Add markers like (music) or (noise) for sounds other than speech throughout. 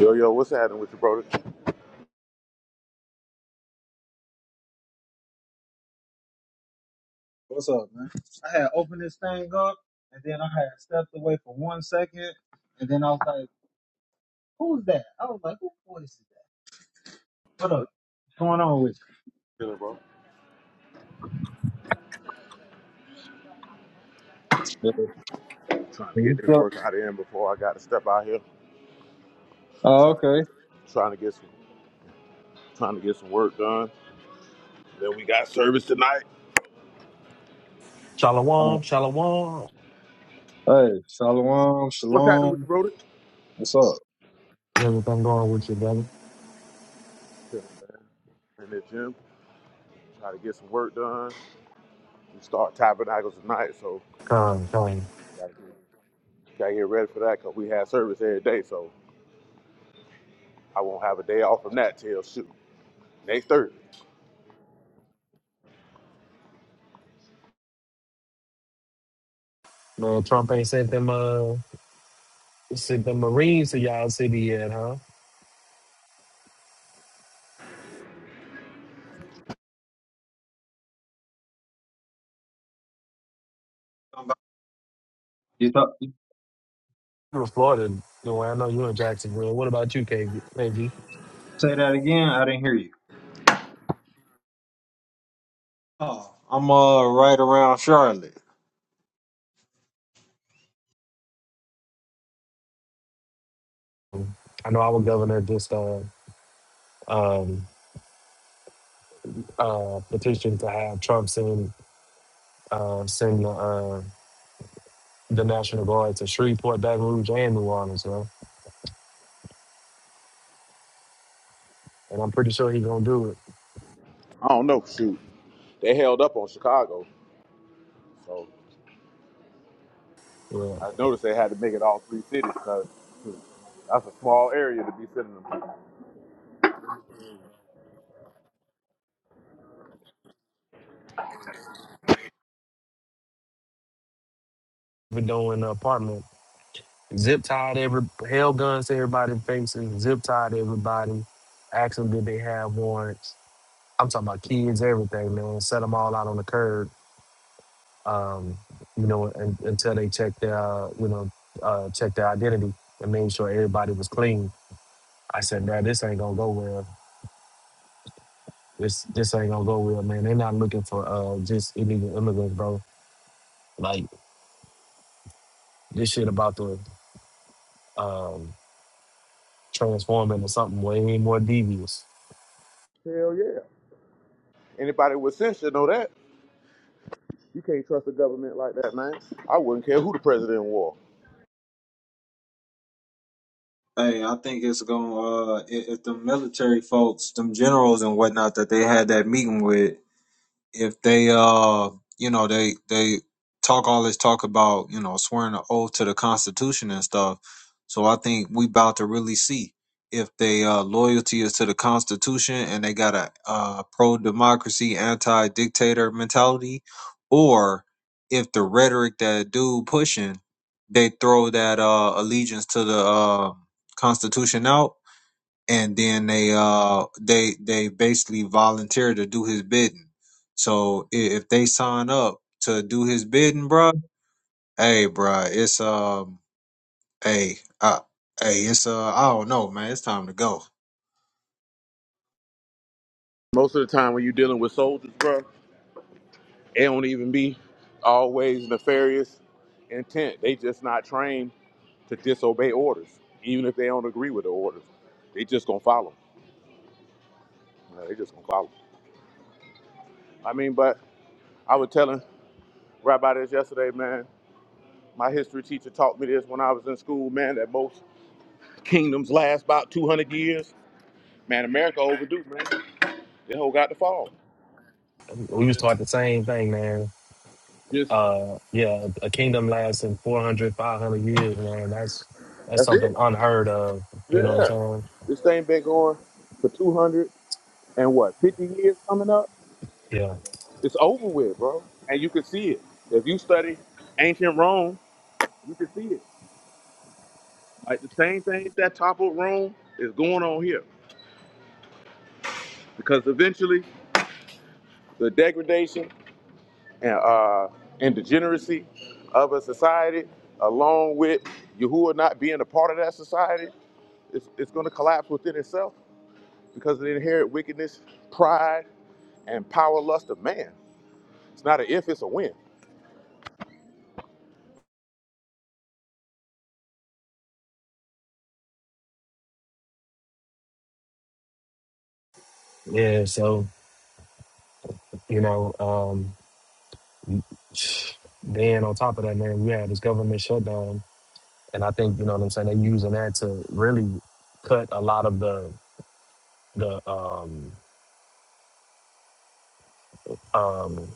Yo, yo, what's happening with you, brother? Oh, What's up, man? I had opened this thing up, and then I had stepped away for one second, and then I was like, "Who's that?" I was like, "Who voice is that?" What this up? is What's going on with killing, bro. you?" Yeah. Trying to get You this still? work out of him before I got to step out here. Oh, Trying to get, okay. trying to get some, trying to get some work done. Then we got service tonight. Uh, Shalom, shalom. hey, shalom, What's happening with shalom. you, brother? What's up? Everything going with you, brother? Chilling, man. In the gym, trying to get some work done. We start tabernacles tonight, so Come, come. gotta get, gotta get ready for that because we have service every day. So I won't have a day off from that till shoot next Thursday. Man, Trump ain't sent them uh sent them Marines to y'all city yet, huh? you? You thought you You're in Florida, Dwayne. I know you in Jacksonville. What about you, KB? KB? say that again? I didn't hear you. Oh, I'm uh right around Charlotte. I know our governor just uh um uh petitioned to have Trump send uh send the uh the National Guard to Shreveport, Baton Rouge, and New Orleans, huh? And I'm pretty sure he's gonna do it. I don't know, shoot. They held up on Chicago, so Yeah. I noticed they had to make it all three cities because that's a small area to be sending them to. We're doing apartment. Zip tied every held guns to everybody's faces, zip tied everybody, asked them did they have warrants. I'm talking about kids, everything, man. Set them all out on the curb, um, you know, and, until they checked their, uh, you know, uh, checked their identity and made sure everybody was clean. I said, man, this ain't gonna go well. This this ain't gonna go well, man. They're not looking for uh, just illegal immigrants, bro. Like this shit about to um, transform into something way more devious. Hell yeah. Anybody with sense should know that. You can't trust the government like that, man. I wouldn't care who the president was. Hey, I think it's gonna uh if, if the military folks, them generals and whatnot that they had that meeting with. if they uh you know they they talk all this talk about you know swearing an oath to the constitution and stuff so i think we about to really see if they uh loyalty is to the constitution and they got a uh pro-democracy anti-dictator mentality or if the rhetoric that dude pushing they throw that uh allegiance to the uh constitution out and then they uh they they basically volunteer to do his bidding. So i- if they sign up to do his bidding, bruh, hey, bruh, it's um, hey, uh, hey, it's uh, I don't know, man, it's time to go. Most of the time when you're dealing with soldiers, bro, it don't even be always nefarious intent. They just not trained to disobey orders, even if they don't agree with the orders. They just gonna follow. 'em. You know, they just gonna follow. 'em. I mean, but I was telling Rabbi this yesterday, man. My history teacher taught me this when I was in school, man, that most kingdoms last about 200 years. Man, America overdue, man. This whole got to fall. We was Just, taught the same thing, man just, Uh, yeah, a kingdom lasting 400, 500 years, man. That's that's that's something it. unheard of. You know what Yeah. I'm saying? This thing been going for 200 and what, 50 years coming up? Yeah, It's over with, bro. And you can see it. If you study ancient Rome, you can see it. Like the same thing that toppled Rome is going on here. Because eventually the degradation and uh, and degeneracy of a society, along with Yahuwah not being a part of that society, it's, it's going to collapse within itself because of the inherent wickedness, pride, and power lust of man. It's not an if, it's a when. yeah. So you know, um, then on top of that, man, we had this government shutdown, and I think you know what I'm saying. They're using that to really cut a lot of the the um, um,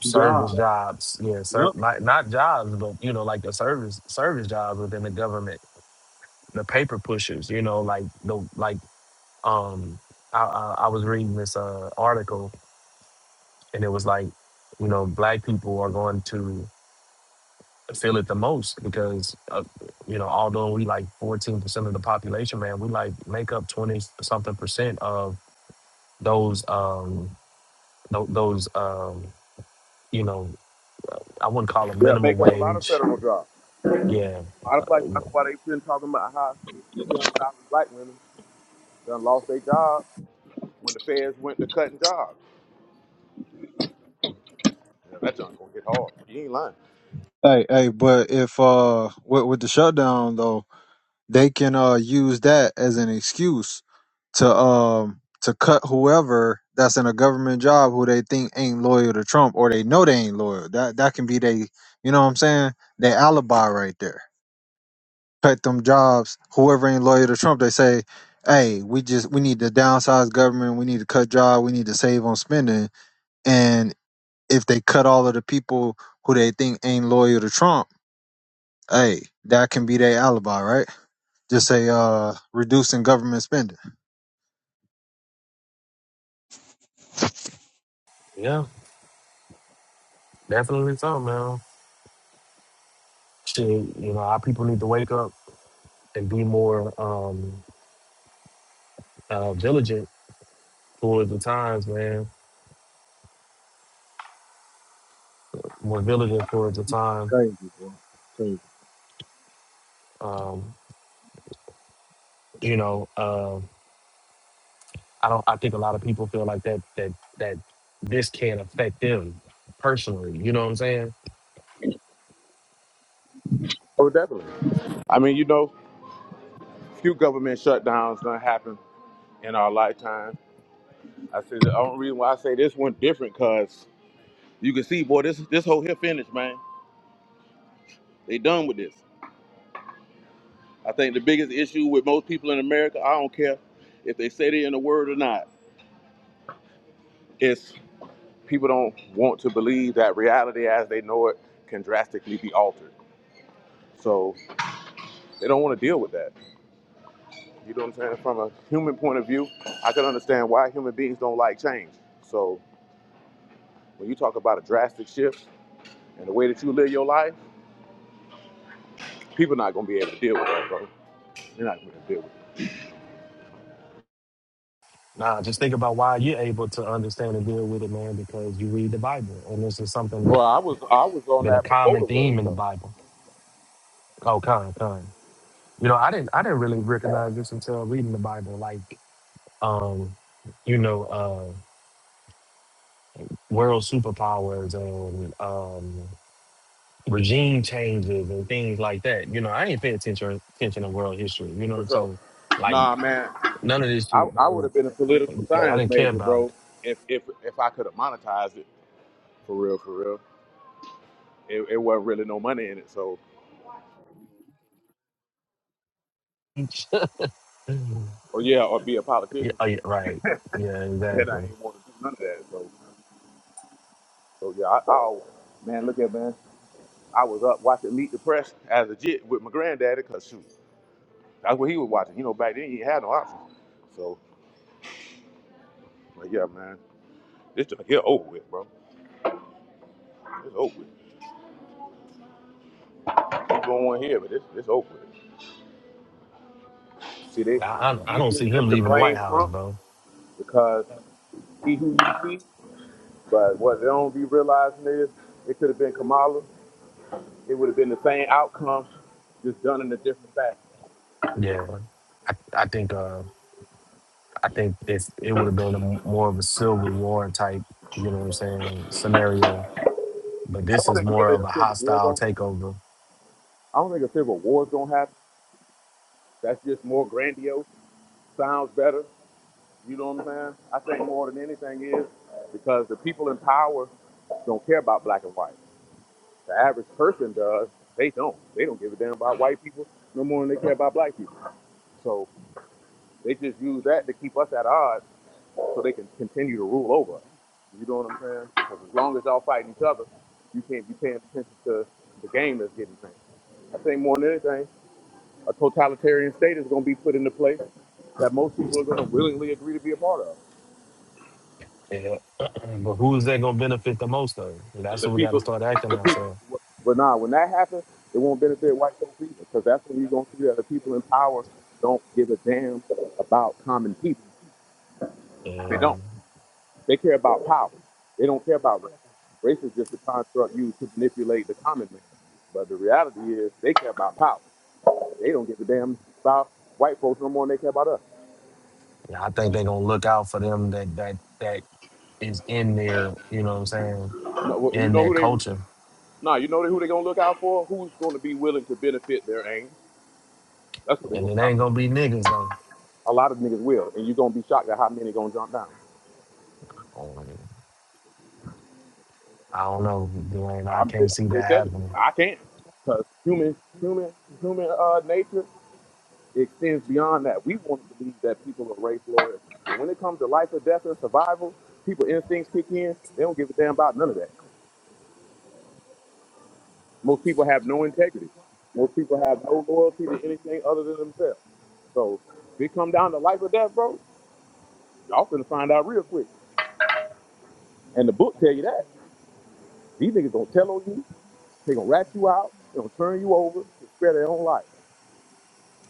service jobs. Yeah, ser- not not jobs, but you know, like the service service jobs within the government. The paper pushers, you know, like the like. um I, I I was reading this uh article and it was like you know black people are going to feel it the most because uh, you know although we like 14% of the population man we like make up 20 something percent of those um tho- those um you know I wouldn't call them Yeah, minimum make up a lot of wage federal jobs. yeah A lot of blacks, that's why they've been talking about how 300,000 black women done lost their jobs when the feds went to cutting jobs. Yeah, that junk going to get hard. You ain't lying. Hey, hey, but if uh, with with the shutdown though. they can uh use that as an excuse to um to cut whoever that's in a government job who they think ain't loyal to Trump or they know they ain't loyal. That that can be they you know what I'm saying? They alibi right there. Cut them jobs, whoever ain't loyal to Trump, they say, Hey, we just we need to downsize government, we need to cut jobs, we need to save on spending. And if they cut all of the people who they think ain't loyal to Trump, hey, that can be their alibi, right? Just say uh, reducing government spending. yeah definitely so man shit you know our people need to wake up and be more um uh, diligent towards the times man More villagers Yeah, for the time. crazy, boy. Crazy. Um, you know, uh, I don't. I think a lot of people feel like that that that this can't affect them personally. You know what I'm saying? Oh, definitely. I mean, you know, few government shutdowns done happen in our lifetime I said the only reason why I say this one different because you can see, boy, this this whole here finished, man. They done with this. I think the biggest issue with most people in America, I don't care if they say they in the word or not, is people don't want to believe that reality as they know it can drastically be altered. So they don't want to deal with that. You know what I'm saying? From a human point of view, I can understand why human beings don't like change. So when you talk about a drastic shift in the way that you live your life, people not gonna be able to deal with that, bro. They're not gonna be able to deal with it. Nah, just think about why you're able to understand and deal with it, man, because you read the Bible, and this is something that's Well, I was I was on been a that before common the word theme in the though, Bible. Oh, kind, kind. You know, I didn't, I didn't really recognize this until reading the Bible. Like, um, you know, uh, world superpowers and um, regime changes and things like that. You know, I didn't pay attention attention to world history. You for know, sure. so like Nah, man, none of this I shit, I would man. have been a political I science didn't care major, about it. bro. If if if I could have monetized it for real, for real, it, it wasn't really no money in it. So, (laughs) or yeah, or be a yeah, politician, oh, yeah, right. Yeah, (laughs) and I exactly. ain't want to do none of that. So, so yeah, I, I always- man, look at man, I was up watching Meet the Press as a jit with my granddaddy, cause shoot, that's what he was watching. You know, back then you had no options. So, but yeah, man, this just here over with, bro. It's over with. Keep going here, but it's it's over with. See, they, I, it's I I don't easier see him just to leaving the White blame House, Trump bro. because he who you see, but what they don't be realizing is it could have been Kamala. It would have been the same outcome, just done in a different fashion. Yeah, I I think uh I think it's, it would have been a, more of a civil war type. You know what I'm saying? Scenario, but I this don't is think more really of a a civil war hostile gonna happen. takeover. I don't think a civil war is gonna happen. That's just more grandiose. Sounds better. You know what I'm saying? I think more than anything is because the people in power don't care about black and white. The average person does. They don't. They don't give a damn about white people no more than they care about black people. So. They just use that to keep us at odds so they can continue to rule over us. You know what I'm saying? saying? Because as long as y'all fighting each other, you can't be paying attention to the game that's getting ran. I think more than anything, a totalitarian state is going to be put into place that most people are going to willingly agree to be a part of. Yeah. (clears throat) but who's that gonna benefit the most of? And that's The what we gotta people, start acting the on. people. So But nah, when that happens, it won't benefit white folks either, because that's when you're going to see that the people in power don't give a damn about common people. They don't. and They care about power. They don't care about race. Race is just a construct used to manipulate the common man. But the reality is, they care about power. They don't give a damn about white folks no more than they care about us. and I think they're gonna look out for them that that that is in their, you know what I'm saying, No, well, you in know their who they? culture. Nah, you know who they gonna look out for? Who's gonna be willing to benefit their aim? That's what they And gonna it look out ain't gonna for. be niggas though. A lot of niggas will, and you're gonna be shocked at how many gonna jump down. Um, I don't know, Dwayne. I I'm, can't see I'm that just telling you, happening. I can't, cause human, human, human uh, nature It extends beyond that. We want to believe that people are race lawyers. But when it comes to life or death or survival, people instincts kick in. They don't give a damn about none of that. Most people have no integrity. Most people have no loyalty to anything other than themselves. So if it come down to life or death, bro, y'all finna find out real quick. And the book tell you that. These niggas gonna tell on you, they gonna rat you out, they gonna turn you over to spare their own life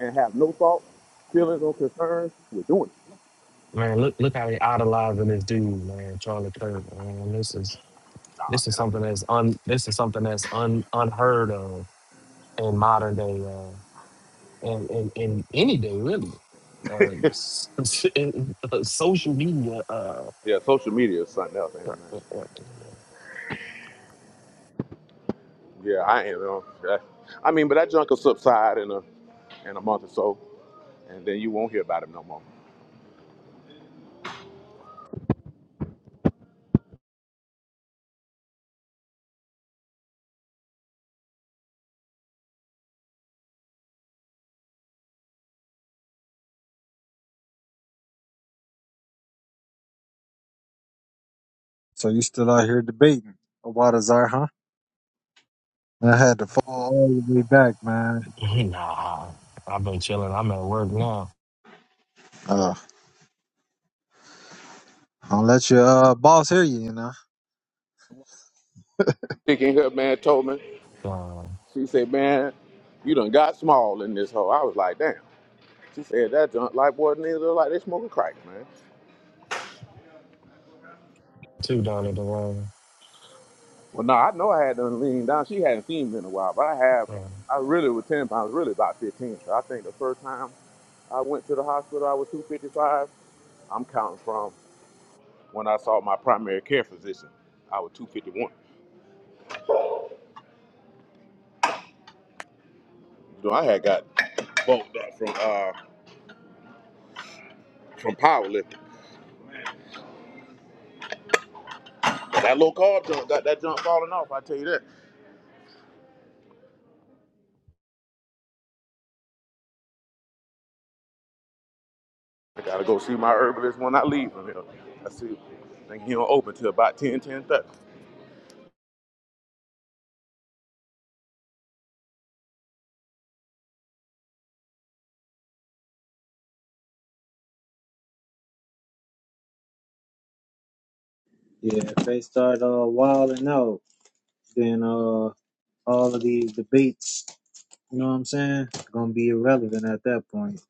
and have no thoughts, feelings, or concerns with doing it. Man, look look how they idolizing this dude, man, Charlie Kirk. Man, this is Nah, this is man. something I- that's un this is something that's un unheard of in modern day. uh, and and, and any day really. Uh, s- (laughs) s- and, uh, social media. Uh, yeah, social media is something else, ain't it, man? Yeah, I am. you that- I mean, but that junk will subside in a in a month or so, and then you won't hear about him no more. So you still out here debating about Azar, huh? I had to fall all the way back, man. (laughs) nah, I've been chilling. I'm at work now. Uh, don't let your uh, boss hear you, you know. Chick in here, man, told me. Uh, She said, "Man, you done got small in this hole." I was like, "Damn." She said that junk like boy, niggas look like they smoking crack, man. too, Donnie Dwayne. Well, no, I know I had done lean down. She hadn't seen me in a while, but I have. Uh, I really was ten pounds, really about fifteen. 'cause I think the first time I went to the hospital, I was two fifty five. I'm counting from when I saw my primary care physician. I was two fifty one. You know, I had got Bolt uh, from uh from powerlifting. That low carb jump got that jump falling off. I tell you that. I gotta go see my herbalist when I leave from here. I see. I Think he don't open till about ten ten thirty. Yeah, if they start uh, wilding out, then uh, all of these debates You know what I'm saying? It's Gonna be irrelevant at that point.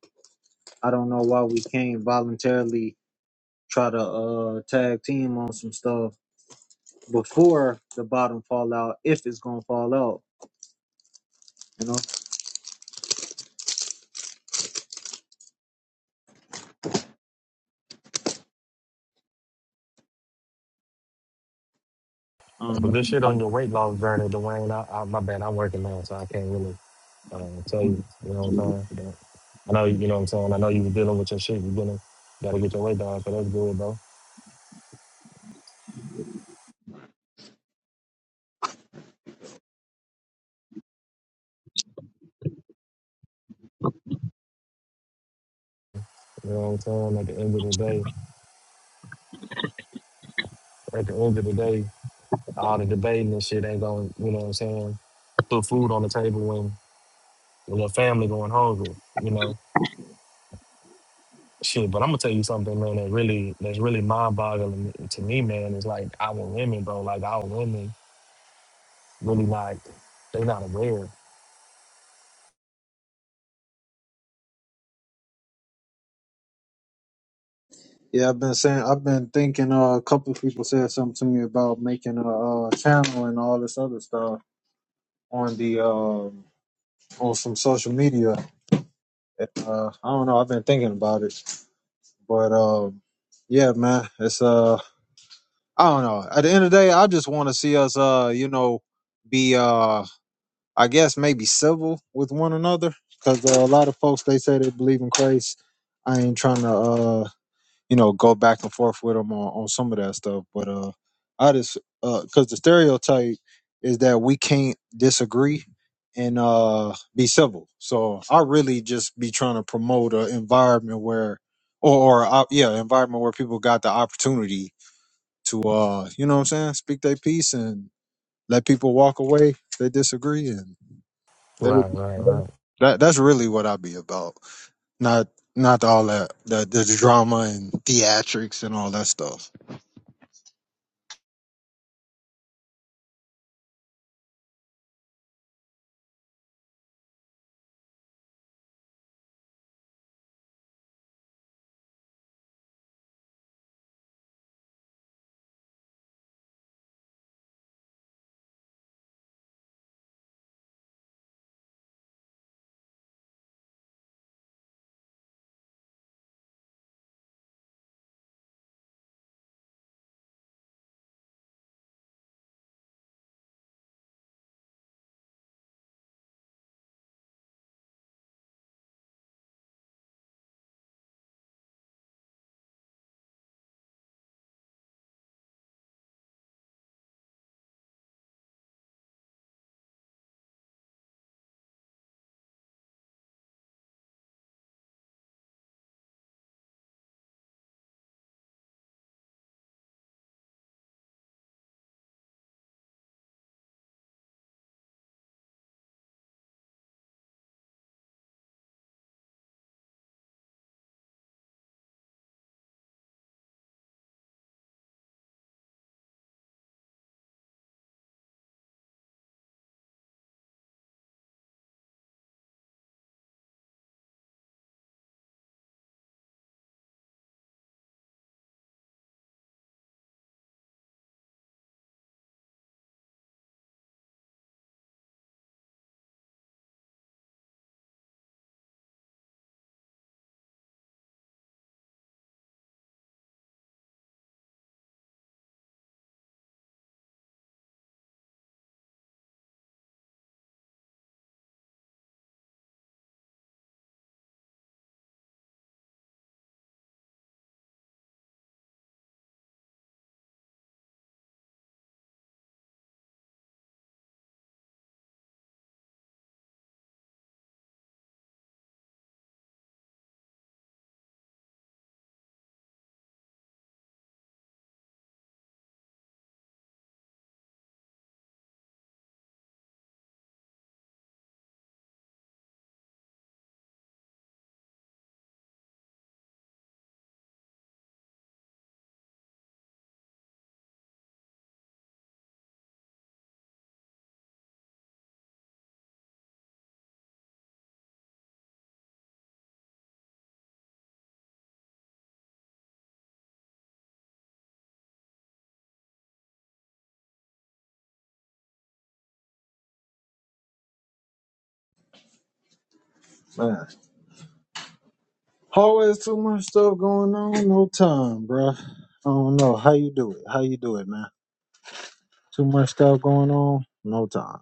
I don't know why we can't voluntarily try to uh tag team on some stuff before the bottom fall out, if it's gonna fall out. You know? Um, but good shit on your weight loss journey, Dwayne. I, I, my bad. I'm working now, so I can't really uh, tell you. You know what I'm saying? But I know you know what I'm saying. I know you were dealing with your shit. You been gotta get your weight down, so that's good, bro. You know what I'm saying? At the end of the day, at the end of the day. All the debating and shit ain't going, you know what I'm saying? Put food on the table when the family going hungry, you know? Shit, but I'm gonna tell you something, man, that really that's really mind boggling to me, man, is like our women, bro. Like our women really like they not aware. yeah, I've been saying, I've been thinking. Uh, a couple of people said something to me about making a, uh channel and all this other stuff on the um on some social media. Uh, I don't know. I've been thinking about it, but um, yeah, man, it's uh. I don't know. At the end of the day, I just want to see us, uh, you know, be, uh, I guess maybe civil with one another, because uh, a lot of folks they say they believe in Christ. I ain't trying to, uh, you know, go back and forth with them on, on some of that stuff, but uh, I just, uh, because the stereotype is that we can't disagree and uh be civil. So I really just be trying to promote an environment where, or, or uh, yeah, environment where people got the opportunity to uh you know what i'm saying speak their piece and let people walk away if they disagree and let it Right, right, be. right. that that's really what i be about not not all that the, the drama and theatrics and all that stuff man always too much stuff going on no time bruh. i don't know how you do it how you do it man Too much stuff going on. No time.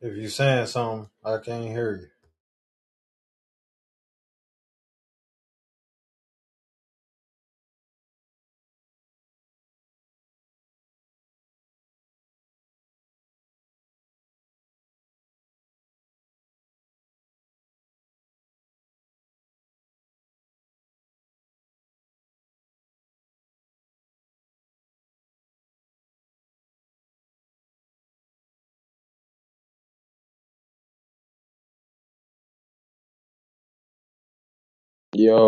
If you saying something, I can't hear Yo,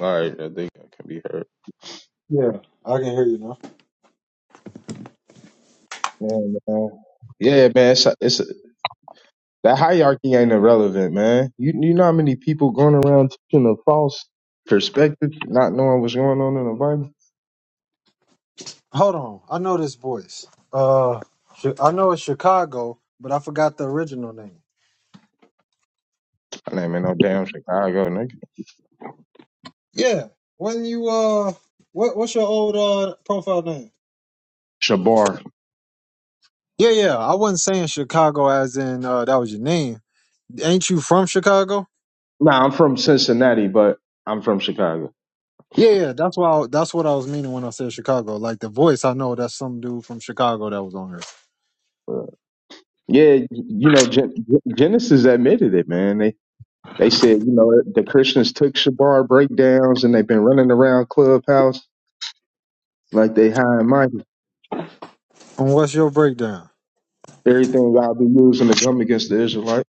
all right, I think I can be heard. you. Yeah, I can hear you now. Yeah, man. Yeah, man, it's, it's that hierarchy ain't irrelevant, man. You you know how many people going around teaching a false perspective, not knowing what's going on in the Bible. Hold on. I know this voice. Uh, I know it's Chicago, but I forgot the original name. I ain't in no damn Chicago, nigga. Yeah. When you uh, what what's your old uh profile name? Shabar. Yeah, yeah. I wasn't saying Chicago as in uh that was your name. Ain't you from Chicago? Nah, I'm from Cincinnati, but I'm from Chicago. Yeah, yeah. That's why. I, that's what I was meaning when I said Chicago. Like the voice, I know that's some dude from Chicago that was on here. But yeah, you know Gen- Genesis admitted it, man. They they said you know the Christians took Shabar breakdowns and they've been running around clubhouse like they high and mighty. And what's your breakdown? Everything y'all be using to come against the Israelites.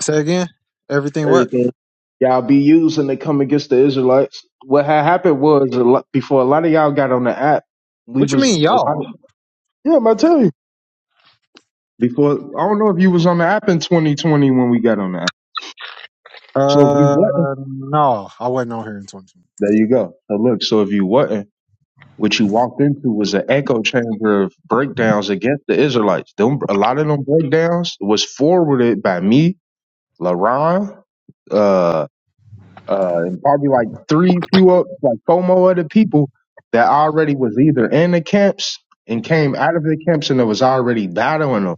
Say again. Everything what? Everything y'all be using to come against the Israelites. What had happened was a lot, before a lot of y'all got on the app, we What you mean, was a lot y'all? of yeah. I tell you before I don't know if you was on the app in 2020 when we got on the app. So if you Uh, wasn't, no, I wasn't on here in 2020. there you go. So look, so if you wasn't, what you walked into was an echo chamber of breakdowns against the Israelites. Them a lot of them breakdowns was forwarded by me, LaRon, uh, uh, and probably like three, few, o- like four more other people that already was either in the camps and came out of the camps and that was already battling them.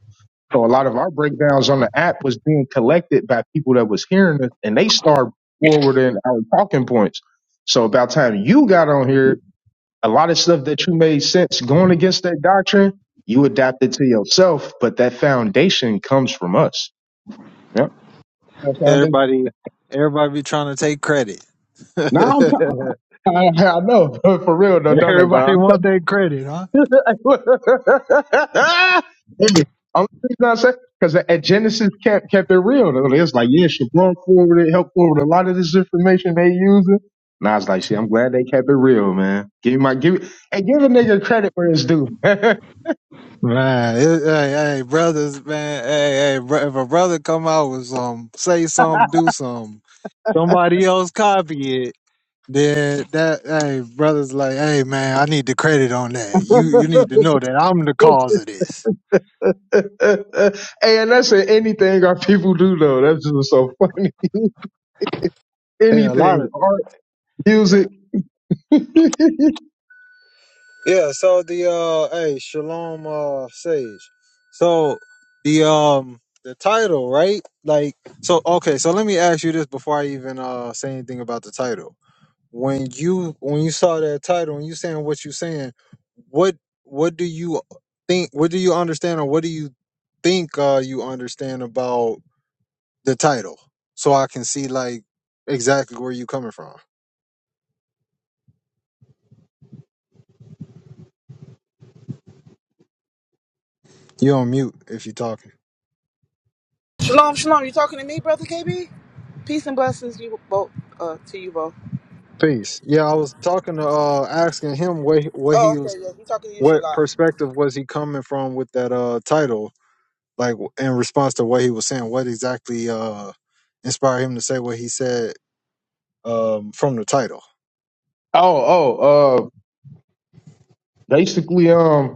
So a lot of our breakdowns on the app was being collected by people that was hearing us, and they started forwarding our talking points. So about time you got on here, a lot of stuff that you made sense going against that doctrine, you adapted to yourself, but that foundation comes from us. Yep. That foundation. Everybody, everybody be trying to take credit. (laughs) Now I'm everybody talking. I, I know (laughs) for real though, don't they, Bob? want their credit, huh? hey, I'm not saying because at Genesis kept kept it real. It was like, yeah, Shabon forwarded, helped forward a lot of this information they using. And I was like, shit, I'm glad they kept it real, man. Give me my give it and give a nigga credit where it's due. (laughs) hey, Man, it, hey, hey, brothers, man, hey, hey, bro, if a brother come out with some, say something, do something, somebody else copy it, then that, hey, brothers, like, hey, man, I need the credit on that. You, you need to know that I'm the cause of this. and that's in anything our people do though. That's just so funny. Hey, a lot Anything, of. art, yeah. music. (laughs) oh, Yeah, so the uh hey, Shalom uh Sage. So the um the title, right? Like so okay, so let me ask you this before I even uh say anything about the title. When you when you saw that title and you saying what you saying, what what do you think what do you understand or what do you think uh you understand about the title? So I can see like exactly where you coming from. you on mute if you're talking. Shalom, shalom. You talking to me, brother KB? Peace and blessings you both uh, to you both. Peace. Yeah, I was talking to uh asking him what what Oh, he okay, was yeah. We talking to you, what Shalom. perspective was he coming from with that uh title like in response to what he was saying what exactly uh inspired him to say what he said um from the title. oh, uh, basically, um.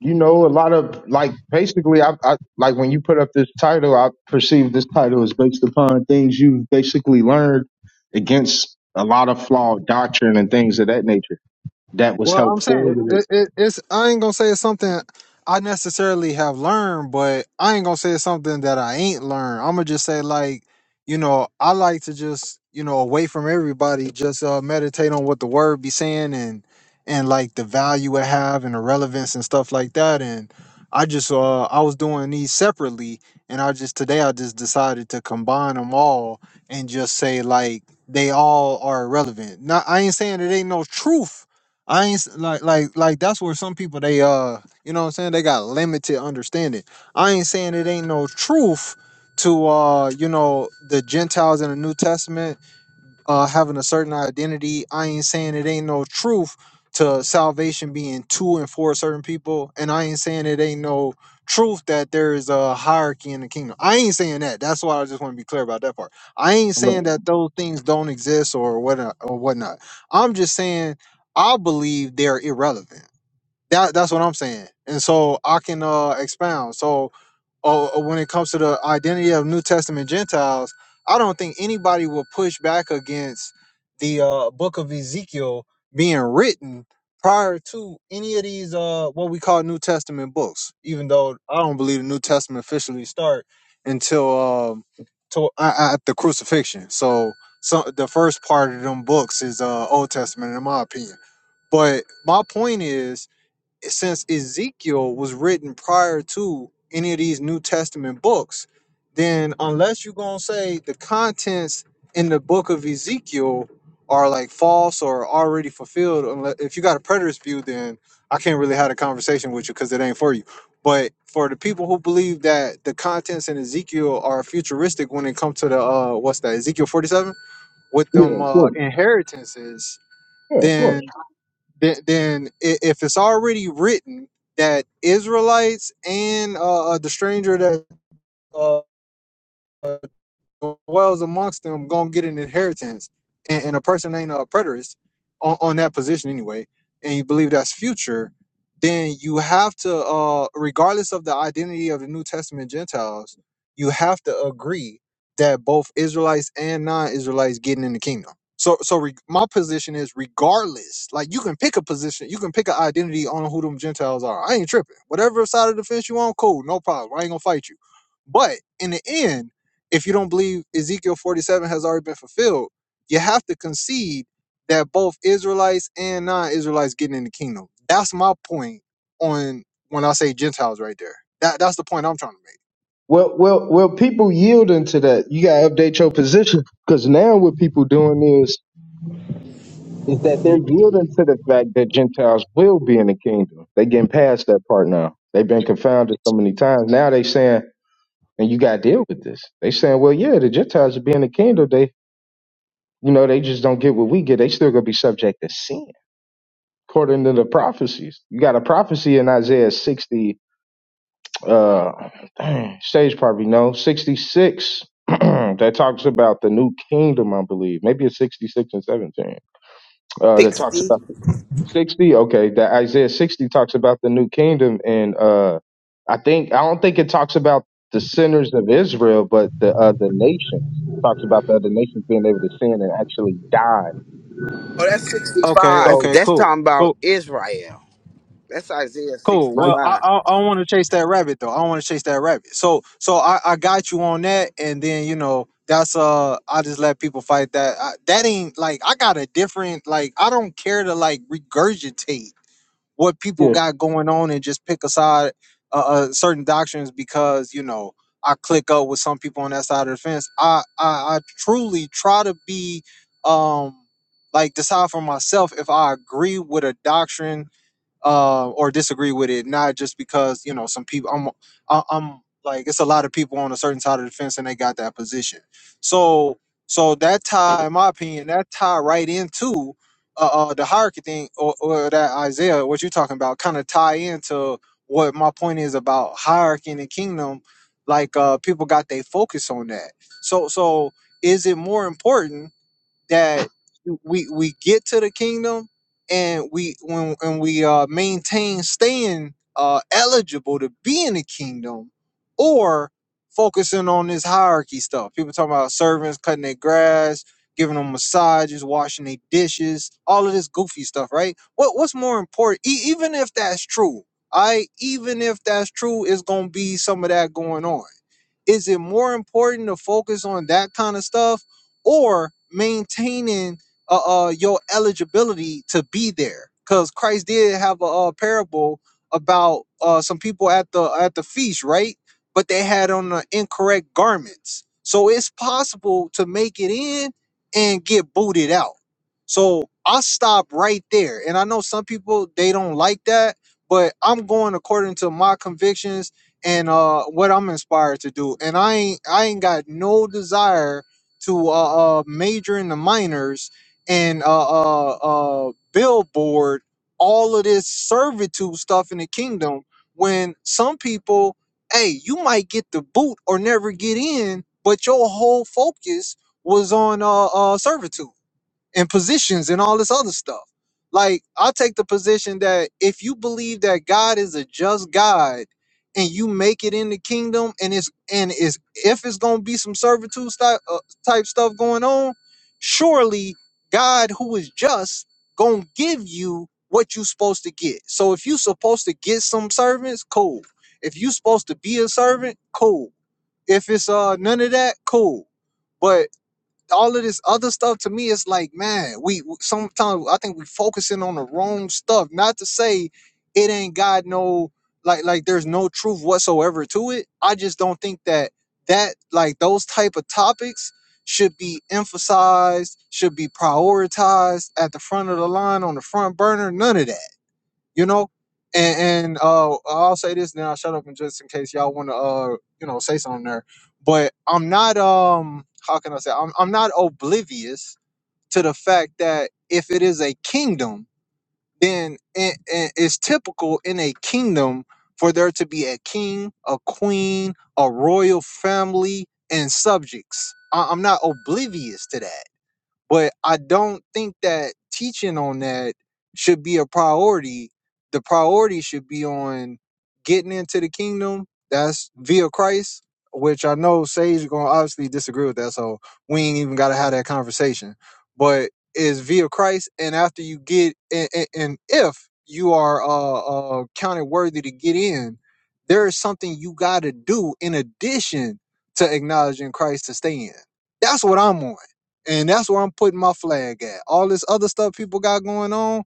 you know, a lot of like basically, I, I like when you put up this title, I perceive this title is based upon things you've basically learned against a lot of flawed doctrine and things of that nature that was Well, helped I'm forward. saying it, it, it's. I ain't gonna say it's something I necessarily have learned, but I ain't gonna say it's something that I ain't learned. I'm gonna just say like, you know, I like to just you know away from everybody, just uh, meditate on what the word be saying and and like the value it have and the relevance and stuff like that. And I just uh I was doing these separately, and I just today I just decided to combine them all and just say like they all are relevant. Not I ain't saying it ain't no truth I ain't s- like like like that's where some people they uh you know what I'm saying they got limited understanding. I ain't saying it ain't no truth to uh you know the Gentiles in the New Testament uh, having a certain identity. I ain't saying it ain't no truth to salvation being to and for certain people, and I ain't saying it ain't no truth that there is a hierarchy in the kingdom. I ain't saying that. That's why I just want to be clear about that part. I ain't saying Yeah, that those things don't exist or whatnot or whatnot. I'm just saying I believe they're irrelevant. That that's what I'm saying, and so I can uh, expound. So or, or when it comes to the identity of New Testament Gentiles, I don't think anybody will push back against the uh, book of Ezekiel being written prior to any of these uh, what we call New Testament books. Even though I don't believe the New Testament officially start until um, to, uh, at the crucifixion. So, so the first part of them books is uh, Old Testament, in my opinion. But my point is since Ezekiel was written prior to any of these New Testament books, then unless you're gonna say the contents in the book of Ezekiel are like false or already fulfilled, unless if you got a preterist view, then I can't really have a conversation with you because it ain't for you. But for the people who believe that the contents in Ezekiel are futuristic when it comes to the uh what's that Ezekiel 47 with them of uh course. inheritances, Yeah, of course. then then, then i- if it's already written that Israelites and uh, uh, the stranger that uh, dwells amongst them gonna get an inheritance, and, and a person ain't a preterist on, on that position anyway, and you believe that's future, then you have to, uh, regardless of the identity of the New Testament Gentiles, you have to agree that both Israelites and non-Israelites getting in the kingdom. So, so re- my position is regardless. Like you can pick a position, you can pick an identity on who them Gentiles are. I ain't tripping. Whatever side of the fence you on, cool, no problem. I ain't gonna fight you. But in the end if you don't believe Ezekiel 47 has already been fulfilled, you have to concede that both Israelites and non-Israelites getting in the kingdom. That's my point on when I say Gentiles right there. That that's the point I'm trying to make. Well, well, well. People yielding to that, you gotta update your position because now what people doing is is that they're yielding to the fact that Gentiles will be in the kingdom. They getting past that part now. They've been confounded so many times. Now they saying and you got to deal with this. They saying, well, yeah, the Gentiles are being the kingdom. They, you know, they just don't get what we get. They still gonna be subject to sin, according to the prophecies. You got a prophecy in Isaiah sixty. Uh, dang, Sage probably know sixty six. (clears throat) that talks about the new kingdom, I believe. Maybe it's sixty six and seventeen uh, that talks Sixty. about 60 okay that isaiah 60 talks about the new kingdom and uh i think i don't think it talks about the sinners of israel but the other nations it talks about the other nations being able to sin and actually die Oh, that's Okay, so sixty-five. okay, That's cool. talking about Cool. Israel. That's Isaiah Cool. right Well, I sixty-five. I, I want to chase that rabbit though. I want to chase that rabbit. So so I, I got you on that and then you know that's uh I just let people fight that. I, that ain't like I got a different like I don't care to like regurgitate what Yeah. people got going on and just pick aside uh, uh, certain doctrines because you know I click up with some people on that side of the fence. I I, I truly try to be um like decide for myself if I agree with a doctrine uh, or disagree with it, not just because you know some people. I'm I- I'm like it's a lot of people on a certain side of the fence, and they got that position. So so that tie, in my opinion, that tie right into uh, uh the hierarchy thing or, or that Isaiah, what you're talking about, kind of tie into what my point is about hierarchy in the kingdom. Like uh, people got they focus on that. So so is it more important? that we we get to the kingdom and we when and we uh maintain staying uh eligible to be in the kingdom or focusing on this hierarchy stuff. People talking about servants cutting their grass, giving them massages, washing their dishes, all of this goofy stuff, right? What what's more important e- even if that's true? I even if that's true, it's going to be some of that going on is it more important to focus on that kind of stuff or maintaining uh, uh your eligibility to be there because christ did have a, uh parable about uh some people at the at the feast right but they had on the incorrect garments so it's possible to make it in and get booted out so i stop right there and i know some people they don't like that but i'm going according to my convictions and uh what i'm inspired to do and i ain't i ain't got no desire to uh, uh major in the minors and uh uh uh billboard all of this servitude stuff in the kingdom when some people hey you might get the boot or never get in but your whole focus was on uh, uh servitude and positions and all this other stuff. Like, I take the position that if you believe that God is a just God and you make it in the kingdom and it's and it's if it's going to be some servitude type, uh, type stuff going on, surely God who is just going to give you what you supposed to get. So if you supposed to get some servants, cool. If you supposed to be a servant, cool. If it's uh none of that, cool. But all of this other stuff to me is like, man, we sometimes I think we focusing on the wrong stuff. Not to say it ain't got no like like there's no truth whatsoever to it. I just don't think that that like those type of topics should be emphasized, should be prioritized at the front of the line on the front burner. None of that you know and, and uh i'll say this now shut up and just in case y'all want to uh you know say something there but i'm not um how can i say I'm, I'm not oblivious to the fact that if it is a kingdom then it, it- it's typical in a kingdom for there to be a king a queen a royal family and subjects I, i'm not oblivious to that but I don't think that teaching on that should be a priority. The priority should be on getting into the kingdom. That's via Christ, which I know Sage gonna obviously disagree with that, so we ain't even gotta have that conversation. But is via Christ, and after you get and, and, and if you are uh, uh counted worthy to get in, there is something you gotta do in addition to acknowledging Christ to stay in. That's what I'm on. And that's where I'm putting my flag at. All this other stuff people got going on,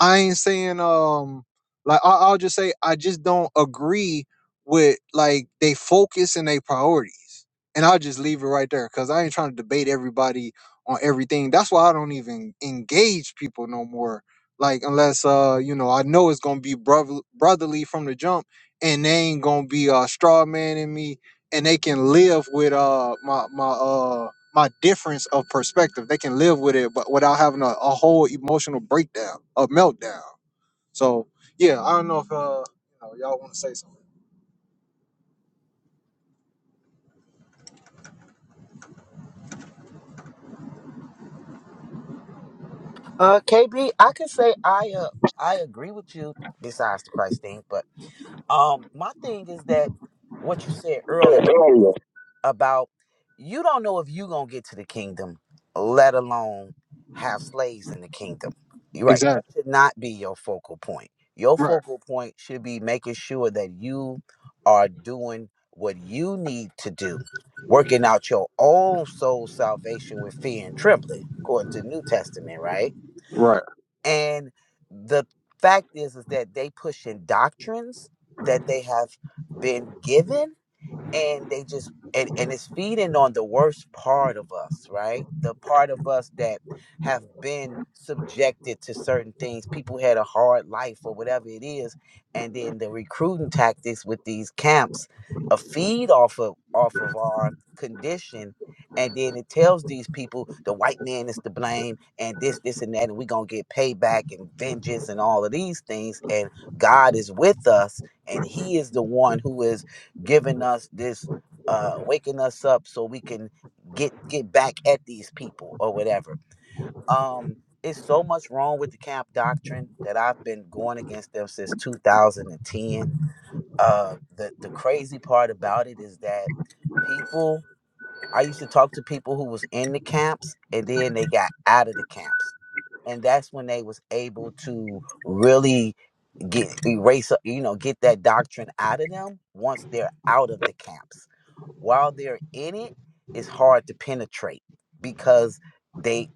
I ain't saying um like I, I'll just say I just don't agree with like they focus and they priorities. And I'll just leave it right there because I ain't trying to debate everybody on everything. That's why I don't even engage people no more. Like unless uh you know I know it's gonna be brother- brotherly from the jump, and they ain't gonna be uh straw man in me, and they can live with uh my my uh my difference of perspective. They can live with it, but without having a, a whole emotional breakdown, a meltdown. So yeah, I don't know if uh, you know, y'all want to say something. Uh, KB, I can say I uh, I agree with you besides the Christ thing, but um, my thing is that what you said Yeah, earlier. earlier. about you don't know if you going to get to the kingdom, let alone have slaves in the kingdom. You're right. That Exactly. should not be your focal point. Your Right. focal point should be making sure that you are doing what you need to do, working out your own soul salvation with fear and trembling, according to the New Testament, right? Right. And the fact is, is that they pushing doctrines that they have been given and they just and, and it's feeding on the worst part of us right the part of us that have been subjected to certain things people had a hard life or whatever it is and then the recruiting tactics with these camps a feed off of off of our condition and then it tells these people the white man is to blame and this this and that and we're gonna get payback and vengeance and all of these things and god is with us and he is the one who is giving us this uh waking us up so we can get get back at these people or whatever um it's so much wrong with the camp doctrine that i've been going against them since 2010 uh the the crazy part about it is that people i used to talk to people who was in the camps and then they got out of the camps and that's when they was able to really get erase uh, you know get that doctrine out of them once they're out of the camps while they're in it, it's hard to penetrate because they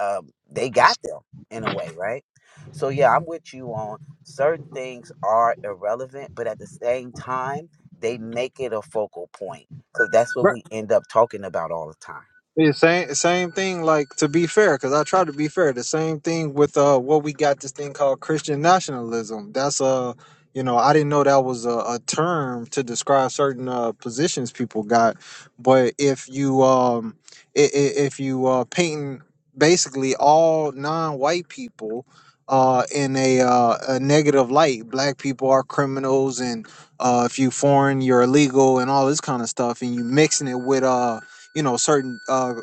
um, they got them in a way, right? So yeah, I'm with you on certain things are irrelevant, but at the same time, they make it a focal point because that's what we end up talking about all the time. Yeah, same same thing. Like to be fair, because I try to be fair. The same thing with uh what we got this thing called Christian nationalism. That's uh you know I didn't know that was a, a term to describe certain uh positions people got. But if you um i- i- if you uh painting basically all non-white people uh in a uh a negative light, black people are criminals and uh if you foreign you're illegal and all this kind of stuff, and you mixing it with uh you know certain uh,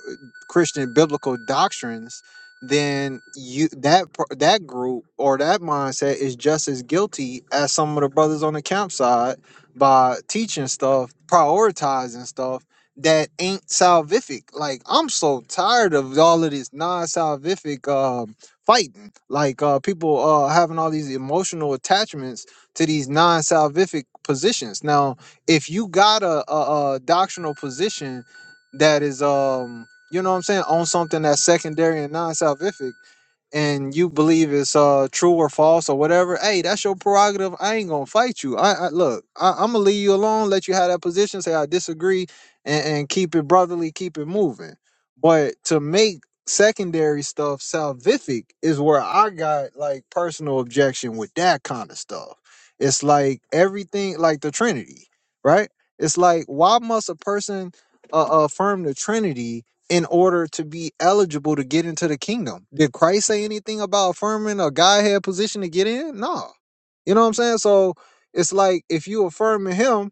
Christian biblical doctrines, then you that per- that group or that mindset is just as guilty as some of the brothers on the campsite by teaching stuff, prioritizing stuff that ain't salvific. Like I'm so tired of all of this non-salvific um, fighting. Like uh, people uh, having all these emotional attachments to these non-salvific positions. Now, if you got a, a, a doctrinal position that is um you know what I'm saying on something that's secondary and non-salvific and you believe it's uh true or false or whatever, hey, that's your prerogative. I ain't gonna fight you. I, I look, I, I'm gonna leave you alone, let you have that position, say I disagree, and, and keep it brotherly, keep it moving. But to make secondary stuff salvific is where I got like personal objection with that kind of stuff. It's like everything like the Trinity, right? It's like why must a person uh, affirm the Trinity in order to be eligible to get into the kingdom. Did Christ say anything about affirming a Godhead position to get in? No. You know what I'm saying? So it's like if you affirming him,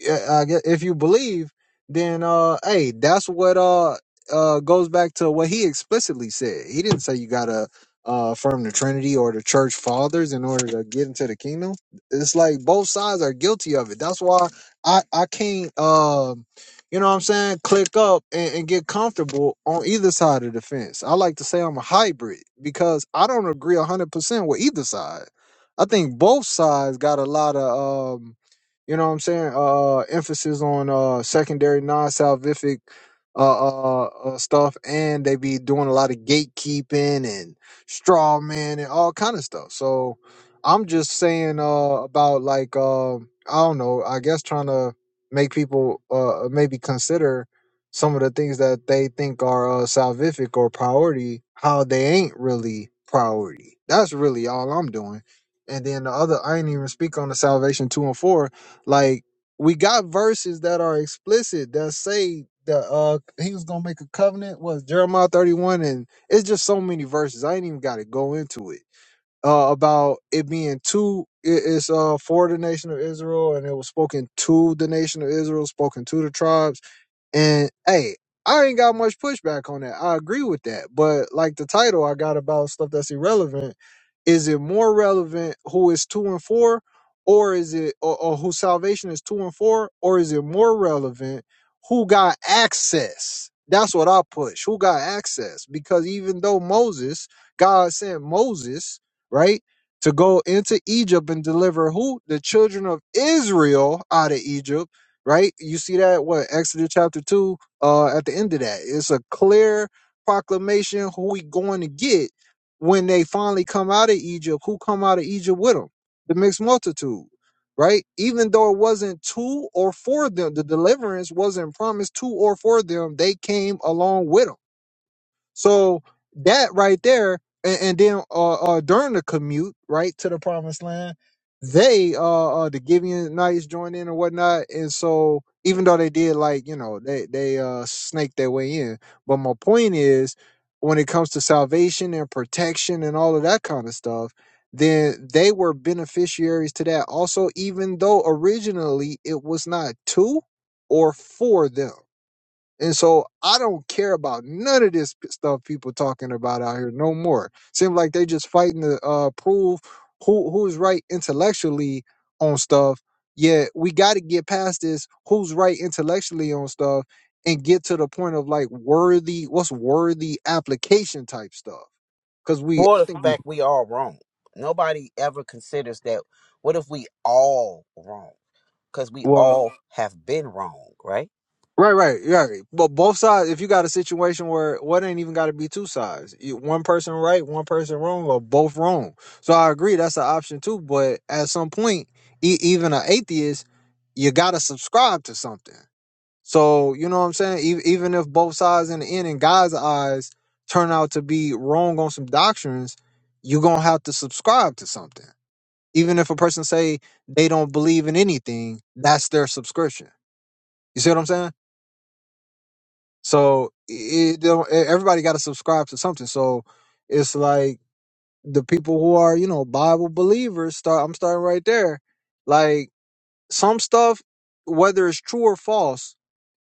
yeah, I guess if you believe, then uh, hey, that's what uh uh goes back to what he explicitly said. He didn't say you gotta uh affirm the Trinity or the Church Fathers in order to get into the kingdom. It's like both sides are guilty of it. That's why I I can't um you know what I'm saying click up and, and get comfortable on either side of the fence. I like to say I'm a hybrid because I don't agree hundred percent with either side. I think both sides got a lot of um you know what I'm saying? Uh, emphasis on uh secondary non-salvific uh, uh uh stuff, and they be doing a lot of gatekeeping and straw man and all kind of stuff. So I'm just saying uh about like um I don't know. I guess trying to make people uh maybe consider some of the things that they think are uh, salvific or priority, how they ain't really priority. That's really all I'm doing. And then the other, I ain't even speak on the salvation two and four like we got verses that are explicit that say that uh he was gonna make a covenant. Was Jeremiah thirty one and it's just so many verses. I ain't even got to go into it uh, about it being two. It, it's uh, for the nation of Israel, and it was spoken to the nation of Israel, spoken to the tribes. And hey, I ain't got much pushback on that. I agree with that. But like the title I got about stuff that's irrelevant, is it more relevant who is two and four, or is it or, or whose salvation is two and four, or is it more relevant who got access? That's what I push. Who got access? Because even though Moses, God sent Moses, right? To go into Egypt and deliver who? The children of Israel out of Egypt, right? You see that what Exodus chapter 2 uh at the end of that. It's a clear proclamation who we going to get when they finally come out of Egypt, who come out of Egypt with them? The mixed multitude, right? Even though it wasn't to or for them, the deliverance wasn't promised to or for them, they came along with them so that right there, and, and then uh, uh, during the commute right to the promised land, they uh, uh the Gibeonites joined in and whatnot, and so even though they did like you know they they uh snaked their way in, but my point is when it comes to salvation and protection and all of that kind of stuff. Then they were beneficiaries to that also, even though originally it was not to or for them and so I don't care about none of this p- stuff people talking about out here no more. Seems like they just fighting to uh, prove who who's right intellectually on stuff. Yeah, we got to get past this who's right intellectually on stuff and get to the point of like worthy what's worthy application type stuff. Cause we For I the think fact we all wrong, nobody ever considers that. What if we all wrong? Because we we, all have been wrong, right? Right, right, yeah. But both sides, if you got a situation where what ain't even got to be two sides, you, one person right, one person wrong, or both wrong. So I agree that's an option too. But at some point, e- even an atheist, you got to subscribe to something. So you know what I'm saying. E- even if both sides in the end, in God's eyes, turn out to be wrong on some doctrines, you gonna have to subscribe to something. Even if a person say they don't believe in anything, that's their subscription. You see what I'm saying? So it don't, e, everybody got to subscribe to something. So it's like the people who are you know Bible believers. Start. I'm starting right there. Like some stuff, whether it's true or false,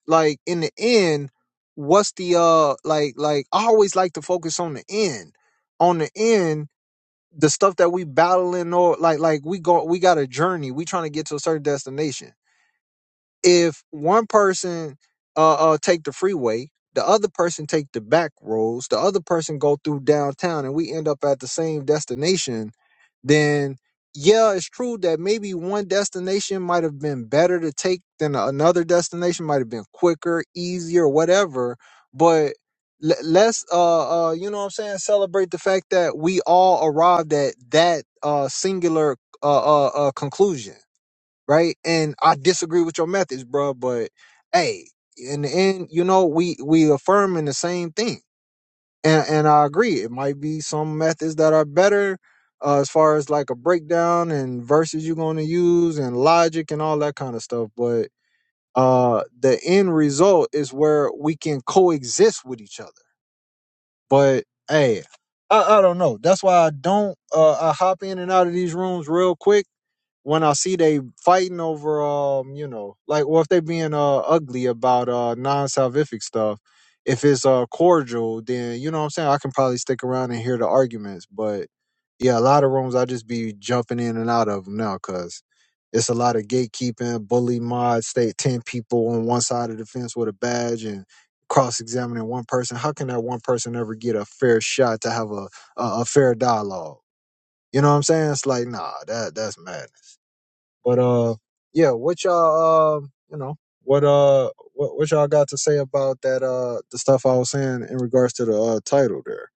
like in the end, what's the uh like like I always like to focus on the end. On the end, the stuff that we battling or like like we go we got a journey. We trying to get to a certain destination if one person uh, uh take the freeway, the other person take the back roads, the other person go through downtown, and we end up at the same destination, then yeah, it's true that maybe one destination might have been better to take than another destination might have been quicker, easier, whatever. But le- let's uh uh you know what I'm saying celebrate the fact that we all arrived at that uh singular uh uh, uh conclusion right? And I disagree with your methods, bro. But hey, in the end, you know, we we affirming the same thing, and and I agree. It might be some methods that are better uh, as far as like a breakdown and verses you're going to use and logic and all that kind of stuff. But uh, the end result is where we can coexist with each other. But hey. I, I don't know. That's why I don't. Uh, I hop in and out of these rooms real quick when I see they fighting over um, you know, like or if they being uh ugly about uh non salvific stuff, if it's uh cordial, then you know what I'm saying, I can probably stick around and hear the arguments. But yeah, a lot of rooms I just be jumping in and out of them now because it's a lot of gatekeeping, bully mods, state ten people on one side of the fence with a badge and cross examining one person. How can that one person ever get a fair shot to have a a, a fair dialogue? You know what I'm saying? It's like, nah, that that's mad. But uh, yeah, what y'all um, you know, what uh, what what y'all got to say about that uh, the stuff I was saying in regards to the uh, title there?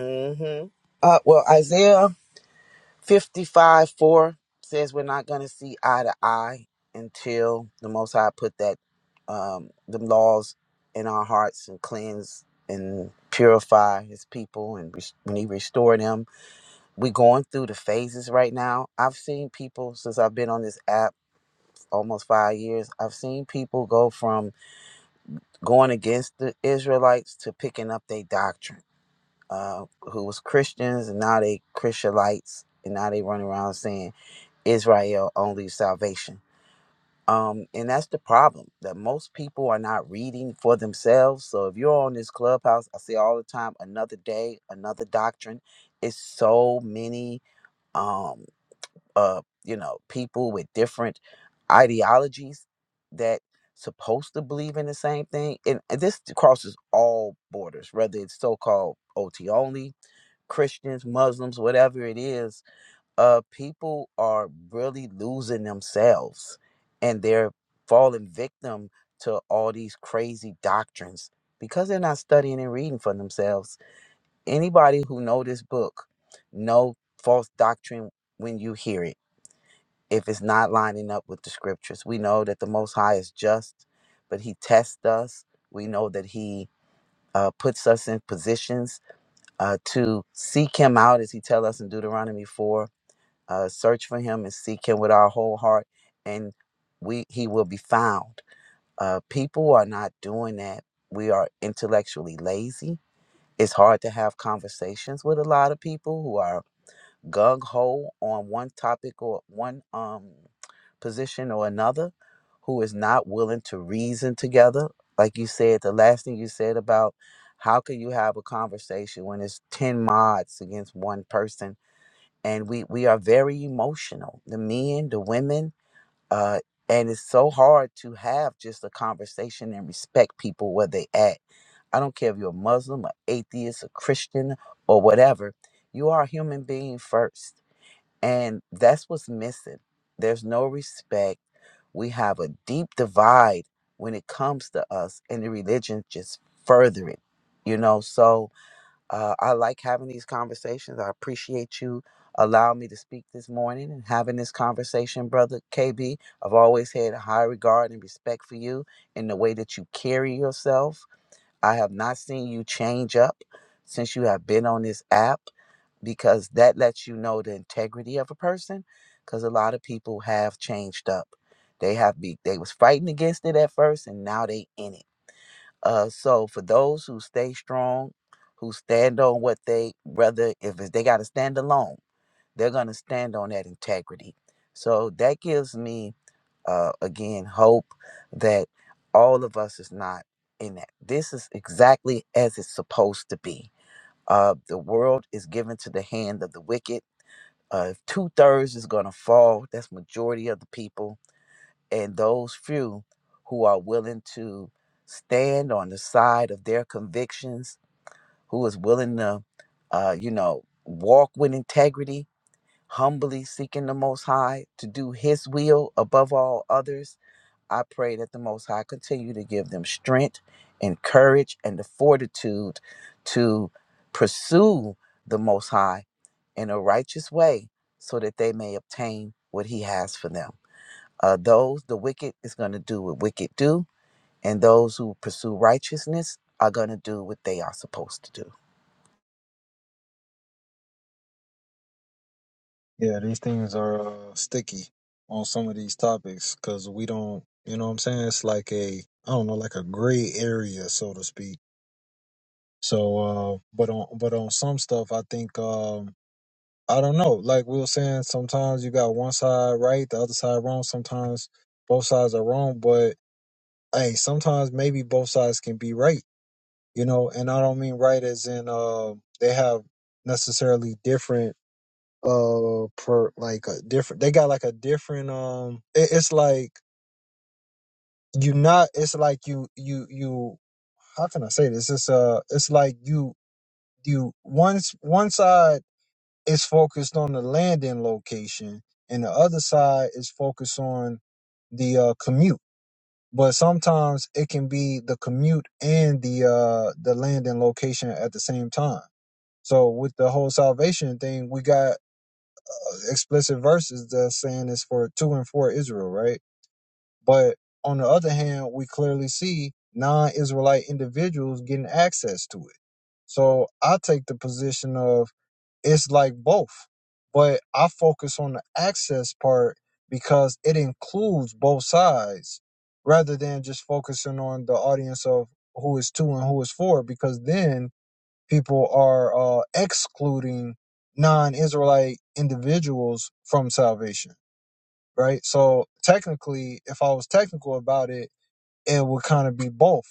hmm Uh, well, Isaiah 55 4 says we're not going to see eye to eye until the Most High put that um, the laws in our hearts and cleanse and purify His people. And res- when He restore them, we're going through the phases right now. I've seen people since I've been on this app almost five years. I've seen people go from going against the Israelites to picking up their doctrine. Uh, who was Christians and now they Christianites and now they run around saying Israel only salvation. Um, and that's the problem that most people are not reading for themselves. So if you're on this clubhouse, I say all the time, another day, another doctrine. It's so many, um, uh, you know, people with different ideologies that supposed to believe in the same thing. And and this crosses all borders, whether it's so-called OT only, Christians, Muslims, whatever it is uh people are really losing themselves and they're falling victim to all these crazy doctrines because they're not studying and reading for themselves anybody who know this book know false doctrine when you hear it if it's not lining up with the scriptures we know that the most high is just but he tests us we know that he uh, puts us in positions uh, to seek him out as he tells us in deuteronomy 4 uh, search for him and seek him with our whole heart and we he will be found uh, people are not doing that we are intellectually lazy it's hard to have conversations with a lot of people who are gung-ho on one topic or one um, position or another who is not willing to reason together like you said the last thing you said about how can you have a conversation when it's 10 mods against one person and we we are very emotional the men the women uh and it's so hard to have just a conversation and respect people where they at i don't care if you're a muslim or atheist a christian or whatever you are a human being first and that's what's missing there's no respect we have a deep divide when it comes to us and the religion just further it you know so uh, I like having these conversations. I appreciate you allowing me to speak this morning and having this conversation, brother KB. I've always had a high regard and respect for you in the way that you carry yourself. I have not seen you change up since you have been on this app because that lets you know the integrity of a person because a lot of people have changed up. They have be they was fighting against it at first and now they in it uh, so for those who stay strong, who stand on what they, rather if it's- they got to stand alone, they're going to stand on that integrity. So that gives me, uh, again, hope that all of us is not in that. This is exactly as it's supposed to be. Uh, the world is given to the hand of the wicked. Uh, if two thirds is going to fall, that's majority of the people and those few who are willing to stand on the side of their convictions, who is willing to, uh, you know, walk with integrity, humbly seeking the Most High to do His will above all others. I pray that the Most High continue to give them strength and courage and the fortitude to pursue the Most High in a righteous way so that they may obtain what He has for them. Uh, those the wicked is going to do what wicked do, and those who pursue righteousness are going to do what they are supposed to do. Yeah, these things are uh, sticky on some of these topics because we don't, you know, what I'm saying it's like a I don't know, like a gray area, so to speak. So, uh, but on but on some stuff, I think um, I don't know. Like we were saying, sometimes you got one side right, the other side wrong. Sometimes both sides are wrong, but hey, sometimes maybe both sides can be right, you know, and I don't mean right as in uh, they have necessarily different uh per like a different they got like a different um it, it's like you not it's like you you you how can I say this? It's uh it's like you you once one side is focused on the landing location and the other side is focused on the uh commute but sometimes it can be the commute and the uh the landing location at the same time so with the whole salvation thing we got uh, explicit verses that saying it's for two and four israel right but on the other hand, we clearly see non Israelite individuals getting access to it. So I take the position of it's like both. But I focus on the access part because it includes both sides rather than just focusing on the audience of who is two and who is four, because then people are uh, excluding non Israelite individuals from salvation right? So technically, if I was technical about it, it would kind of be both.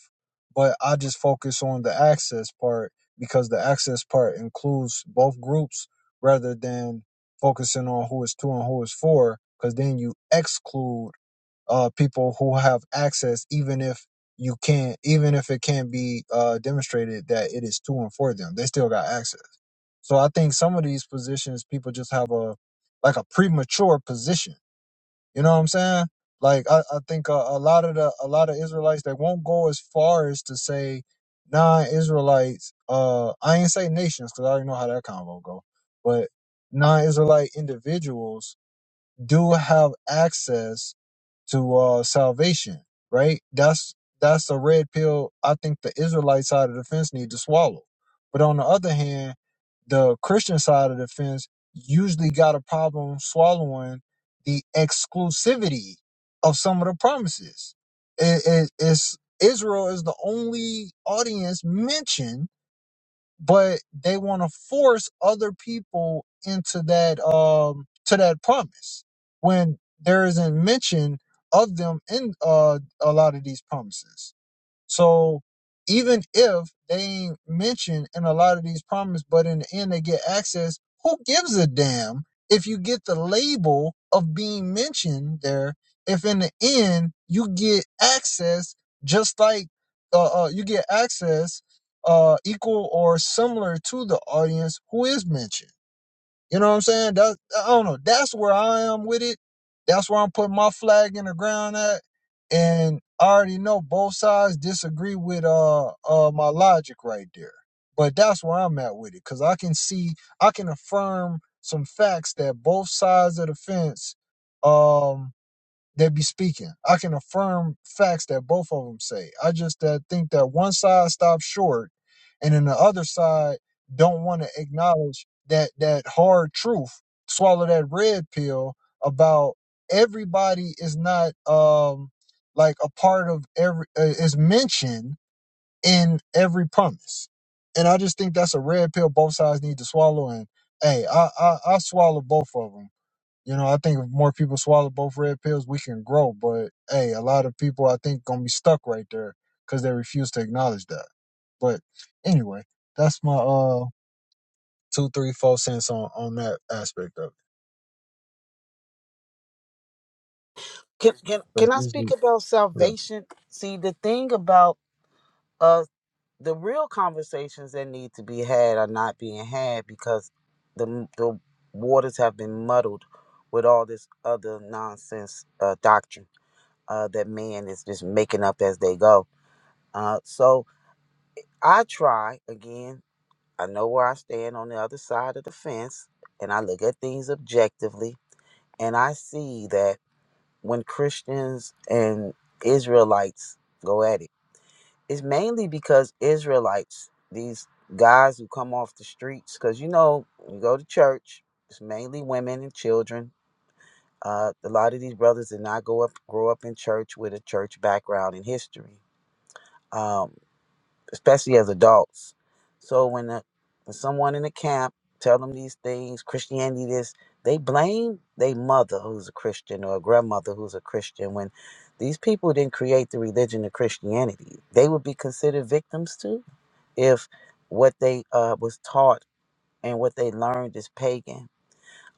But I just focus on the access part because the access part includes both groups rather than focusing on who is two and who is four, because then you exclude uh, people who have access, even if you can't, even if it can't be uh, demonstrated that it is two and for them, they still got access. So I think some of these positions, people just have a like a premature position you know what I'm saying? Like I, I think a, a lot of the a lot of Israelites that won't go as far as to say non-Israelites. Uh, I ain't say nations because I already know how that convo go. But non-Israelite individuals do have access to uh salvation, right? That's that's a red pill I think the Israelite side of the fence need to swallow. But on the other hand, the Christian side of the fence usually got a problem swallowing the exclusivity of some of the promises. It, it, it's Israel is the only audience mentioned but they want to force other people into that um to that promise when there isn't mention of them in uh a lot of these promises so even if they ain't mentioned in a lot of these promises, but in the end they get access, who gives a damn if you get the label of being mentioned there? If in the end you get access, just like uh, uh, you get access uh, equal or similar to the audience who is mentioned. You know what I'm saying? That I don't know. That's where I am with it. That's where I'm putting my flag in the ground at. And I already know both sides disagree with uh uh my logic right there. But that's where I'm at with it. Cause I can see I can affirm some facts that both sides of the fence um they be speaking. I can affirm facts that both of them say. I just uh, think that one side stops short, and then the other side don't want to acknowledge that that hard truth. Swallow that red pill about everybody is not um like a part of every uh, is mentioned in every promise, and I just think that's a red pill both sides need to swallow. And hey, I I, I swallow both of them you know, I think if more people swallow both red pills, we can grow. But hey, a lot of people I think gonna be stuck right there because they refuse to acknowledge that. But anyway, that's my uh two, three, four cents on on that aspect of it. Can can Because can I speak usually, about yeah, salvation? See, the thing about uh the real conversations that need to be had are not being had because the the waters have been muddled with all this other nonsense uh, doctrine uh, that man is just making up as they go. Uh, so I try again. I know where I stand on the other side of the fence, and I look at things objectively, and I see that when Christians and Israelites go at it, it's mainly because Israelites, these guys who come off the streets, because you know, you go to church, it's mainly women and children. Uh, a lot of these brothers did not go up, grow up in church with a church background in history. Um, especially as adults. So when, the, when someone in the camp tell them these things, Christianity this, they blame their mother who's a Christian or a grandmother who's a Christian. When these people didn't create the religion of Christianity, they would be considered victims too if what they uh, was taught and what they learned is pagan.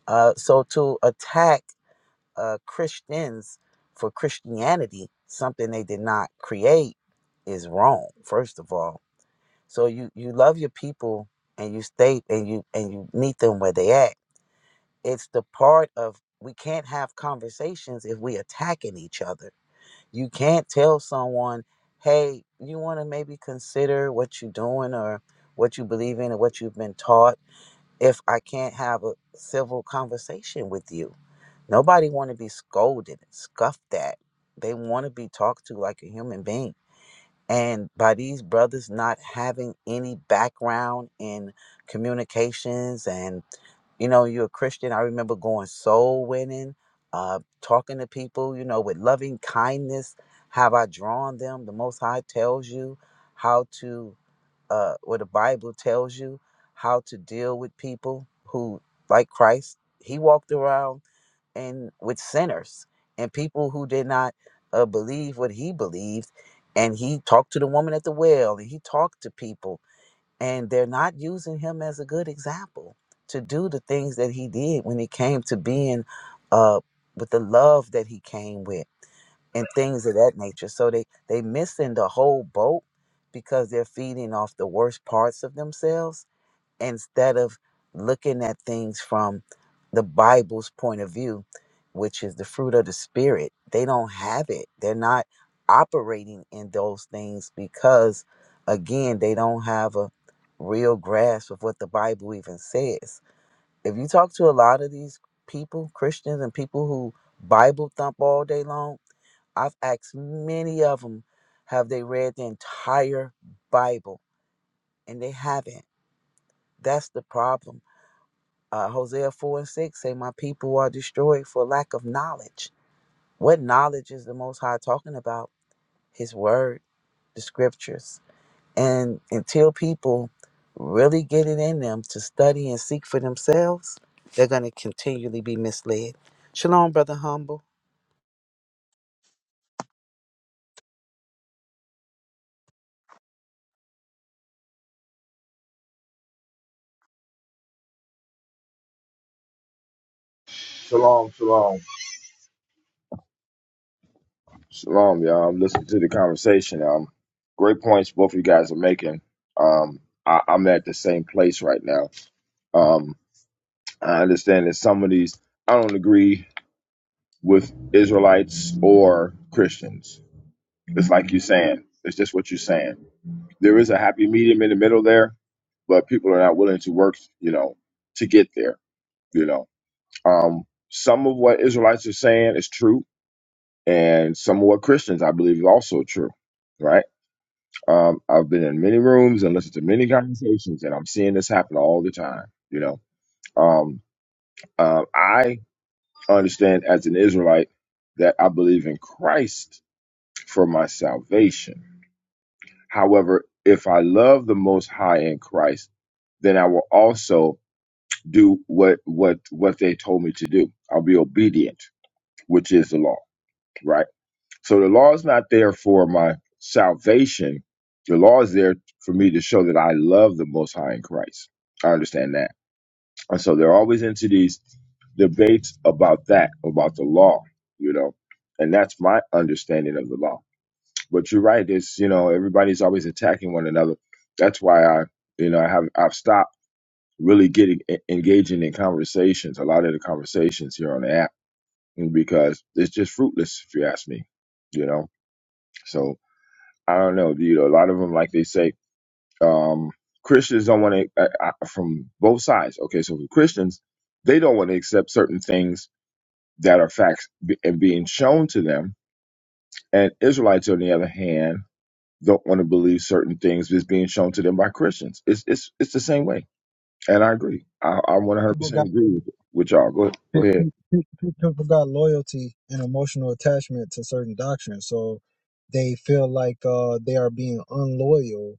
Uh, so to attack uh, Christians for Christianity, something they did not create, is wrong. First of all, so you you love your people and you stay and you and you meet them where they at. It's the part of we can't have conversations if we attacking each other. You can't tell someone, "Hey, you want to maybe consider what you're doing or what you believe in or what you've been taught." If I can't have a civil conversation with you, nobody want to be scolded and scuffed at. They want to be talked to like a human being and by these brothers not having any background in communications and you know you're a christian i remember going soul winning uh talking to people you know with loving kindness have i drawn them the most high tells you how to uh what the bible tells you how to deal with people who like christ he walked around and with sinners and people who did not uh, believe what he believed and he talked to the woman at the well and he talked to people and they're not using him as a good example to do the things that he did when it came to being uh, with the love that he came with and things of that nature so they they missing the whole boat because they're feeding off the worst parts of themselves instead of looking at things from the Bible's point of view, which is the fruit of the Spirit, they don't have it. They're not operating in those things because, again, they don't have a real grasp of what the Bible even says. If you talk to a lot of these people, Christians, and people who Bible thump all day long, I've asked many of them, have they read the entire Bible? And they haven't. That's the problem uh, Hosea 4 and 6 say, My people are destroyed for lack of knowledge. What knowledge is the Most High talking about? His word, the scriptures. And until people really get it in them to study and seek for themselves, they're going to continually be misled. Shalom, Brother Humble. Shalom, shalom. Shalom, y'all. I'm listening to the conversation. Um, great points both of you guys are making. Um, I, I'm at the same place right now. Um, I understand that some of these I don't agree with Israelites or Christians. It's like you're saying. It's just what you're saying. There is a happy medium in the middle there, but people are not willing to work, you know, to get there. You know, um, some of what Israelites are saying is true and some of what Christians, I believe, is also true, right? Um, I've been in many rooms and listened to many conversations, and I'm seeing this happen all the time. You know, um, uh, I understand as an Israelite that I believe in Christ for my salvation. However, if I love the Most High in Christ, then I will also do what what what they told me to do. I'll be obedient, which is the law, right? So the law is not there for my salvation. The law is there for me to show that I love the Most High in Christ. I understand that. And so they're always into these debates about that, about the law, you know, and that's my understanding of the law. But you're right. It's, you know, everybody's always attacking one another. That's why I, you know, I have, I've stopped really getting e- engaging in conversations, a lot of the conversations here on the app, because it's just fruitless, if you ask me, you know, so I don't know, dude. A lot of them, like they say, um, Christians don't want to, uh, uh, from both sides. Okay, so for Christians, they don't want to accept certain things that are facts be- and being shown to them. And Israelites, on the other hand, don't want to believe certain things that's being shown to them by Christians. It's it's it's the same way. And I agree. I, I 100% people got. agree with, with y'all. Go, go Pe- pe- ahead. pe- pe- People got loyalty and emotional attachment to certain doctrines, so they feel like uh, they are being unloyal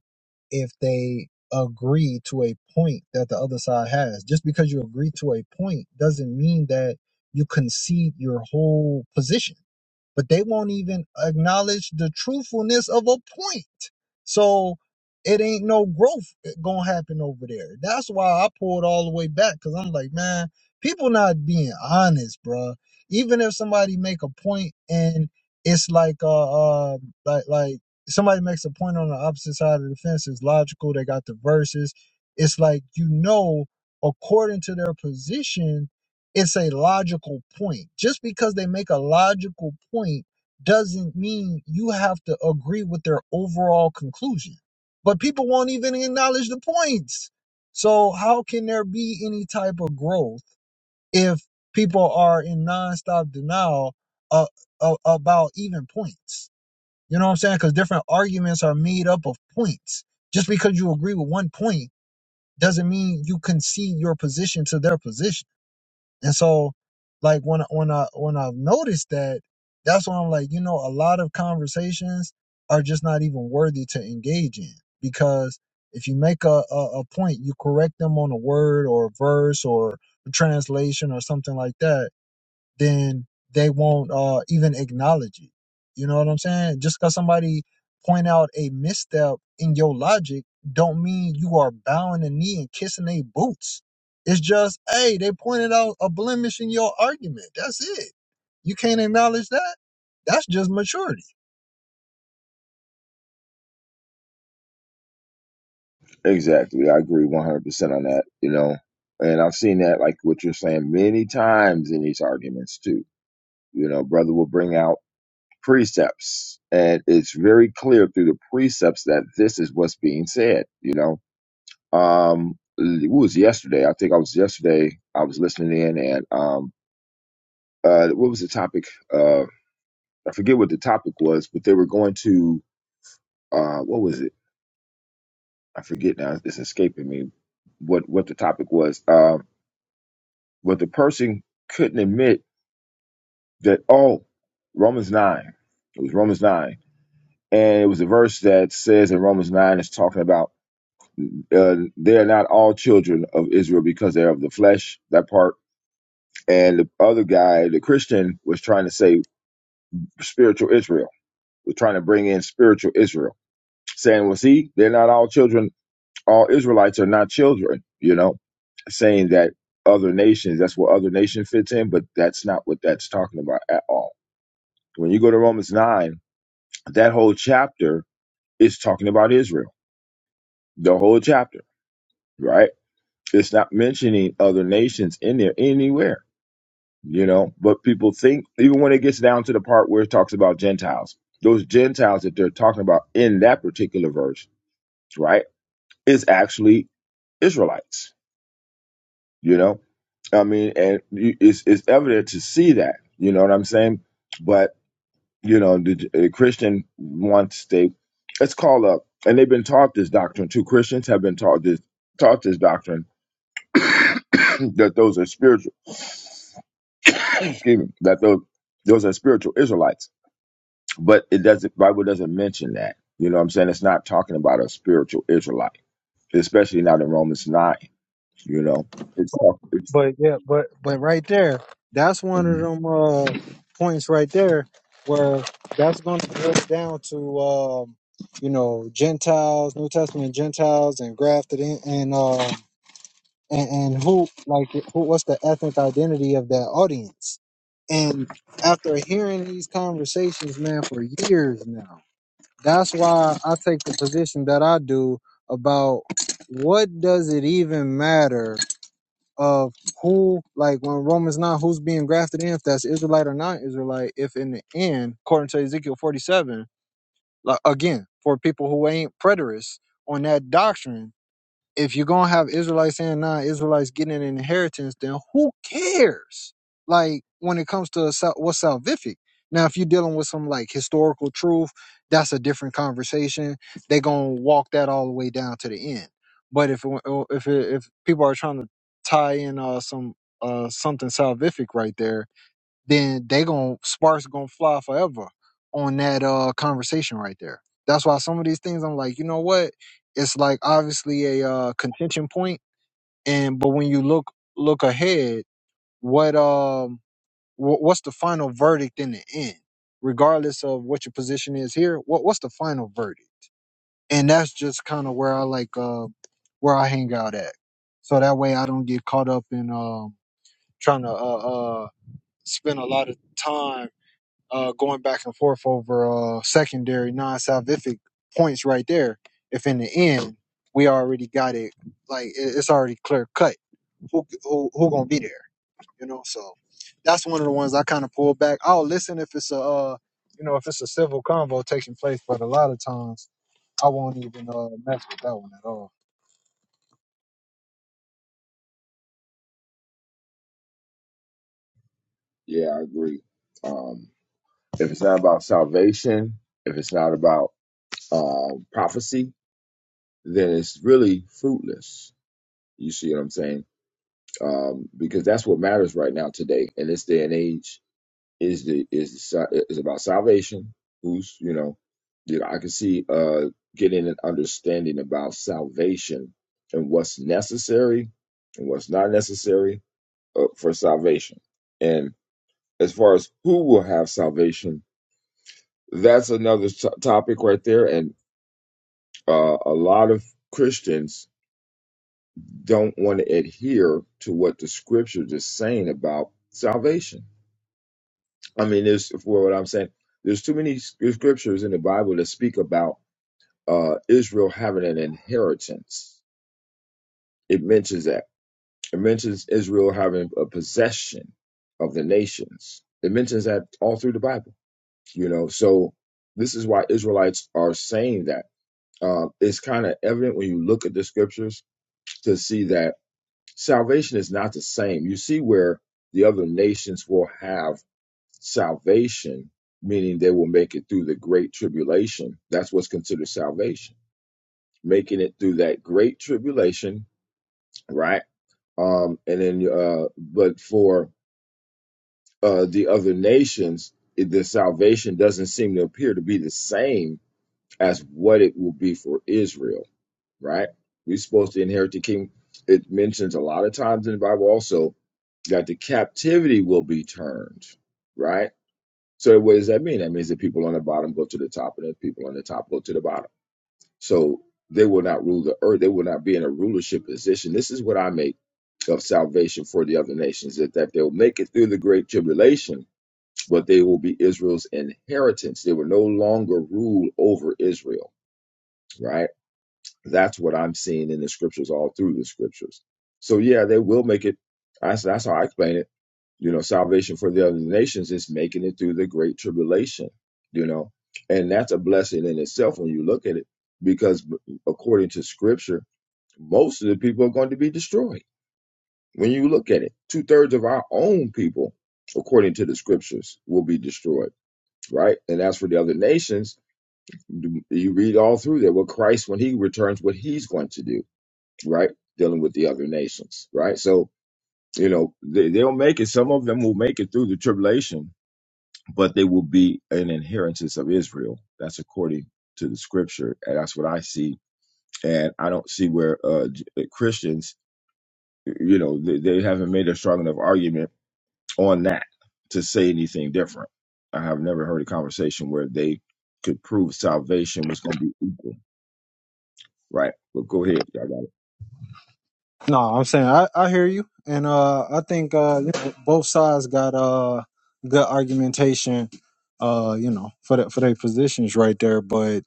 if they agree to a point that the other side has. Just because you agree to a point doesn't mean that you concede your whole position but they won't even acknowledge the truthfulness of a point. So it ain't no growth gonna happen over there. That's why I pulled all the way back because I'm like, man, people not being honest, bruh. Even if somebody make a point and it's like, uh, uh like like somebody makes a point on the opposite side of the fence, it's logical. They got the verses. It's like you know, according to their position it's a logical point. Just because they make a logical point doesn't mean you have to agree with their overall conclusion. But people won't even acknowledge the points. So, how can there be any type of growth if people are in nonstop denial uh, uh, about even points? You know what I'm saying? Because different arguments are made up of points. Just because you agree with one point doesn't mean you concede your position to their position and so, like when when I when I've noticed that, that's why I'm like, you know, a lot of conversations are just not even worthy to engage in because if you make a, a, a point, you correct them on a word or a verse or a translation or something like that then they won't uh, even acknowledge it. You know what I'm saying? Just because somebody point out a misstep in your logic, don't mean you are bowing the knee and kissing their boots. It's just, hey, they pointed out a blemish in your argument. That's it. You can't acknowledge that. That's just maturity. Exactly. I agree 100% on that, you know. And I've seen that, like what you're saying, many times in these arguments, too You know, brother will bring out precepts, and it's very clear through the precepts that this is what's being said. You know, um, it was yesterday. I think I was yesterday. I was listening in, and um, uh, what was the topic? Uh, I forget what the topic was, but they were going to uh, what was it? I forget now. It's escaping me. What what the topic was? Um, but the person couldn't admit that. Oh, Romans nine. It was Romans nine and it was a verse that says in Romans 9 it's talking about uh, they are not all children of Israel because they're of the flesh, that part. And the other guy, the Christian, was trying to say spiritual Israel, was trying to bring in spiritual Israel, saying, well, see, they're not all children, all Israelites are not children, you know, saying that other nations, that's where other nation fits in, but that's not what that's talking about at all. When you go to Romans 9, that whole chapter is talking about Israel, the whole chapter right? It's not mentioning other nations in there anywhere, you know. But people think, even when it gets down to the part where it talks about Gentiles, those Gentiles that they're talking about in that particular verse, right, is actually Israelites, you know. I mean, and you- it's it's evident to see that, you know what I'm saying. But you know, the, the Christian wants they, it's called up, and they've been taught this doctrine too. Christians have been taught this taught this doctrine (coughs) that those are spiritual excuse me, that those those are spiritual Israelites. But it doesn't Bible doesn't mention that. You know what I'm saying? It's not talking about a spiritual Israelite, especially not in Romans nine, you know. It's talk it's But yeah, but but right there, that's one of mhm. them uh, points right there where that's going to break down to um, you know Gentiles, New Testament Gentiles, and grafted in, and um and, and who like who what's the ethnic identity of that audience? And after hearing these conversations, man, for years now, that's why I take the position that I do about what does it even matter of who, like when Romans 9, who's being grafted in, if that's Israelite or not Israelite, if in the end, according to Ezekiel 47, like again, for people who ain't preterists on that doctrine, if you're gonna have Israelites and non-Israelites getting an inheritance, then who cares? Like when it comes to sal- what's salvific. Now, if you're dealing with some like historical truth, that's a different conversation. They're gonna walk that all the way down to the end. But if it- if it- if people are trying to tie in uh, some uh, something salvific right there, then they gon' sparks gonna fly forever on that uh conversation right there. That's why some of these things I'm like, you know what? It's like obviously a uh, contention point, and but when you look look ahead, what um wh- what's the final verdict in the end? Regardless of what your position is here, what what's the final verdict? And that's just kind of where I like uh where I hang out at, so that way I don't get caught up in um trying to uh uh spend a lot of time uh, going back and forth over uh, secondary non-salvific points right there. If in the end we already got it, like it- it's already clear cut. Who who who gonna be there? You know, so that's one of the ones I kind of pull back. I'll listen if it's a uh, you know if it's a civil convo taking place, but a lot of times I won't even uh, mess with that one at all. yeah, I agree. Um if it's not about salvation, if it's not about uh prophecy, then it's really fruitless. You see what I'm saying? Um, because that's what matters right now today in this day and age is the is the, is about salvation. Who's you know, you know, I can see uh getting an understanding about salvation and what's necessary and what's not necessary uh, for salvation. And as far as who will have salvation, that's another t- topic right there. And uh, a lot of Christians don't want to adhere to what the scriptures is saying about salvation I mean, there's for what I'm saying. There's too many scriptures in the Bible that speak about uh, Israel having an inheritance. It mentions that. It mentions Israel having a possession of the nations. It mentions that all through the Bible. You know, so this is why Israelites are saying that. Uh, it's kind of evident when you look at the scriptures to see that Salvation is not the same. You see where the other nations will have salvation, meaning they will make it through the great tribulation. That's what's considered salvation, making it through that great tribulation, right? Um, and then, uh, but for uh, the other nations, it, the salvation doesn't seem to appear to be the same as what it will be for Israel right? We're supposed to inherit the kingdom. It mentions a lot of times in the Bible also that the captivity will be turned, right? So what does that mean? That means that people on the bottom go to the top, and the people on the top go to the bottom. So they will not rule the earth. They will not be in a rulership position. This is what I make of salvation for the other nations: that that they'll make it through the great tribulation, but they will be Israel's inheritance. They will no longer rule over Israel, right? That's what I'm seeing in the scriptures, all through the scriptures. So yeah, they will make it. That's that's how I explain it. You know, salvation for the other nations is making it through the great tribulation. You know, and that's a blessing in itself when you look at it, because according to scripture, most of the people are going to be destroyed. When you look at it, two thirds of our own people, according to the scriptures, will be destroyed. Right, and as for the other nations, you read all through there. What Christ, when He returns, what He's going to do right? Dealing with the other nations, right? So, you know, they, they'll make it. Some of them will make it through the tribulation, but they will be an inheritance of Israel. That's according to the scripture. And that's what I see. And I don't see where uh, J- uh, Christians, you know, they, they haven't made a strong enough argument on that to say anything different. I have never heard a conversation where they could prove salvation was going to be equal, right? But go ahead. I got it. No, I'm saying I, I hear you, and uh, I think uh, you know, both sides got uh good argumentation, uh, you know, for the, for their positions right there. But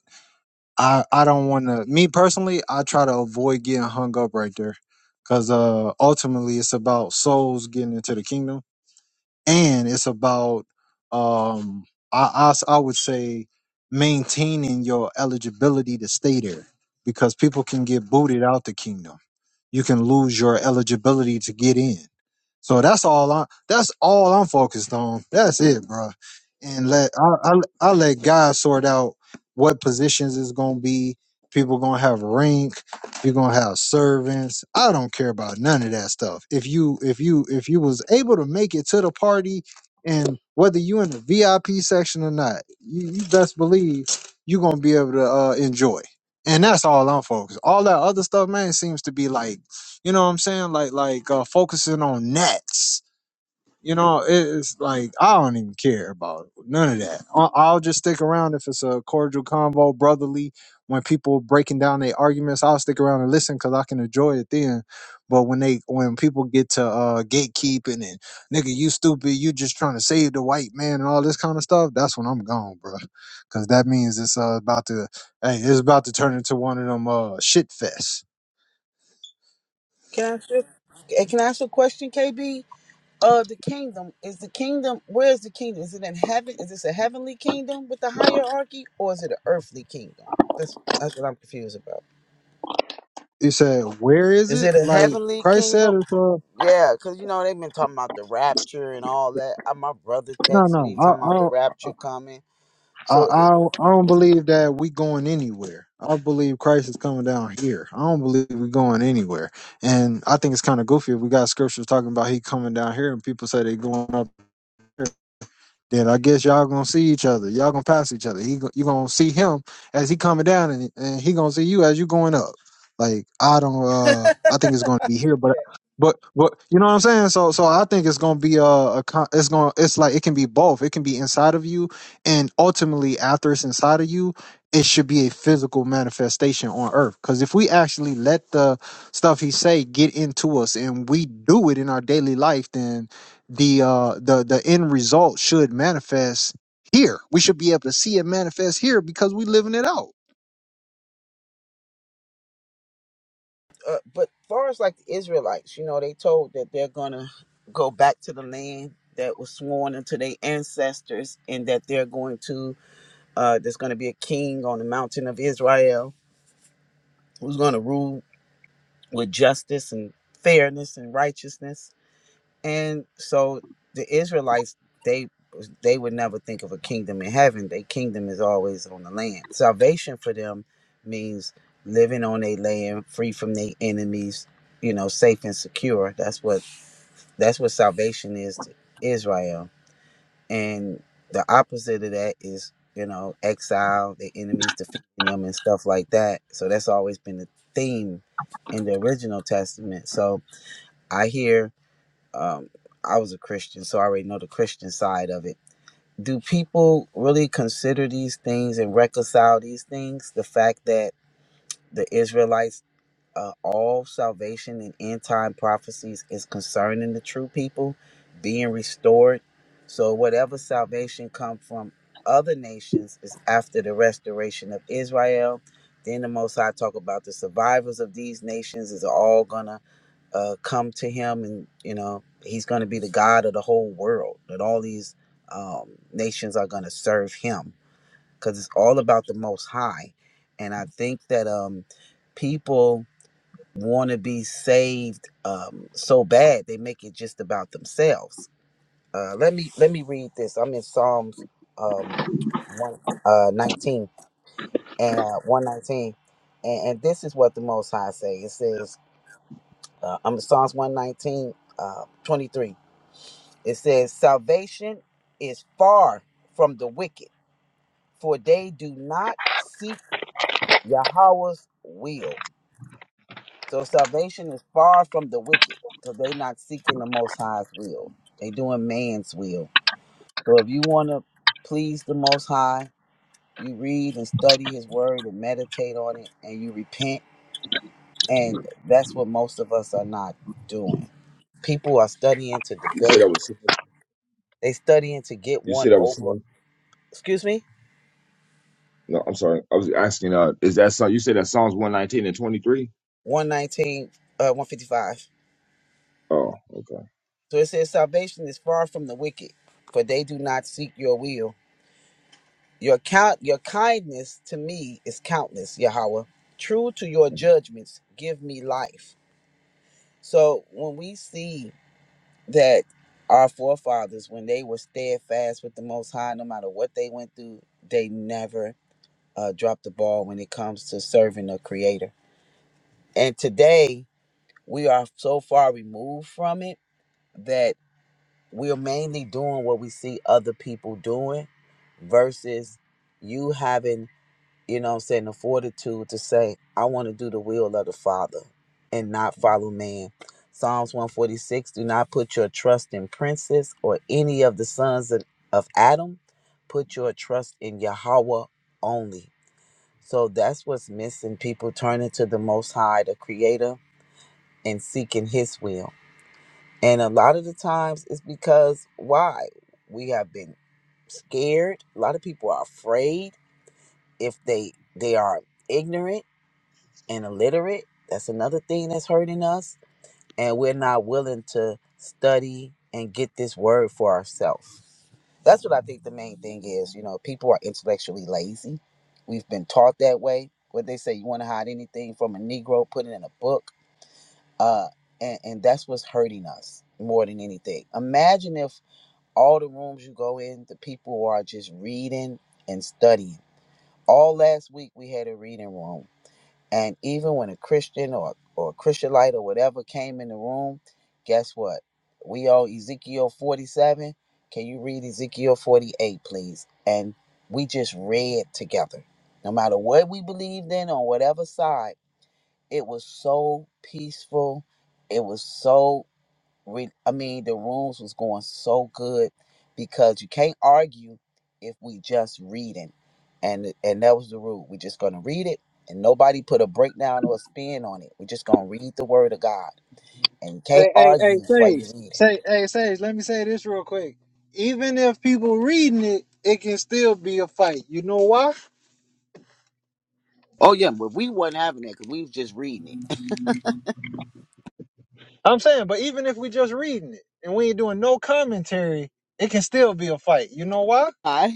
I I don't want to. Me personally, I try to avoid getting hung up right there, because uh, ultimately it's about souls getting into the kingdom, and it's about um, I I, s- I would say maintaining your eligibility to stay there, because people can get booted out the kingdom you can lose your eligibility to get in. So that's all I that's all I'm focused on. That's it, bro. And let I I, I let God sort out what positions is gonna be. People gonna have rank. You're gonna have servants. I don't care about none of that stuff. If you if you if you was able to make it to the party, and whether you in the VIP section or not, you, you best believe you're gonna be able to uh, enjoy. And that's all I'm focused. All that other stuff, man, seems to be like you know what I'm saying? Like like uh, focusing on nets. You know, it's like I don't even care about none of that. I'll, I'll just stick around if it's a cordial convo, brotherly. When people breaking down their arguments, I'll stick around and listen because I can enjoy it then. But when they when people get to uh, gatekeeping and nigga, you stupid, you just trying to save the white man and all this kind of stuff, that's when I'm gone, bro. Because that means it's uh, about to hey, it's about to turn into one of them uh, shit fests Can I ask you, eh, can I ask you a question, KB? Uh, the kingdom is the kingdom. Where is the kingdom? Is it in heaven? Is this a heavenly kingdom with the hierarchy, or is it an earthly kingdom? That's that's what I'm confused about. You said, where is Is it? it a Like heavenly Christ said, kingdom? it's, uh, Yeah, because you know they've been talking about the rapture and all that. Uh, My brother no, texted no, me talking about the I, rapture coming. I, I, So, it- I I don't believe that we going anywhere. I believe Christ is coming down here. I don't believe we going anywhere. And I think it's kind of goofy if we got scriptures talking about he coming down here and people say they going up. there. then I guess y'all gonna see each other. Y'all gonna pass each other. He go- you gonna see him as he coming down, and and he gonna see you as you going up. Like I don't. (laughs) I uh I think it's gonna be here, see but that. but but you know what I'm saying. So so I think it's gonna be a, a con- it's gonna it's like it can be both. It can be inside of you, and ultimately after it's inside of you, it should be a physical manifestation on earth. Because if we actually let the stuff he say get into us and we do it in our daily life, then the uh the the end result should manifest here. We should be able to see it manifest here because we living it out. uh, but far as like the Israelites, you know, they told that they're gonna go back to the land that was sworn unto their ancestors, and that they're going to uh, there's going to be a king on the mountain of Israel who's going to rule with justice and fairness and righteousness And so the Israelites, they they would never think of a kingdom in heaven. Their kingdom is always on the land. Salvation for them means living on their land, free from their enemies, you know, safe and secure. That's what that's what salvation is to Israel. And the opposite of that is, you know, exile, the enemies defeating them and stuff like that. So that's always been the theme in the original testament. So I hear um, I was a Christian, so I already know the Christian side of it. Do people really consider these things and reconcile these things? The fact that the Israelites, uh, all salvation and end time prophecies is concerning the true people being restored. So whatever salvation come from other nations is after the restoration of Israel. Then the Most High talk about the survivors of these nations is all gonna uh, come to him and you know he's going to be the god of the whole world that all these um, nations are going to serve him because it's all about the most high and i think that um, people want to be saved um, so bad they make it just about themselves uh, let me let me read this i'm in psalms um, one, uh, 19 and uh, 119 and, and this is what the most high say it says uh, i'm in psalms 119 uh, 23 It says, Salvation is far from the wicked, for they do not seek Yahweh's will. So salvation is far from the wicked, because they not seeking the Most High's will. They doing man's will. So if you want to please the Most High, you read and study His Word and meditate on it, and you repent. And that's what most of us are not doing. People are studying to You said I debate. was. They studying to get You one said I was. over. Excuse me. No, I'm sorry. I was asking. Uh, is that so? You said that Psalms 119 and 23. 119, uh, 155. Oh, okay. So it says, Salvation is far from the wicked, for they do not seek your will. Your count, your kindness to me is countless, Yahweh. True to your judgments, give me life. So when we see that our forefathers, when they were steadfast with the Most High, no matter what they went through, they never uh, dropped the ball when it comes to serving the Creator. And today, we are so far removed from it that. we're mainly doing what we see other people doing versus you having, you know what I'm saying, the fortitude to say, I want to do the will of the Father and not follow man. Psalms 146 Do not put your trust in princes or any of the sons of, of Adam. Put your trust in Yahweh only. So that's what's missing. People turning to the Most High, the Creator, and seeking His will. And a lot of the times it's because why? We have been scared. A lot of people are afraid if they they are ignorant and illiterate. That's another thing that's hurting us. And we're not willing to study and get this word for ourselves. That's what I think the main thing is. You know, people are intellectually lazy. We've been taught that way. What they say, you want to hide anything from a Negro, put it in a book. Uh, and, and that's what's hurting us more than anything. Imagine if all the rooms you go in, the people are just reading and studying. All last week we had a reading room. And even when a Christian or, or a Christianite or whatever came in the room, guess what? We all Ezekiel 47. Can you read Ezekiel 48, please? And we just read together. No matter what we believed in on whatever side, it was so peaceful. It was so re- I mean, the rules was going so good because you can't argue if we just reading, and and that was the rule. We're just gonna read it, and nobody put a breakdown or a spin on it. We're just gonna read the word of God, and you can't Hey, hey, hey, argue while you're Sage. reading. Say, hey, Sage. Let me say this real quick. Even if people reading it, it can still be a fight. You know why? Oh yeah, but we wasn't having that because we was just reading it. I'm saying, but even if we just reading it and we ain't doing no commentary, it can still be a fight. You know why? (laughs) All right.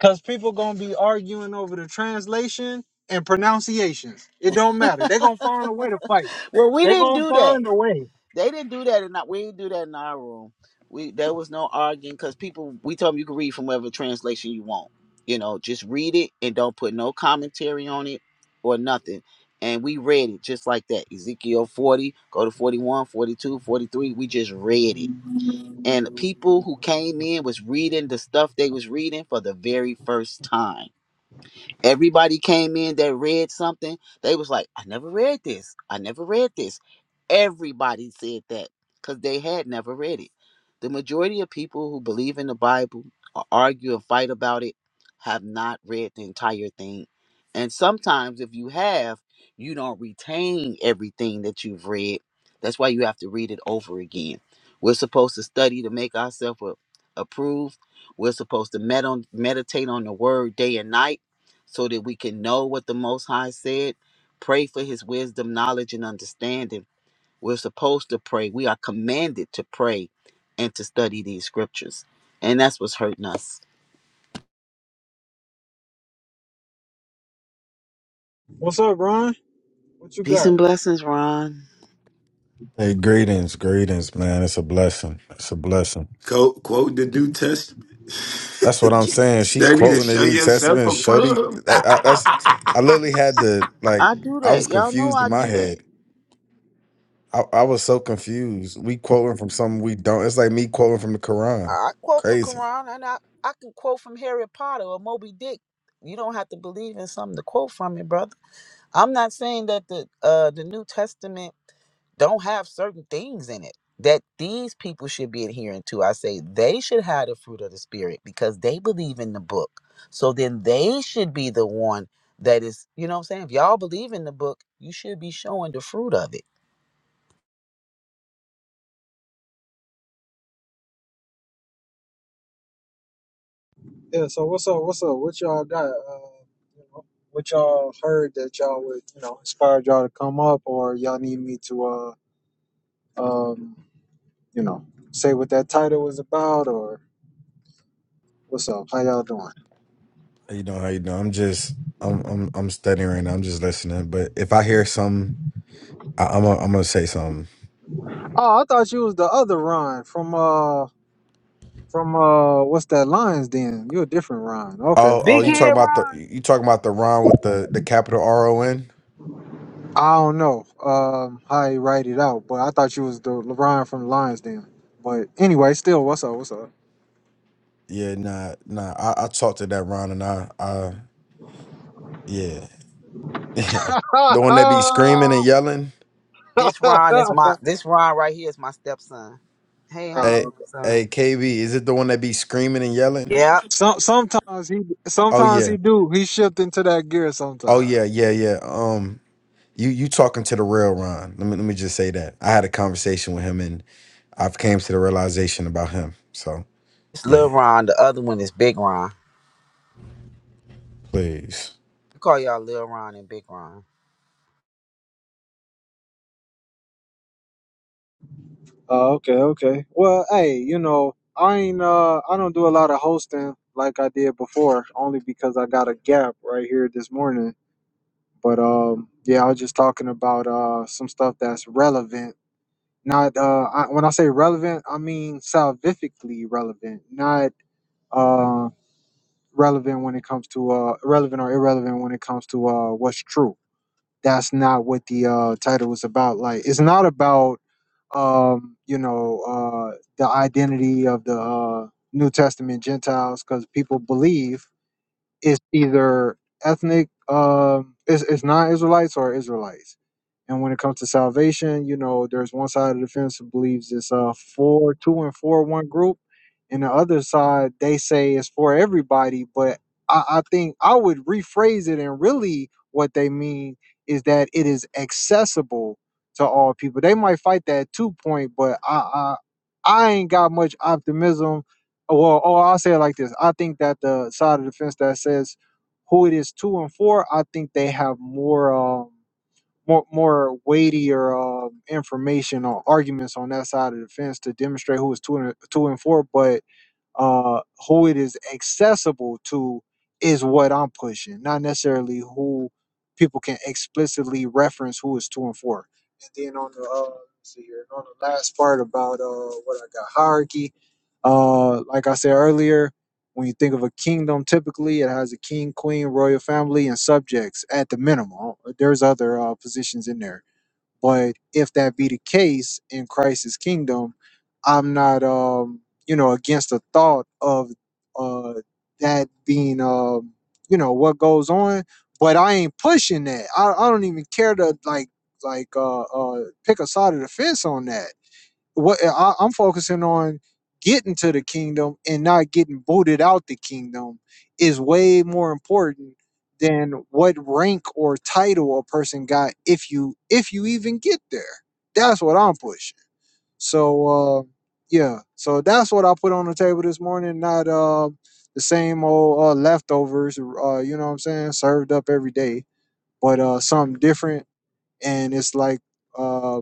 Cause people gonna be arguing over the translation and pronunciations. It don't matter. They gonna find a way to fight. Well, we They didn't gonna do that. find a way. They didn't do that in our, we didn't do that in our room. We there was no arguing because people we told them you can read from whatever translation you want. You know, just read it and don't put no commentary on it or nothing. And we read it just like that. Ezekiel 40, go to 41, 42, 43. We just read it. And people who came in was reading the stuff they was reading for the very first time Everybody came in that read something. They was like, I never read this. I never read this. Everybody said that because they had never read it. The majority of people who believe in the Bible or argue and fight about it have not read the entire thing. And sometimes, if you have, you don't retain everything that you've read. That's why you have to read it over again. We're supposed to study to make ourselves a- approved. We're supposed to med- on, meditate on the word day and night so that we can know what the Most High said. Pray for his wisdom, knowledge, and understanding. We're supposed to pray. We are commanded to pray and to study these scriptures. And that's what's hurting us. What's up, Ron? What you Peace got? and blessings, Ron. Hey, greetings, greetings, man. It's a blessing. It's a blessing. Quote, quote the New Testament. (laughs) That's what I'm saying. She Study to quoting the show New yourself Testament. Shody, approved. that, I, that's. (laughs) I literally had to like. I do I was that. Y'all know confused in I my do that. head. I, I was so confused. We quoting from something we don't. It's like me quoting from the Quran. I quote the Crazy. Quran and I, I can quote from Harry Potter or Moby Dick. You don't have to believe in something to quote from it, brother. I'm not saying that the uh the New Testament don't have certain things in it that these people should be adhering to. I say they should have the fruit of the spirit because they believe in the book. So then they should be the one that is, you know what I'm saying? If y'all believe in the book, you should be showing the fruit of it. Yeah, so what's up? What's up? What y'all got? Uh, you know, what y'all heard that y'all would, you know, inspired y'all to come up, or y'all need me to, uh, um, you know, say what that title was about, or what's up? How y'all doing? How you doing? How you doing? I'm just. I'm. I'm. I'm studying right now. I'm just listening. But if I hear something, I, I'm. A, I'm gonna say something. Oh, I thought you was the other Ron from, uh, from, uh, what's that Lions Den? You a different Ron? Okay. Oh. Oh. Big You head talking about the? Ron. You talking about the Ron with the the capital R O N? I don't know, um, how he write it out, but I thought you was the Ron from the Lions Den. But anyway, still, what's up? What's up? Yeah, nah, nah. I, I talked to that Ron and I, I, yeah. (laughs) the one that be (laughs) screaming and yelling. This Ron is (laughs) my this Ron right here is my stepson. Hey, how you Uh, Hey, doing, hey, son? KB, is it the one that be screaming and yelling? Yeah. some sometimes he Oh sometimes yeah, he do he shift into that gear oh sometimes. yeah, yeah, yeah. Um, you you talking to the real Ron? Let me let me just say that I had a conversation with him and I've came to the realization about him. So It's Lil yeah, Ron. The other one is Big Ron. please. I call y'all Lil Ron and Big Ron. Oh, okay, okay. Well, hey, you know I ain't uh I don't do a lot of hosting like I did before, only because I got a gap right here this morning. But um, yeah, I was just talking about uh some stuff that's relevant. Not uh I, when I say relevant, I mean salvifically relevant, not uh relevant when it comes to uh relevant or irrelevant when it comes to uh what's true that's not what the uh, title was about. Like, it's not about um, you know uh, the identity of the uh, New Testament Gentiles because people believe it's either ethnic um it's, it's non-israelites or israelites and when it comes to salvation you know there's one side of the fence who believes it's uh four two and four one group and the other side they say it's for everybody but i, I think i would rephrase it and really what they mean is that it is accessible to all people they might fight that two point but i i, I ain't got much optimism well, or I'll say it like this: I think that the side of the fence that says who it is to and for, I think they have more, um, more, more weightier um, information or arguments on that side of the fence to demonstrate who is two and two and for. But uh, who it is accessible to is what I'm pushing, not necessarily who people can explicitly reference who is two and four. And then on the uh, let's see here on the last part about uh, what I got hierarchy. Uh, like I said earlier, when you think of a kingdom, typically it has a king, queen, royal family, and subjects at the minimum. There's other uh, positions in there but if that be the case in Christ's kingdom, I'm not um you know against the thought of uh that being um you know what goes on, but I ain't pushing that. I, I don't even care to like like uh uh pick a side of the fence on that what uh, I, I'm focusing on getting to the kingdom and not getting booted out the kingdom is way more important than what rank or title a person got if you if you even get there. That's what I'm pushing. So uh yeah, so that's what I put on the table this morning, not uh the same old uh leftovers uh you know what I'm saying, served up every day, but uh something different and it's like um,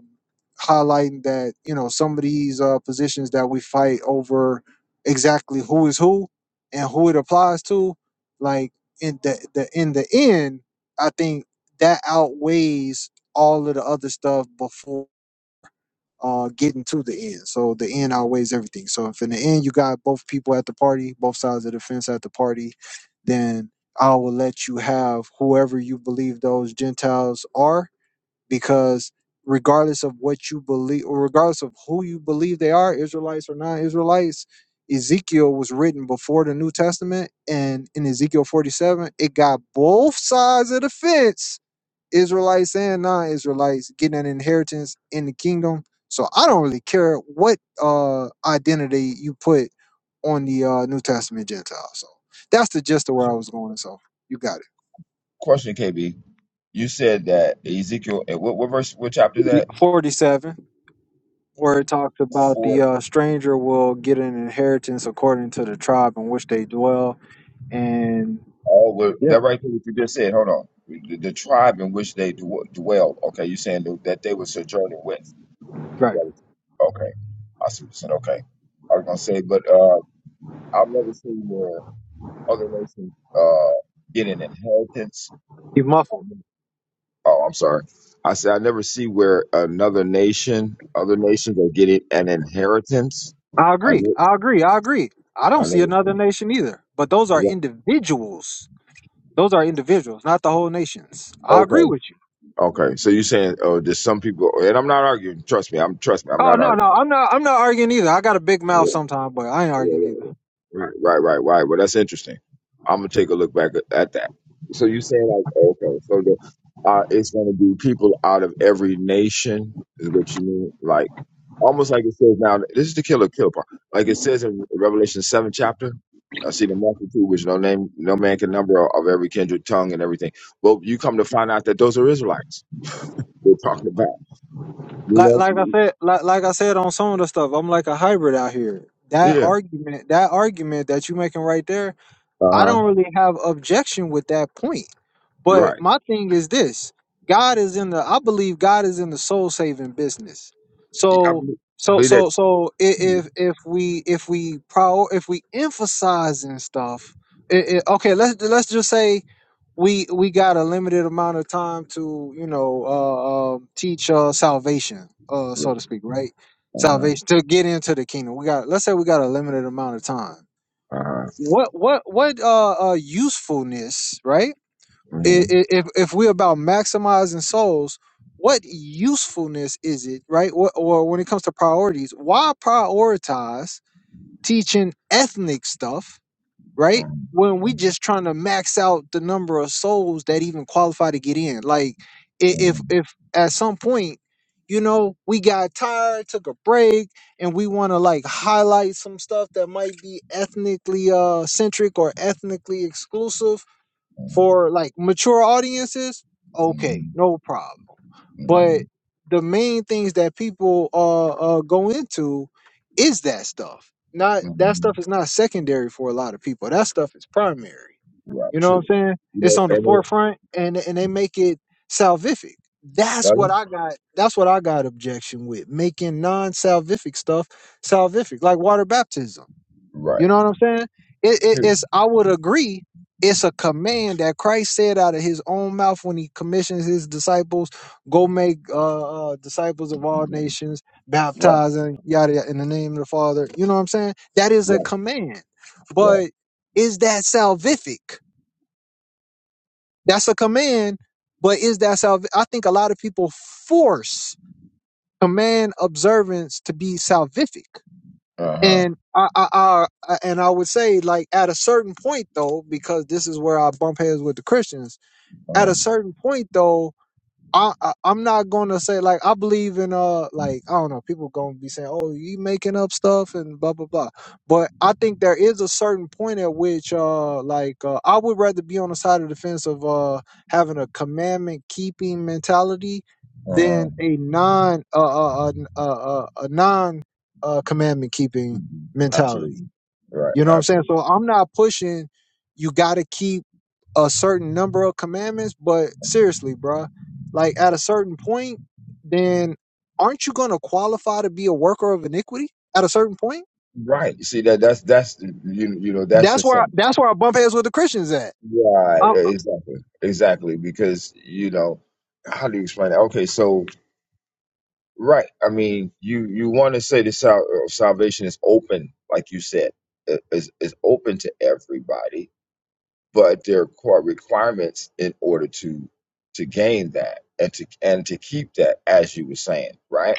highlighting that you know some of these uh, positions that we fight over exactly who is who and who it applies to like in the, the in the end i think that outweighs all of the other stuff before uh getting to the end so the end outweighs everything so if in the end you got both people at the party both sides of the fence at the party then i will let you have whoever you believe those gentiles are because regardless of what you believe or regardless of who you believe they are israelites or non-israelites ezekiel was written before the new testament and in ezekiel 47 it got both sides of the fence israelites and non-israelites getting an inheritance in the kingdom so i don't really care what uh identity you put on the uh new testament gentiles so that's the gist of where i was going so you got Question, KB. You said that Ezekiel. And what, what verse? What chapter is it that? 47 where it talks about Four. the uh, stranger will get an inheritance according to the tribe in which they dwell. And Oh, the- yeah, that right there. What you just said. Hold on. The, the tribe in which they dw- dwell. Okay, you saying that they were sojourning with. right. Right. Okay, I see what you're saying. Okay, I was gonna say, but uh, I've never seen where other nations uh get an inheritance. He's muffled. Oh, I'm sorry. I said I never see where another nation, other nations are getting an inheritance. I I agree. ne- I agree. I agree. I I don't never. see another see- nation either. But those are yeah, individuals. Those are individuals, not the whole nations. I agree Okay, with you. okay. So you're saying, oh, there's some people, and I'm not arguing. Trust me, I'm trust me, I'm Oh not no, no, arguing. I'm not. I'm not arguing either. I got a big mouth sometimes, but I ain't arguing either. Right, right, right, right. Well, that's interesting. I'm gonna take a look back at at that. So you're saying like, okay, so the, uh, it's gonna be people out of every nation is what you mean, like almost like it says now. This is the killer kill part. Like it says in Revelation seven chapter, I see the multitude which no name, no man can number of every kindred tongue and everything. Well, you come to find out that those are Israelites. They're talking about, you Like, like I know, said, like, like I said on some of the stuff, I'm like a hybrid out here. That yeah, argument, that argument that you making right there, uh I huh, don't really have objection with that point. But right. my thing is this God is in the I believe God is in the soul saving business. I So believe, I so believe that. so so i- if if we if we prior if we emphasize and stuff i okay let's let's just say we we got a limited amount of time to you know uh, uh teach uh salvation uh so to speak right Uh huh, salvation to get into the kingdom we got let's say we got a limited amount of time uh what what what uh, uh usefulness right huh. I- i- if if we're about maximizing souls what usefulness is it right or, or when it comes to priorities why prioritize teaching ethnic stuff right? When we just trying to max out the number of souls that even qualify to get in. Like i- if Mhm, if at some point, you know, we got tired, took a break, and we want to like highlight some stuff that might be ethnically uh centric or ethnically exclusive for like mature audiences, okay, mhm, no problem. But the main things that people uh, uh go into is that stuff. Not that mhm. stuff is not secondary for a lot of people. That stuff is primary. Right, You know what true. I'm saying? You It's know, on the and it, forefront and and they make it salvific. That's got what him? I got. That's what I got objection with making non-salvific stuff salvific, like water baptism you Right. know what I'm saying? It, it, Here, it's I would agree. It's a command that Christ said out of His own mouth when He commissions His disciples, go make uh, uh, disciples of all you got it. nations, Right, baptizing yada yada in the name of the Father. You know what I'm saying? That is a right, command, right. but is that salvific? That's a command, but is that salv? I think a lot of people force command observance to be salvific. Uh-huh. And I, I, I and I would say like at a certain point though, because this is where I bump heads with the Christians. At Uh-huh. a certain point though, I, I I'm not gonna say like I believe in uh like I don't know people gonna be saying oh you making up stuff and blah blah blah but I think there is a certain point at which uh like uh, I would rather be on the side of the fence of uh having a commandment keeping mentality uh-huh. than a non uh uh uh, uh, uh a non uh commandment keeping Mhm. mentality Absolutely. Right, you know what I'm saying? absolutely. So I'm not pushing you gotta keep a certain number of commandments, but seriously, bruh, like at a certain point, then aren't you gonna qualify to be a worker of iniquity at a certain point? Right. See that that's that's the- you you know, that's the That's where I, thing. that's where I bump heads with the Christians at. Right, I, e- exactly. Exactly. Because, you know, how do you explain that? Okay, so right. I mean, you you want to say the sal- uh, salvation is open, like you said. i- is is open to everybody but there are core requirements in order to to gain that and to and to keep that as you were saying right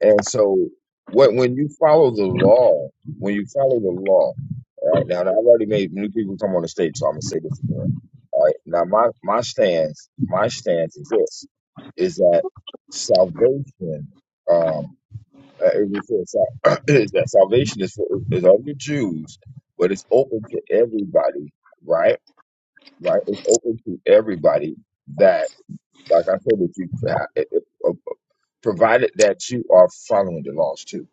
and so when when you follow the law when you follow the law all right now and i've already made new people come on the stage so i'm gonna say this again all right now my my stance my stance is this is that salvation um uh, it was said sal- (clears throat) is that salvation is for is of the jews but it's open to everybody right right? It's open to everybody that, like I said, that you, uh, it- it- uh, provided that you are following the laws too.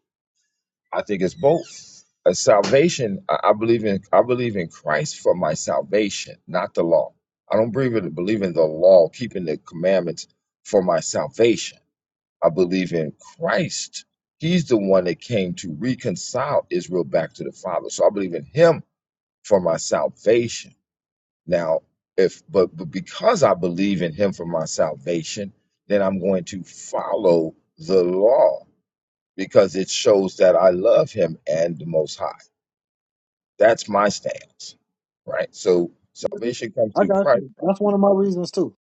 I think it's both. A salvation, I I believe in. I believe in Christ for my salvation, not the law. I don't believe in believe in the law, keeping the commandments for my salvation. I believe in Christ. He's the one that came to reconcile Israel back to the Father. So I believe in Him for my salvation now, if but, but because I believe in him for my salvation, then I'm going to follow the law because it shows that I love him and the most high. That's my stance. Right? So salvation comes I through got you. Christ. That's one of my reasons too.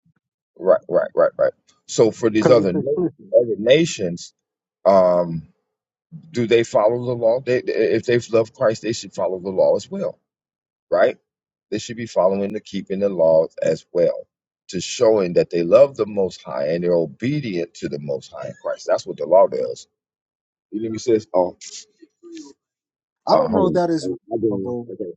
Right, right, right, right. So for these other na- other nations, um, do they follow the law? They, they- if they've loved Christ, they should follow the law as well right? They should be following the keeping the laws as well to showing that they love the Most High and they're obedient to the Most High in Christ. That's what the law does. You let me say this. Oh, I uh, don't hold know on. that it's Oh, I didn't- reasonable Okay.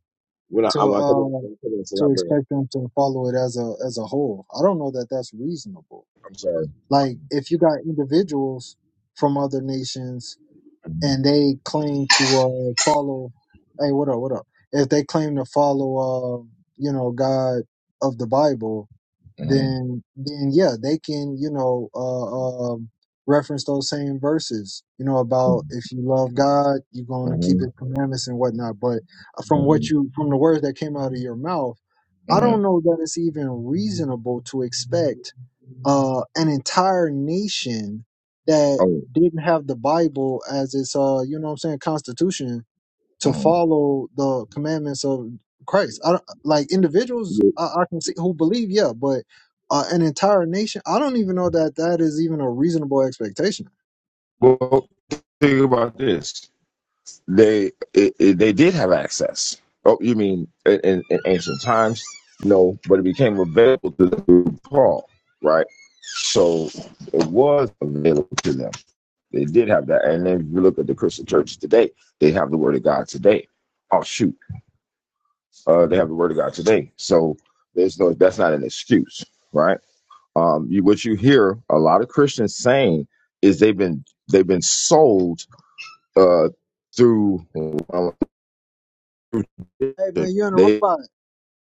When I, to I'm I come in, um when I come in, so I to bring it. expect them to follow it as a as a whole. I don't know that that's reasonable. I'm sorry. Like if you got individuals from other nations and they claim to uh follow hey what up what up if they claim to follow uh you know God of the Bible Mm-hmm. then then yeah they can you know uh um reference those same verses you know hmm about if you love God you're going to hmm keep his commandments and whatnot but from what you from the words that came out of your mouth I hmm don't know that it's even reasonable to expect uh, an entire nation that Oh, didn't have the Bible as its, uh, you know what I'm saying, constitution to mm-hmm. follow the commandments of Christ. I don't, like individuals I, I can see who believe, yeah, but uh, an entire nation, I don't even know that that is even a reasonable expectation. well, think about this. They it, it, they did have access. Oh, you mean in, in, in ancient times? No, but it became available to them through Paul, right? So it was available to them. They did have that. And then if you look at the Christian church today, they have the Word of God today. Oh shoot, uh, they have the Word of God today. So there's no that's not an excuse, right? Um, you, what you hear a lot of Christians saying is they've been they've been sold uh, through. Hey, man, you're in a They've robot.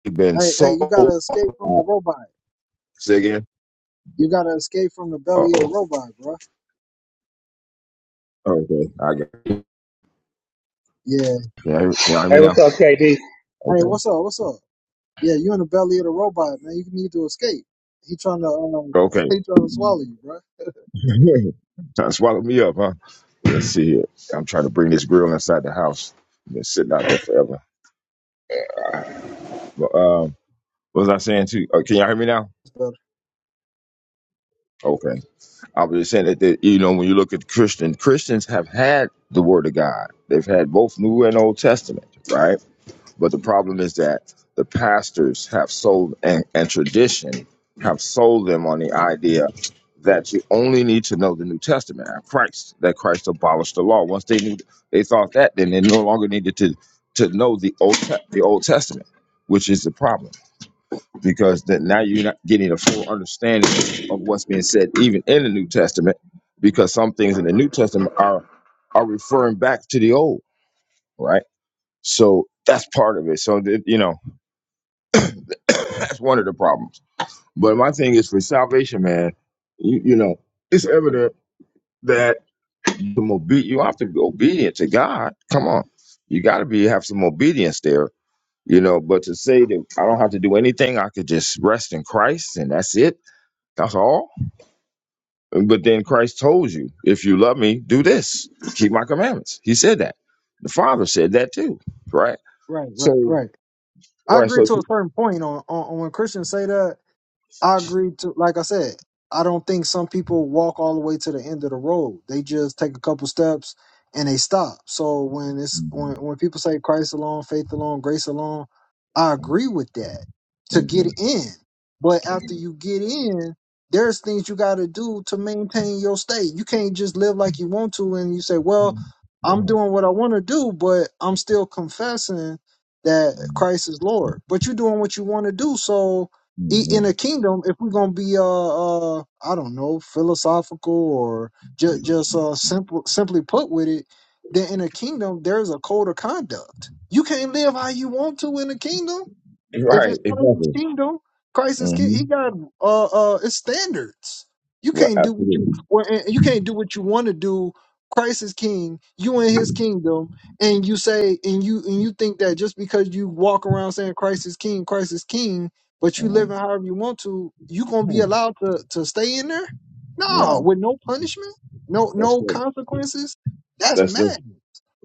been Hey, hey, you got sold. to escape from the robot. Say again. You got to escape from the Uh belly of the oh. robot, bro. Okay. I got. Yeah. Can I hear, can I hear me Hey, what's now? up, KD? Hey, Okay. what's up? What's up? Yeah, you in the belly of the robot, man. You need to escape. He trying to um, (laughs) Okay. he trying to swallow you, bro. (laughs) Trying to swallow me up, huh? Let's see here. I'm trying to bring this grill inside the house. Been sitting out there forever. But, um, what was I saying too? Uh, can y'all hear me now? That's better. Okay. I was just saying that, that you know when you look at Christian, Christians have had the Word of God. They've had both New and Old Testament, right? But the problem is that the pastors have sold and, and tradition have sold them on the idea that you only need to know the New Testament and Christ, that Christ abolished the law. Once they knew they thought that, then they no longer needed to to know the old Te- the Old Testament, which is the problem because that now you're not getting a full understanding of what's being said even in the New Testament because some things in the New Testament are are referring back to the old, right? So that's part of it. So that, you know (coughs) That's one of the problems. But my thing is for salvation, man. You you know, it's evident that some obe- you have to be obedient to God. Come on, you got to be have some obedience there. You know, but to say that I don't have to do anything, I could just rest in Christ and that's it. That's all. But then Christ told you, if you love me, do this, keep my commandments. He said that. The Father said that too, right? Right, right, So, right. I right. agree So, to a certain point on, on, on when Christians say that. I agree to like I said, I don't think some people walk all the way to the end of the road. They just take a couple steps and they stop. So when it's when Mhm, when people say Christ alone, faith alone, grace alone, I agree with that to get mhm, in. But after you get in, there's things you got to do to maintain your state. You can't just live like you want to and you say, "Well, mhm, I'm yeah, doing what I want to do, but I'm still confessing that Christ is Lord." But you're doing what you want to do, so i- mhm, in a kingdom if we're gonna be uh uh I don't know philosophical or just just uh simple simply put with it, then in a kingdom there's a code of conduct. You can't live how you want to in a kingdom if Right, it's Christ's exactly. kingdom, Christ is king, hmm he got uh uh it's standards. You Right, can't do what you absolutely. well, and you can't do what you want to do. Christ is king, you in his kingdom, and you say and you and you think that just because you walk around saying Christ is king, Christ is king, but you hmm living however you want to, you gonna Hmm. be allowed to to stay in there? No, No, with no punishment, no that's no good. consequences. That's That's the mad.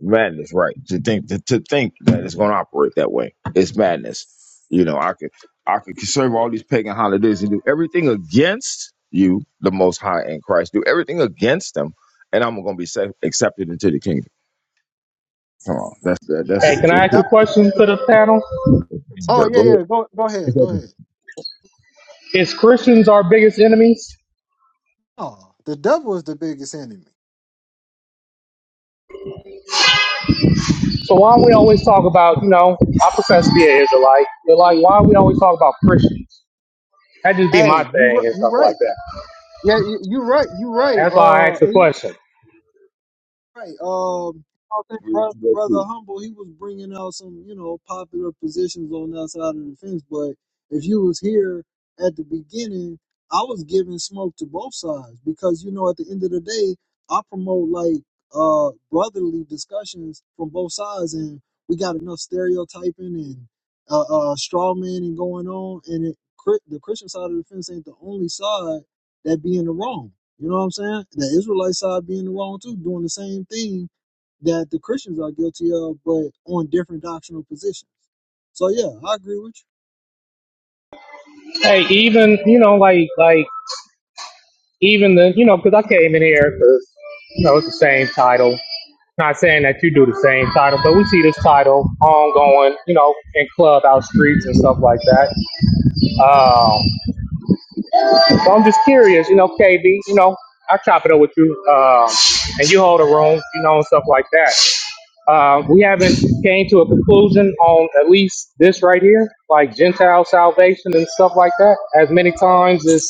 madness, right? To think to, to think that it's going to operate that way, it's madness. You know, I could I could serve all these pagan holidays and do everything against you, the Most High in Christ. Do everything against them, and I'm going to be safe, accepted into the kingdom. Come on, that's that, that's Hey, can that's I ask That's a what we question want to to the go- panel? it. Oh Go yeah, ahead. yeah. Go go It's ahead. Go open. ahead. Is Christians our biggest enemies? No, the devil is the biggest enemy. So why we always talk about, you know, I profess to be an Israelite, but like, why we always talk about Christians? That just be Hey, my you thing and ri- you stuff right. like that. Yeah, you, you right. You right. That's why I Uh, asked the E. question. Right. Um, I think Agree with brother, brother you Humble, he was bringing out some, you know, popular positions on that side of the fence. But if you was here at the beginning, I was giving smoke to both sides because, you know, at the end of the day, I promote like uh brotherly discussions from both sides, and we got enough stereotyping and uh, uh straw man and going on, and it, Chri- the Christian side of the fence ain't the only side that be in the wrong you know what I'm saying? The Israelite side being the wrong too, doing the same thing that the Christians are guilty of, but on different doctrinal positions. So yeah, I agree with you. Hey, even, you know, like, like, even the, you know, because I came in here because, you know, it's the same title. Not saying that you do the same title, but we see this title ongoing, you know, in clubhouse streets and stuff like that. Um. So I'm just curious, you know, KB, you know, I chop it up with you, um, and you hold a room, you know, and stuff like that. Uh, we haven't came to a conclusion on at least this right here, like Gentile salvation and stuff like that. As many times as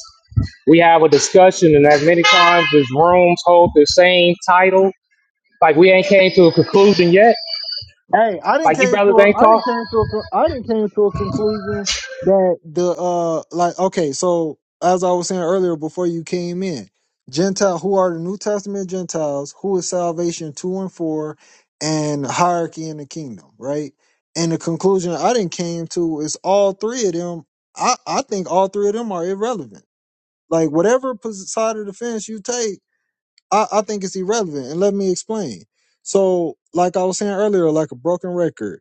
we have a discussion, and as many times as rooms hold the same title, like we ain't came to a conclusion yet. Hey, I didn't Like you came to brothers ain't a, I talk. didn't came to a, con- I didn't came to a conclusion that the uh like okay, so as I was saying earlier before you came in, Gentile who are the New Testament Gentiles, who is salvation two and four, and hierarchy in the kingdom, right? And the conclusion I didn't came to is all three of them. I I think all three of them are irrelevant. Like whatever pos- side of the fence you take I, I think it's irrelevant, and let me explain. So, like I was saying earlier, like a broken record,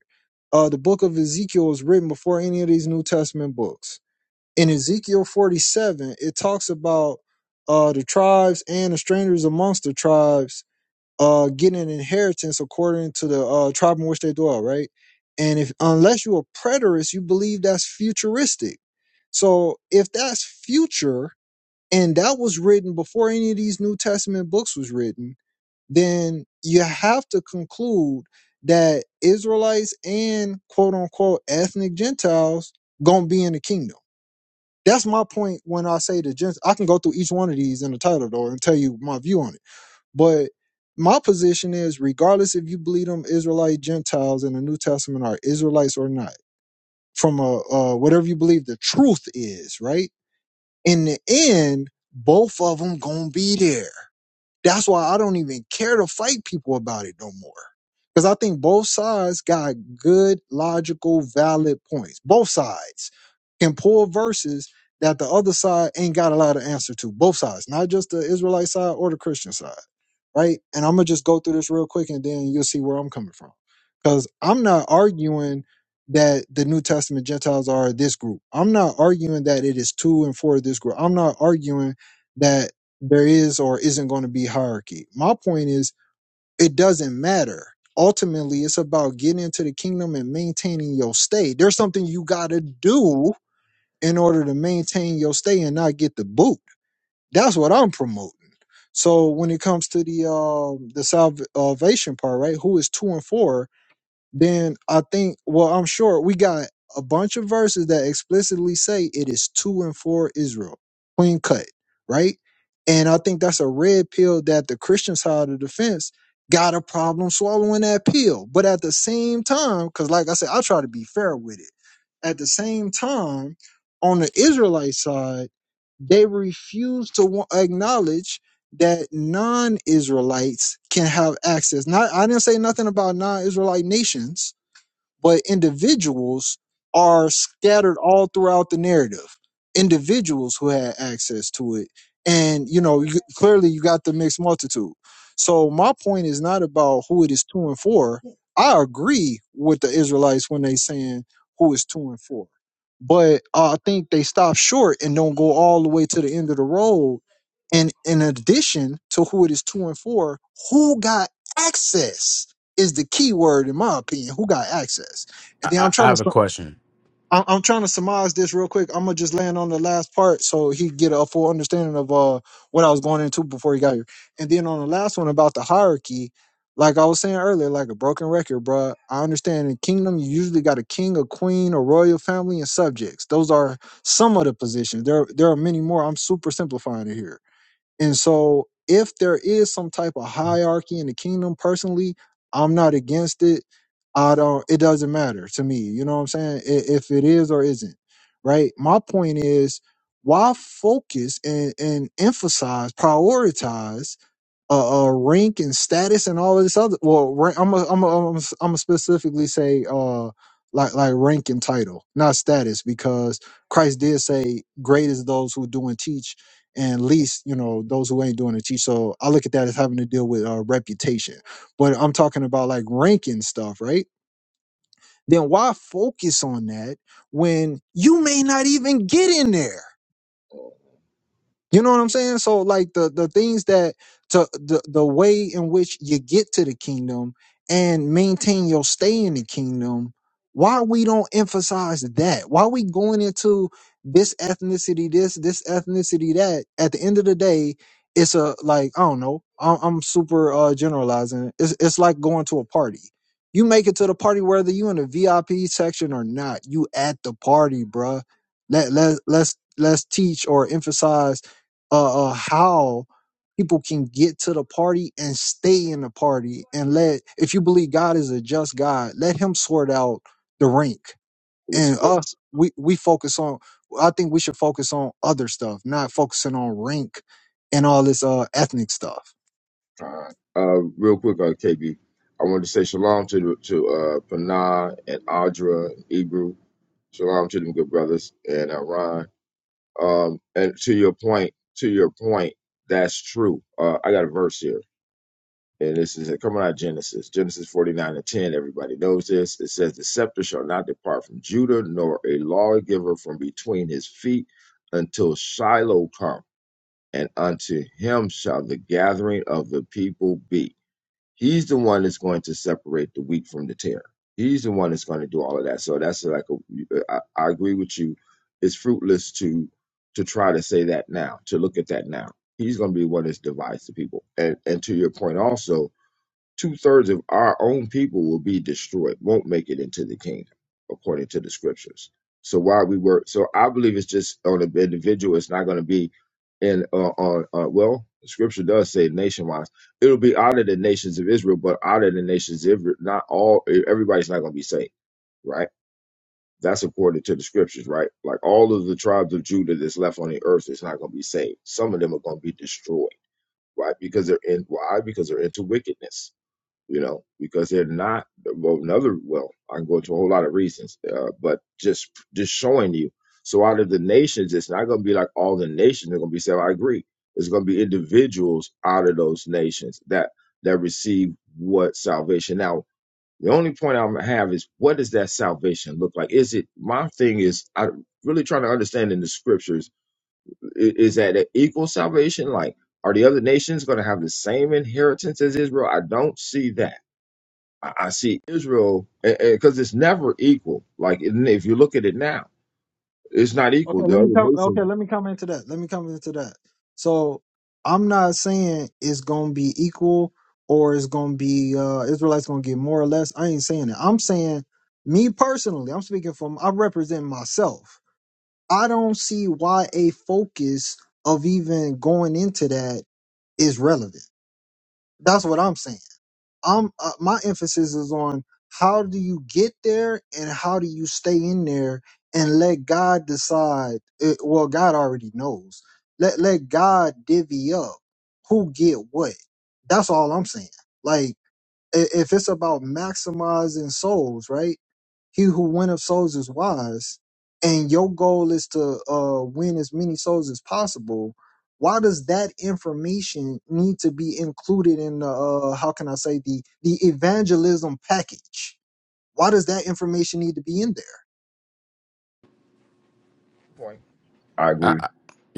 uh, the book of Ezekiel was written before any of these New Testament books. In Ezekiel 47, it talks about uh, the tribes and the strangers amongst the tribes uh, getting an inheritance according to the uh, tribe in which they dwell, right? And if unless you're a preterist, you believe that's futuristic. So if that's future, and that was written before any of these New Testament books was written, then you have to conclude that Israelites and quote unquote ethnic Gentiles gonna be in the kingdom. That's my point when I say the Gentiles. I can go through each one of these in the title though and tell you my view on it. But my position is, regardless if you believe them Israelite Gentiles in the New Testament are Israelites or not, from a uh, whatever you believe the truth is, right? In the end, both of them gonna be there that's why I don't even care to fight people about it no more. Because I think both sides got good, logical, valid points. Both sides can pull verses that the other side ain't got a lot of answer to. Both sides, not just the Israelite side or the Christian side. Right. And I'm going to just go through this real quick and then you'll see where I'm coming from. Because I'm not arguing that the New Testament Gentiles are this group. I'm not arguing that it is two and four of this group. I'm not arguing that there is or isn't going to be hierarchy. My point is, it doesn't matter. Ultimately, it's about getting into the kingdom and maintaining your stay. There's something you got to do in order to maintain your stay and not get the boot. That's what I'm promoting. So when it comes to the um the salv- salvation part, right? Who is two and four? then I think, well, I'm sure we got a bunch of verses that explicitly say it is two and four Israel, clean cut, right? And I think that's a red pill that the Christian side of the fence got a problem swallowing that pill. But at the same time, because like I said, I try to be fair with it. At the same time, on the Israelite side, they refuse to wa- acknowledge that non-Israelites can have access. Not, I didn't say nothing about non-Israelite nations but individuals are scattered all throughout the narrative. Individuals who had access to it, and you know, you, clearly you got the mixed multitude. So my point is not about who it is two and four. I agree with the Israelites when they saying who is two and four, but I think they stop short and don't go all the way to the end of the road. And in addition to who it is two and four, who got access? is the key word in my opinion. Who got access? And I, then I I'm I trying to. have a sum- question. I'm I'm trying to surmise this real quick. I'm gonna just land on the last part so he get a full understanding of uh what I was going into before he got here. And then on the last one about the hierarchy, like I was saying earlier, like a broken record, bro. I understand in kingdom you usually got a king, a queen, a royal family, and subjects. Those are some of the positions. There there are many more. I'm super simplifying it here and so, if there is some type of hierarchy in the kingdom, personally, I'm not against it. I don't. It doesn't matter to me. You know what I'm saying? I- If it is or isn't, right? My point is, why focus and and emphasize, prioritize? uh, uh rank and status and all of this other well rank, I'm a, I'm a, I'm a, I'm a specifically say uh like like rank and title not status because Christ did say great is those who do and teach and least you know those who ain't doing and teach so I look at that as having to deal with uh, reputation but I'm talking about like ranking stuff right then why focus on that when you may not even get in there you know what I'm saying? So like the the things that to the the way in which you get to the kingdom and maintain your stay in the kingdom, why we don't emphasize that? Why we going into this ethnicity, this this ethnicity, that? At the end of the day, it's a like I don't know. I'm, I'm super uh, generalizing. It's it's like going to a party. You make it to the party whether you in the VIP section or not. You at the party, bruh. Let let let's let's teach or emphasize uh, uh how people can get to the party and stay in the party and let if you believe God is a just God, let him sort out the rink there, too. And us we we focus on I think we should focus on other stuff, not focusing on rink and all this uh ethnic stuff. Uh, uh, real quick, uh, KB, I wanted to say shalom to the, to uh, Panah and Audra and Ebru. Shalom to them good brothers and uh, Ron. Um, and to your point, to your point, that's true. Uh, I got a verse here, and this is coming out of Genesis, Genesis forty nine and ten. Everybody knows this. It says, "The scepter shall not depart from Judah, nor a lawgiver from between his feet, until Shiloh come, and unto him shall the gathering of the people be." He's the one that's going to separate the wheat from the tare. He's the one that's going to do all of that. So that's like a, I, I agree with you. It's fruitless to to try to say that now, to look at that now. He's going to be the one that's divides the people. And and to your point also, Two thirds of our own people will be destroyed, won't make it into the kingdom, according to the scriptures. So why we were so I believe it's just on an individual. It's not going to be in uh, on uh, well, the scripture does say nation wise. It'll be out of the nations of Israel, but out of the nations of Israel, not all. e, Everybody's not going to be saved, right? That's according to the scriptures, right? Like all of the tribes of Judah that's left on the earth is not going to be saved. Some of them are going to be destroyed, right? Because they're in why? Because they're into wickedness you know, because they're not. Well, another. Well, I can go into a whole lot of reasons, uh, but just just showing you. So out of the nations, it's not going to be like all the nations are going to be saved. I agree. It's going to be individuals out of those nations that that receive what salvation. Now, the only point I'm gonna have is what does that salvation look like? Is it my thing? Is I'm really trying to understand in the scriptures. i- Is that an equal salvation? Like, are the other nations going to have the same inheritance as Israel? I don't see that I, I see Israel because it's never equal. Like if you look at it now, it's not equal. Okay, The let me other come. Okay, nations. let me come into that. Let me come into that. So I'm not saying it's gonna be equal or it's gonna be uh Israelites gonna get more or less. I ain't saying that. I'm saying me personally. I'm speaking from. I represent myself. I don't see why a focus of even going into that is relevant. That's what I'm saying. I'm uh, my emphasis is on how do you get there and how do you stay in there and let God decide. It, well, God already knows. Let let God divvy up who get what. That's all I'm saying. Like i- if it's about maximizing souls, right? He who winneth souls is wise, and your goal is to uh, win as many souls as possible. Why does that information need to be included in the uh, how can I say the the evangelism package? Why does that information need to be in there? Point. I I, agree.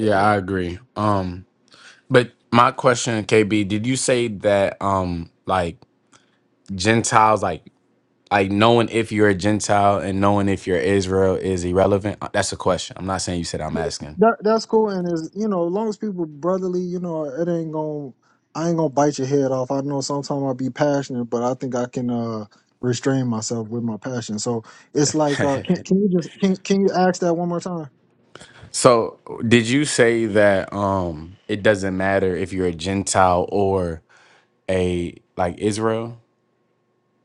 I I agree. Um, but my question, KB, did you say that um, like Gentiles, like like knowing if you're a Gentile and knowing if you're Israel is irrelevant? Uh, That's a question. I'm not saying you said I'm asking. That that's cool, and is you know, as long as people brotherly, you know, it ain't gonna, I ain't gonna bite your head off. I know sometimes I'll be passionate, but I think I can uh restrain myself with my passion. So it's like, (laughs) uh, can can you just can can you ask that one more time? so did you say that um it doesn't matter if you're a Gentile or a like Israel?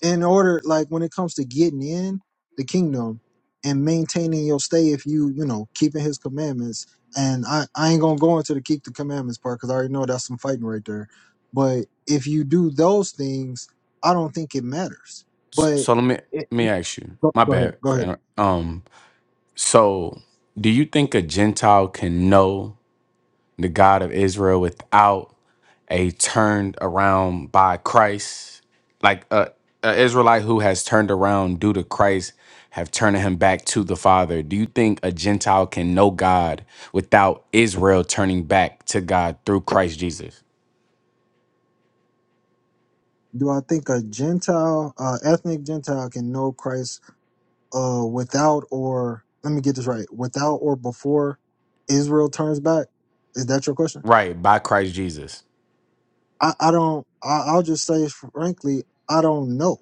in order like when it comes to getting in the kingdom and maintaining your stay if you you know keeping his commandments and i i ain't gonna go into the keep the commandments part because i already know that's some fighting right there but if you do those things i don't think it matters S- but So let me it, let me ask you. go, My go ahead bad go for ahead inter- um. So do you think a Gentile can know the God of Israel without? a turned around by Christ, like a, a Israelite who has turned around due to Christ, have turned him back to the Father. Do you think a Gentile can know God without Israel turning back to God through Christ Jesus? do i think a gentile uh ethnic gentile can know christ uh without or let me get this right without or before israel turns back is that your question Right, by Christ Jesus. I, I don't. I, I'll just say frankly, I don't know.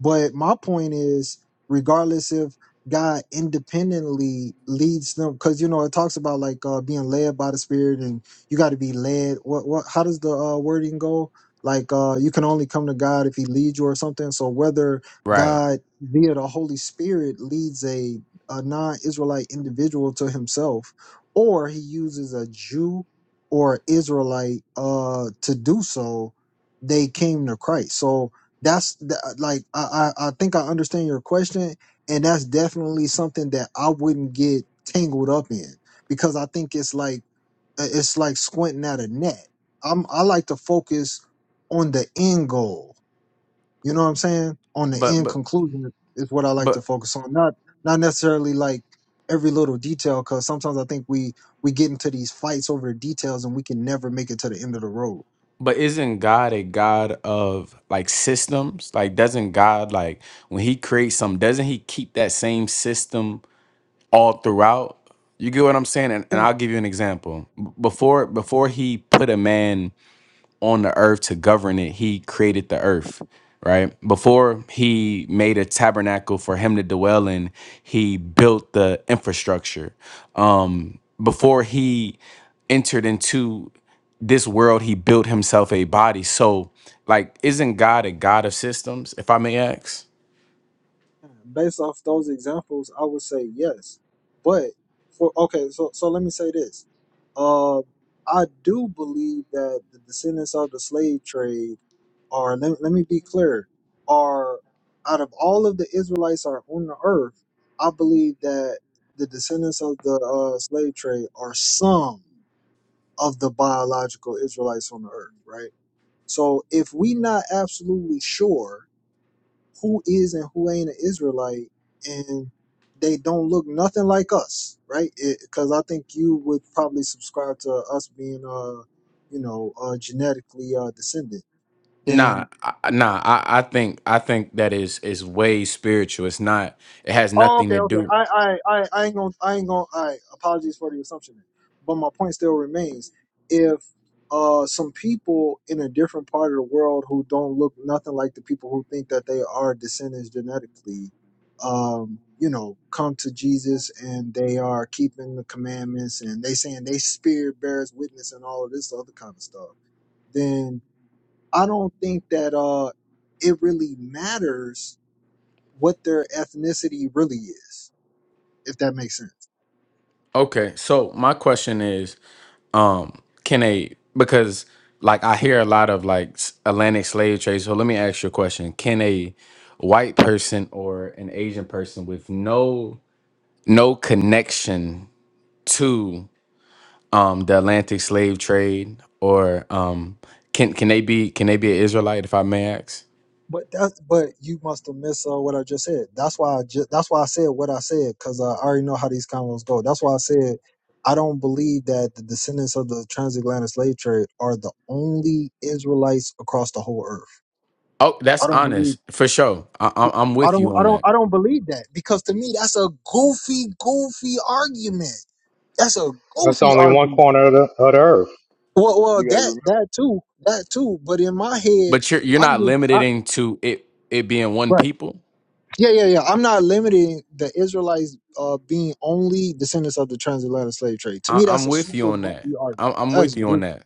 But my point is, regardless if God independently leads them, because you know it talks about like uh, being led by the Spirit, and you got to be led. What what? How does the uh, wording go? Like uh, you can only come to God if He leads you or something. So whether Right. God via the Holy Spirit leads a, a non-Israelite individual to Himself, or He uses a Jew or Israelite uh, to do so, they came to Christ. So that's the, like I, I I think I understand your question, and that's definitely something that I wouldn't get tangled up in because I think it's like it's like squinting at a net. I'm I like to focus on the end goal you know what I'm saying? On the end conclusion is what I like to focus on. Not not necessarily like every little detail, because sometimes I think we we get into these fights over the details and we can never make it to the end of the road. But isn't God a God of like systems? Like, doesn't God like when He creates something, doesn't He keep that same system all throughout. You get what I'm saying? And, and I'll Example. give you an example. B- Before before he put a man on the earth to govern it, he created the earth, right? Before he made a tabernacle for him to dwell in, he built the infrastructure. Um, before he entered into this world, he built himself a body. So, like, isn't God a God of systems, if I may ask? Yeah, Based off those examples, I would say yes. But for okay, so so let me say this. Um, I do believe that the descendants of the slave trade are. Let, let me be clear. Are out of all of the Israelites are on the earth, I believe that the descendants of the uh, slave trade are some of the biological Israelites on the earth, right? So if we not absolutely sure who is and who ain't an Israelite, and they don't look nothing like us, right? Because I think you would probably subscribe to us being, uh, you know, uh, genetically uh, descended. Then Nah, I, nah. I, I think I think that is is way spiritual. It's not. It has Oh, nothing to okay, okay. do. I, I, I, I ain't gonna, I ain't gonna. I apologies for the assumption, there. but my point still remains. If uh, some people in a different part of the world who don't look nothing like the people who think that they are descendants genetically, um, you know, come to Jesus and they are keeping the commandments and they saying they spirit bears witness and all of this other kind of stuff, then I don't think that uh, it really matters what their ethnicity really is if that makes sense. Okay, so my question is, um, can a because like I hear a lot of like s- Atlantic slave trade. So let me ask you a question: Can a white person or an Asian person with no no connection to um the Atlantic slave trade or um can can they be can they be an Israelite if I may ask? But that, but you must have missed uh, what I just said. That's why I just, that's why I said what I said because I already know how these convos go. That's why I said I don't believe that the descendants of the transatlantic slave trade are the only Israelites across the whole earth. Oh, that's I don't believe. honest for sure. I, I, I'm I with don't. you I on don't. that. I don't believe that because to me that's a goofy, goofy argument. That's a That's goofy only Right. one argument. corner of the, of the earth. Well, well, You got to that remember. that too, that too. But in my head, But you're you're I get not limited I, into it it being one right. people. Yeah, yeah, yeah. I'm not limiting the Israelites uh, being only descendants of the transatlantic slave trade. To I, me, I'm that's a with you super on that. goofy argument. I'm, I'm with That's you on goofy. that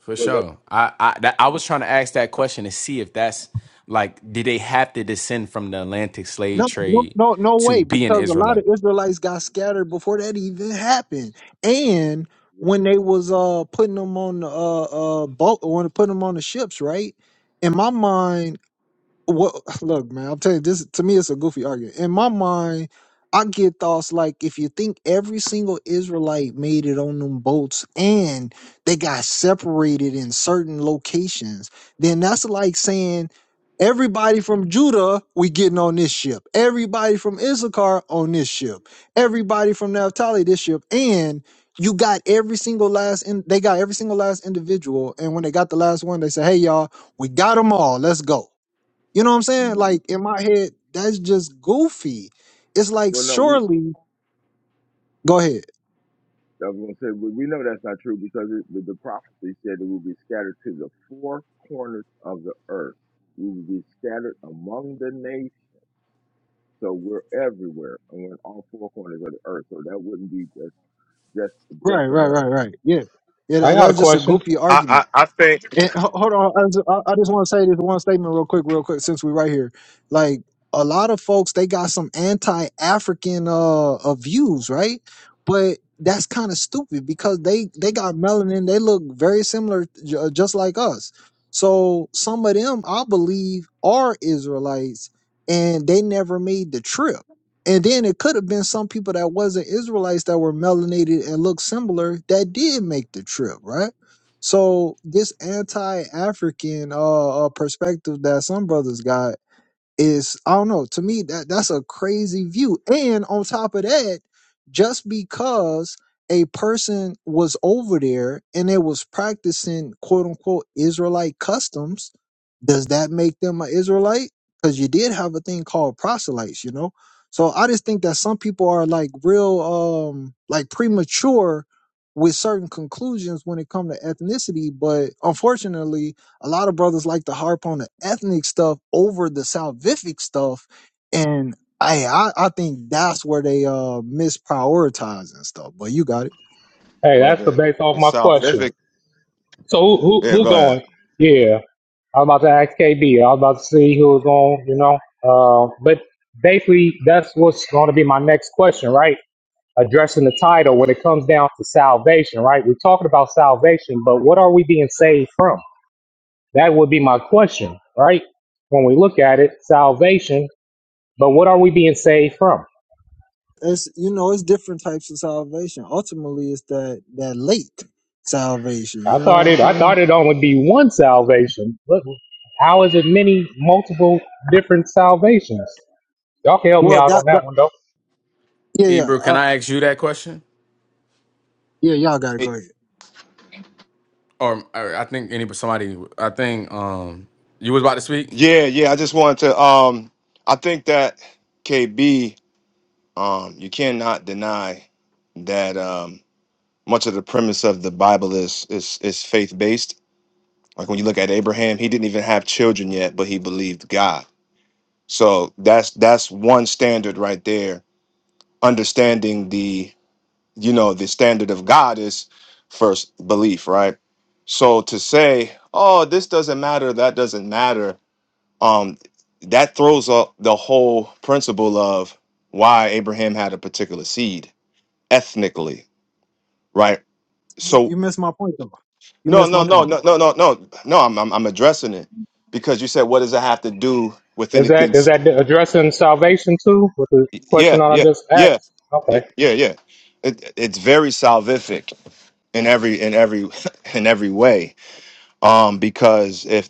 for Well, that, sure. I I that, I was trying to ask that question to see if that's like, did they have to descend from the Atlantic slave No, no, trade no, no to way. be an Because a lot Israelite? of Israelites got scattered before that even happened, and when they was uh putting them on the uh uh boat, when putting them on the ships, right? In my mind, Well, (sighs) look, man, I'll tell you this. To me, it's a goofy argument. In my mind, I get thoughts like if you think every single Israelite made it on them boats and they got separated in certain locations, then that's like saying everybody from Judah, we getting on this ship. Everybody from Issachar on this ship. Everybody from Naphtali, this ship. And you got every single last, in, they got every single last individual. And when they got the last one, they say, hey, y'all, we got them all. Let's go. You know what I'm saying? mhm. Like in my head, that's just goofy. It's like well, no, we. surely go ahead. I was going to say we, we know that's not true because it, the, the prophecy said it will be scattered to the four corners of the earth. We will be scattered among the nations, so we're everywhere and we're in all four corners of the earth. So that wouldn't be just just just Right, right, right, America, right. Yeah. Yeah, I that, got a that's just a question. goofy argument. I, I I think And ho- hold on, I just, I I just want to say this one statement real quick, real quick, since we're right here. Like a lot of folks, they got some anti-African uh, uh views, right? But that's kind of stupid because they they got melanin. They look very similar, ju- just like us. So some of them, I believe, are Israelites, and they never made the trip. And then it could have been some people that wasn't Israelites that were melanated and looked similar that did make the trip, right? So this anti-African uh, uh perspective that some brothers got is I don't know. To me, that that's a crazy view. And on top of that, just because a person was over there and they was practicing quote unquote Israelite customs, does that make them an Israelite? Because you did have a thing called proselytes, you know. So I just think that some people are like real, um, like premature with certain conclusions when it comes to ethnicity. But unfortunately, a lot of brothers like to harp on the ethnic stuff over the salvific stuff and I, I i think that's where they uh misprioritize and stuff but you got it Hey, well that's the the base off the my South question. scientific So who who, yeah who go ahead going? Yeah, I was about to ask KB. I was about to see who was going. You know, uh, but basically that's what's going to be my next question, right? Addressing the title when it comes down to salvation, right? We're talking about salvation, but what are we being saved from? That would be my question, right? When we look at it, salvation, but what are we being saved from? it's you know it's different types of salvation ultimately it's that that late salvation I you know what thought i'm it. I saying thought it only be one salvation. Look, how is it many multiple different salvations? Y'all can help me well out that, on that that one though. yeah yeah Ebru, can uh, I ask you that question? yeah y'all gotta go Hey, ahead Or, or I think any somebody. I think um you was about to speak. yeah yeah I just wanted to um I think that KB um you cannot deny that um much of the premise of the Bible is is is faith based like when you look at Abraham he didn't even have children yet but he believed God so that's that's one standard right there understanding you know the standard of god is first belief right so to say oh this doesn't matter that doesn't matter um that throws up the whole principle of why abraham had a particular seed ethnically right you so missed my point though you no missed no my no point no though no no no no i'm i'm, I'm addressing it because you said what does it have to do with Is anything that is s- that addressing salvation too with the question yeah that I yeah just asked? yeah yeah Okay. yeah yeah it, it's very salvific in every in every (laughs) in every way um, because if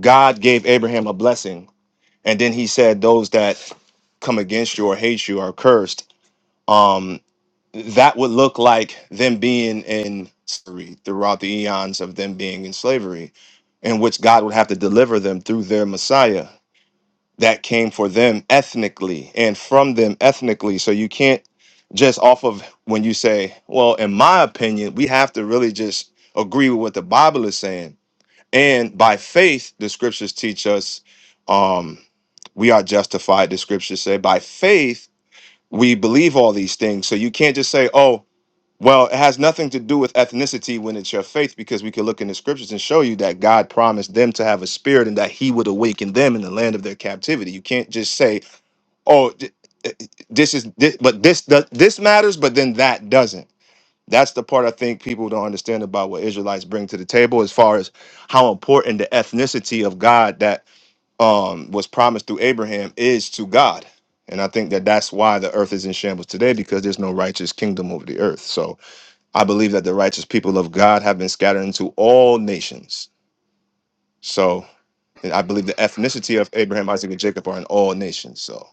God gave Abraham a blessing, and then He said, "Those that come against you or hate you are cursed," um, that would look like them being in slavery throughout the eons of them being in slavery, in which God would have to deliver them through their Messiah that came for them ethnically and from them ethnically. So you can't just off of when you say, "Well, in my opinion," we have to really just agree with what the Bible is saying and by faith, the scriptures teach us um, we are justified, the scriptures say. By faith, we believe all these things. So you can't just say, oh, well, it has nothing to do with ethnicity when it's your faith, because we could look in the scriptures and show you that God promised them to have a spirit and that He would awaken them in the land of their captivity. You can't just say, oh, th- this is this, but this does this matters, but then that doesn't that's the part I think people don't understand about what Israelites bring to the table as far as how important the ethnicity of God that um, was promised through Abraham is to God. And I think that that's why the earth is in shambles today because there's no righteous kingdom over the earth. So I believe that the righteous people of God have been scattered into all nations. So and I believe the ethnicity of Abraham, Isaac, and Jacob are in all nations. So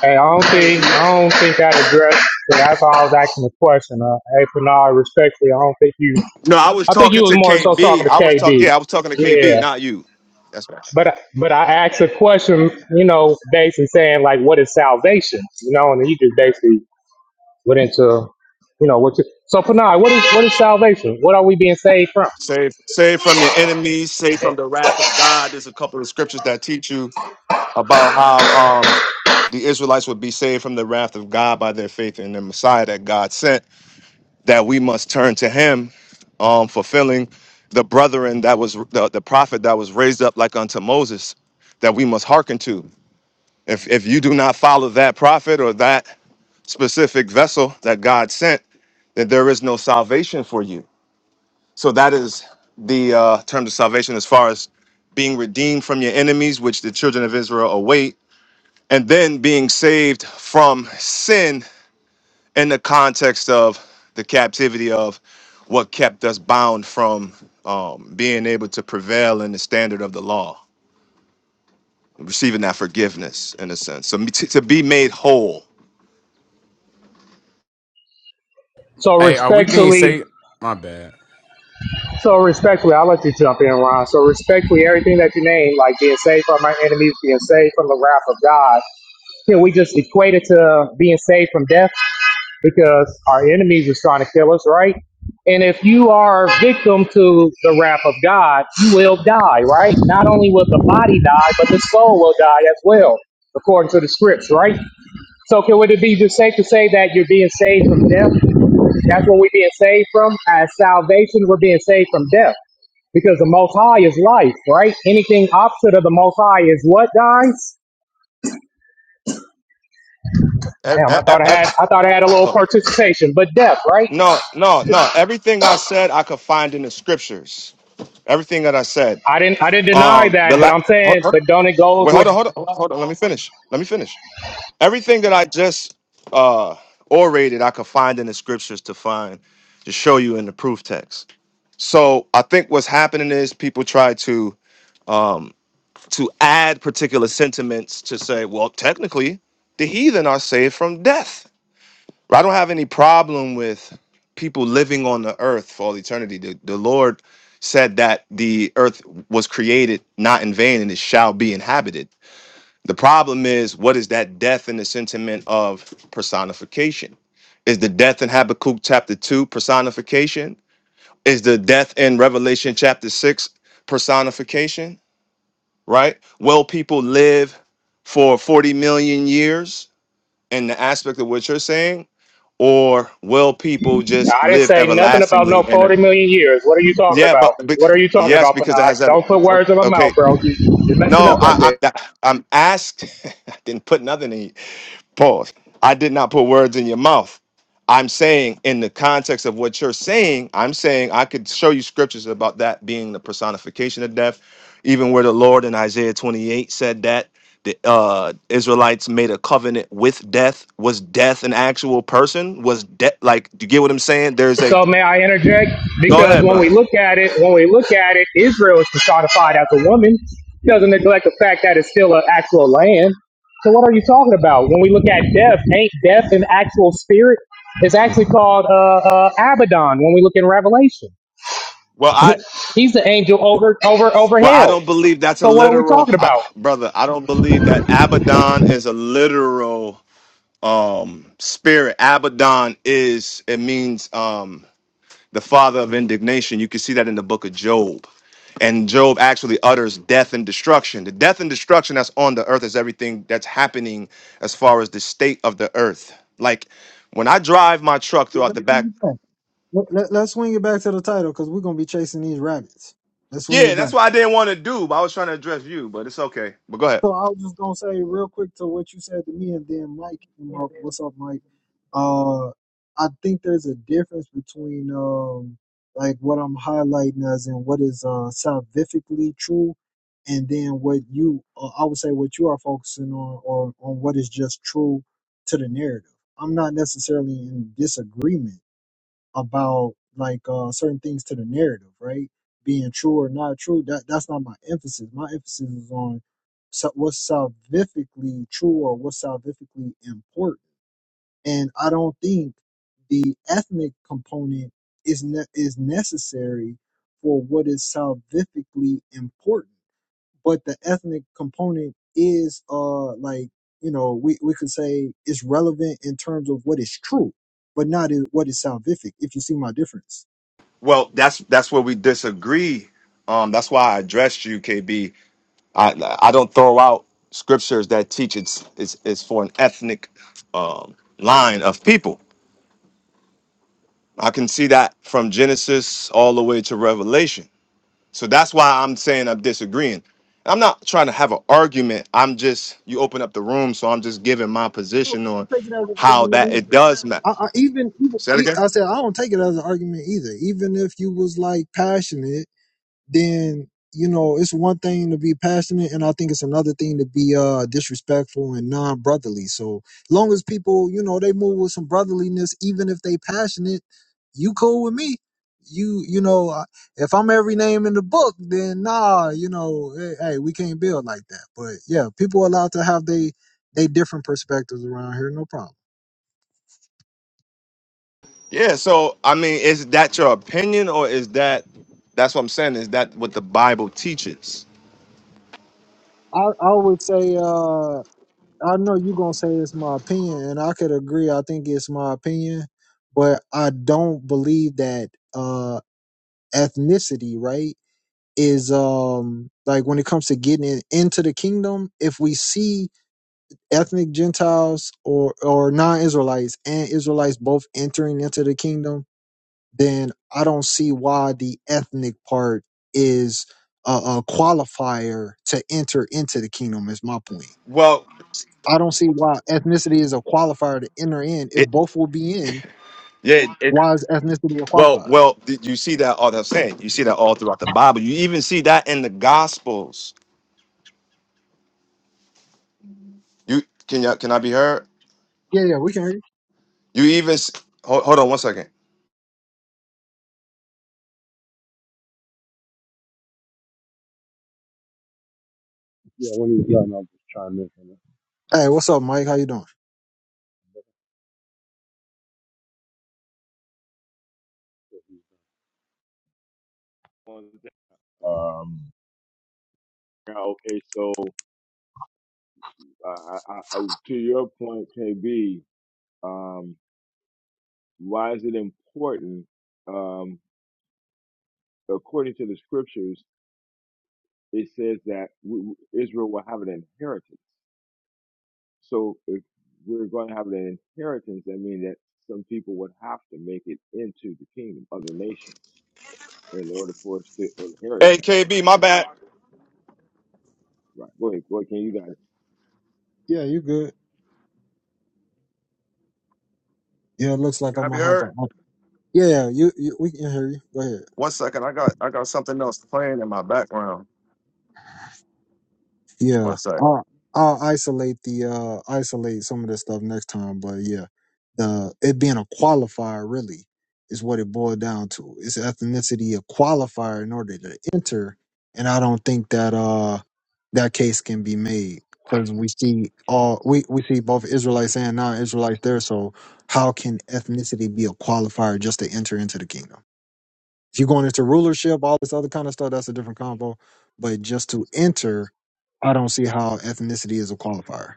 Hey, I you don't got it think e I don't think that addressed. That's why I was asking the question. Uh, hey, Bernard, respectfully, I don't think you. no, I was I think you talking was to more so KB. talking I to was KD. talking, yeah, I was talking to KB, Yeah, not you. That's but but I asked a question. You know, basically saying like, what is salvation? You know, and then you just basically went into, you know, what. You, so, Panay, what is what is salvation? What are we being saved from? Save, save from your enemies, save Eh, from the wrath of God. There's a couple of scriptures that teach you about how um, the Israelites would be saved from the wrath of God by their faith in the Messiah that God sent. That we must turn to Him, um, fulfilling the brethren that was the, the prophet that was raised up like unto Moses, that we must hearken to. If if you do not follow that prophet or that specific vessel that God sent, then there is no salvation for you So that is the uh, terms of salvation as far as being redeemed from your enemies, which the children of Israel await, and then being saved from sin in the context of the captivity of what kept us bound from um, being able to prevail in the standard of the law, receiving that forgiveness in a sense. So me- to, to be made whole. So Hey, are we being respectfully, saved? My bad. So respectfully, I like to jump in, Ron. So respectfully, everything that you named, like being saved from my enemies, being saved from the wrath of God, you know, we just equate it to being saved from death because our enemies was trying to kill us, right? And if you are a victim to the wrath of God, you will die, right? Not only will the body die, but the soul will die as well, according to the scripts, right? So can would it be just safe to say that you're being saved from death? That's what we're being saved from. As salvation, we're being saved from death. Because the Most High is life, right? Anything opposite of the Most High is what guys? E- Damn, e- I thought e- I e- had, I thought I had a little oh, participation, but death, right? No, no, no. Everything I said, I could find in the scriptures. Everything that I said. I didn't, I didn't deny Um, the that, but I'm la- saying, but don't it goes Wait, with? hold on, hold on, hold on. hold on. Let me finish. Let me finish. Everything that I just uh orated, I could find in the scriptures to find to show you in the proof text. So I think what's happening is people try to um to add particular sentiments to say, well, technically, the heathen are saved from death. I don't have any problem with people living on the earth for all eternity. The, the Lord said that the earth was created not in vain and it shall be inhabited the problem is, what is that death in the sentiment of personification? Is the death in Habakkuk chapter 2 personification? Is the death in Revelation chapter 6 personification? Right? Will people live for 40 million years in the aspect of what you're saying? Or will people just I didn't live say nothing about everlastingly no in a 40 million years. What are you talking yeah, about? but, but What are you talking yes, about, because it Panay? has that. Don't put words in my mouth, Okay, bro. You, you're messing no, up right I, there. I I'm asked. (laughs) I didn't put nothing in. Pause. I did not put words in your mouth. I'm saying, in the context of what you're saying, I'm saying I could show you scriptures about that being the personification of death, even where the Lord in Isaiah 28 said that the uh, Israelites made a covenant with death. Was death an actual person? Was death like? Do you get what I'm saying? There's a. So may I interject? Go Because ahead, when we brother. look at it, when we look at it, Israel is personified as a woman. It doesn't neglect the fact that it's still an actual land. So what are you talking about? When we look at death, ain't death an actual spirit? It's actually called uh, uh, Abaddon when we look in Revelation. Well, I He's the angel over over over well I hell. don't believe that's a So what are we literal, talking I, about? brother. I don't believe that Abaddon is a literal um spirit abaddon is it means um the father of indignation you can see that in the book of job and job actually utters death and destruction the death and destruction that's on the earth is everything that's happening as far as the state of the earth like when i drive my truck yeah throughout let's the swing back it back. Let, let, let's swing it back to the title because we're gonna be chasing these rabbits let's swing yeah it back that's what i didn't want to do but i was trying to address you but it's okay but go ahead So I was just gonna say real quick to what you said to me, and then Mike came up. What's up, Mike? Uh, I think there's a difference between um, like what I'm highlighting as in what is uh salvifically true, and then what you uh, I would say what you are focusing on, or on what is just true to the narrative. I'm not necessarily in disagreement about like uh certain things to the narrative, right? Being true or not true. That that's not my emphasis. My emphasis is on so, what's salvifically true or what's salvifically important. And I don't think the ethnic component is ne- is necessary for what is salvifically important but the ethnic component is uh like you know we, we could say it's relevant in terms of what is true but not in what is salvific if you see my difference well that's that's where we disagree um that's why i addressed you kb I I don't throw out scriptures that teach it's it's, it's for an ethnic um, line of people. I can see that from Genesis all the way to Revelation. So that's why I'm saying I'm disagreeing. I'm not trying to have an argument. I'm just you open up the room, so I'm just giving my So, position on I don't take it as an how argument that it either. does matter. I, I even even Say that e- again. I said I don't take it as an argument either. Even if you was like passionate then you know it's one thing to be passionate and i think it's another thing to be uh disrespectful and non-brotherly so long as people you know they move with some brotherliness even if they passionate you cool with me you you know I- if i'm every name in the book then nah you know hey, hey we can't build like that but yeah people are allowed to have they they different perspectives around here no problem Yeah. So I mean, is that your opinion, or is that that's what I'm saying? Is that what the Bible teaches? i, I would say uh I know you're gonna say it's my opinion, and I could agree. I think it's my opinion, but I don't believe that uh ethnicity, right, is um like when it comes to getting in, into the kingdom. If we see ethnic Gentiles or or non-Israelites and Israelites both entering into the kingdom, then I don't see why the ethnic part is a, a qualifier to enter into the kingdom. Is my point. Well, I don't see why ethnicity is a qualifier to enter in. If it both will be in, yeah. why is ethnicity a Well, qualifier? well, th- you see that all that's saying. You see that all throughout the Bible. You even see that in the Gospels. You can you, can I be heard? Yeah, yeah, we can hear You even s- hold, hold on one second. Yeah, when he's you. done, I'll just chime in. on it. Hey, what's up, Mike? How you doing? right? Um, yeah, okay. So Uh, I, I, I, to your point, KB, um, why is it important? Um, according to the scriptures, it says that w w- Israel will have an inheritance. So if we're going to have an inheritance, that means that some people would have to make it into the kingdom, other nations, in order for us to inherit Hey them. KB, my bad. Right. Go ahead, go ahead, Ken, you got it. Yeah, you good? Yeah, it looks like Can I I be might have heard? to. Yeah, yeah, you, you we can hear you. Go ahead. One second. I got I got something else playing in my background. One Yeah, sec. I'll I'll isolate the uh isolate some of this stuff next time. But yeah, the it being a qualifier really is what it boiled down to. Is ethnicity a qualifier in order to enter, and I don't think that uh that case can be made because we see all we we see both Israelites and non-Israelites there. So how can ethnicity be a qualifier just to enter into the kingdom? If you're going into rulership, all this other kind of stuff, that's a different combo. But just to enter, I don't see how ethnicity is a qualifier.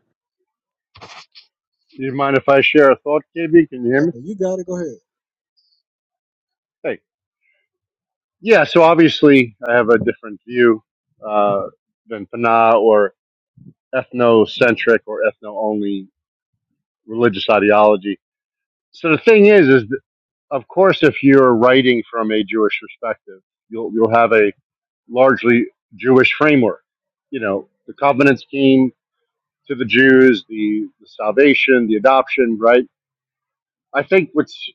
Do You mind if I share a thought, KB? Can you hear Yeah, me? you got it. Go ahead. Hey. Yeah, so obviously I have a different view uh, than Pana or ethnocentric or ethno-only religious ideology. So the thing is, is that, of course, if you're writing from a Jewish perspective, you'll you'll have a largely Jewish framework. You know, the covenants came to the Jews, the, the salvation, the adoption, right? I think what's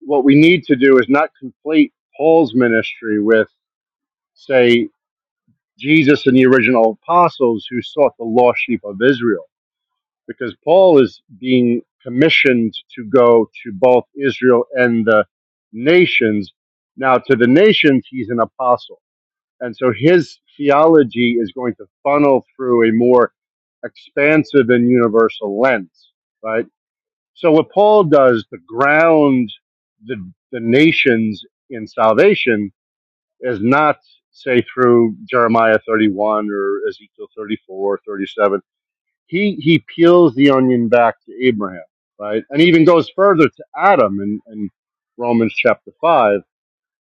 what we need to do is not conflate Paul's ministry with, say, Jesus and the original apostles who sought the lost sheep of Israel, because Paul is being commissioned to go to both Israel and the nations. Now, to the nations, he's an apostle. And so his theology is going to funnel through a more expansive and universal lens, right? So what Paul does to ground the the nations in salvation is not say through Jeremiah 31 or Ezekiel 34, 37. He he peels the onion back to Abraham, right? And even goes further to Adam in, in Romans chapter 5.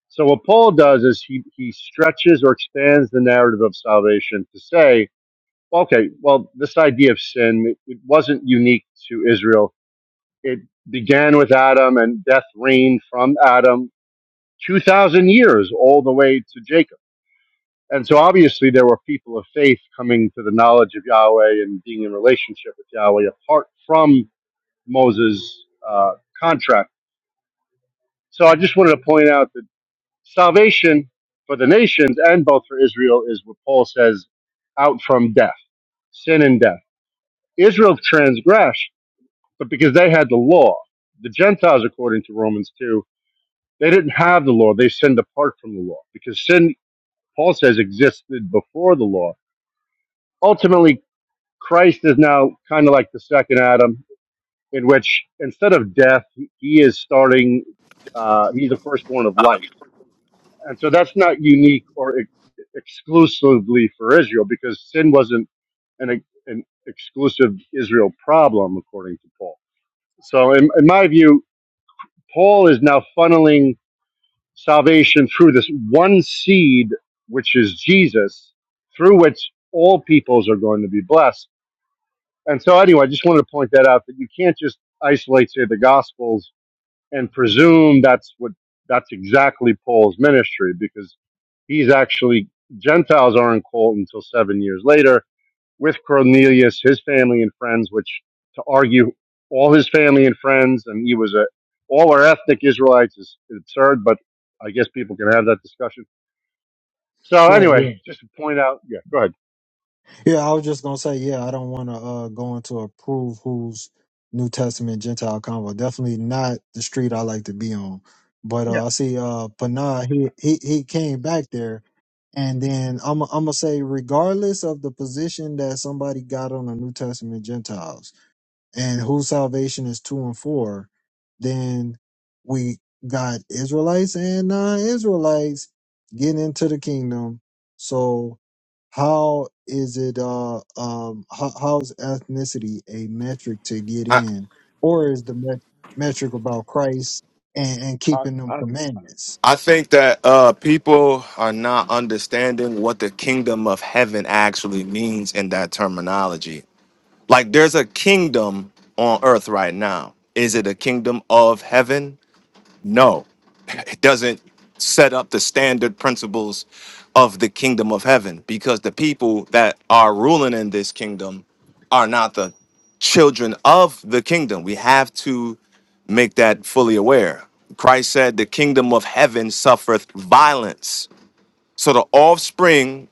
So what Paul does is he he stretches or expands the narrative of salvation to say, okay, well, this idea of sin it wasn't unique to Israel it began with Adam and death reigned from Adam 2,000 years all the way to Jacob. And so obviously there were people of faith coming to the knowledge of Yahweh and being in relationship with Yahweh apart from Moses' uh, contract. So I just wanted to point out that salvation for the nations and both for Israel is what Paul says out from death, sin and death. Israel transgressed, but because they had the law, the Gentiles, according to Romans 2, They didn't have the law. They sinned apart from the law because sin, Paul says, existed before the law. Ultimately, Christ is now kind of like the second Adam, in which instead of death, he is starting, uh, he's the firstborn of life. And so that's not unique or ex- exclusively for Israel because sin wasn't an, an exclusive Israel problem, according to Paul. So, in, in my view, Paul is now funneling salvation through this one seed, which is Jesus, through which all peoples are going to be blessed. And so, anyway, I just wanted to point that out that you can't just isolate, say, the Gospels and presume that's what that's exactly Paul's ministry because he's actually Gentiles aren't called until seven years later with Cornelius, his family and friends, which to argue all his family and friends, and he was a all are ethnic Israelites is, is absurd, but I guess people can have that discussion. So Right. Yeah. anyway, (laughs) just to point out, yeah, go ahead. Yeah. I was just gonna say, yeah, I don't want to uh, go into approve who's New Testament Gentile convo. Definitely not the street I like to be on. But uh, I see uh, Panah. He he he came back there, and then I'm I'm gonna say, regardless of the position that somebody got on the New Testament Gentiles. and whose salvation is two and four, then we got Israelites and non-Israelites getting into the kingdom. So how is it uh um how, how's ethnicity a metric to get I in or is the met- metric about christ and, and I, keeping them I, commandments I think that uh people are not understanding what the kingdom of heaven actually means in that terminology. Like there's a kingdom on earth right now. Is it a kingdom of heaven? No. doesn't set up the standard principles of the kingdom of heaven because the people that are ruling in this kingdom are not the children of the kingdom. We have to make that fully aware. Christ said, The kingdom of heaven suffereth violence. So the offspring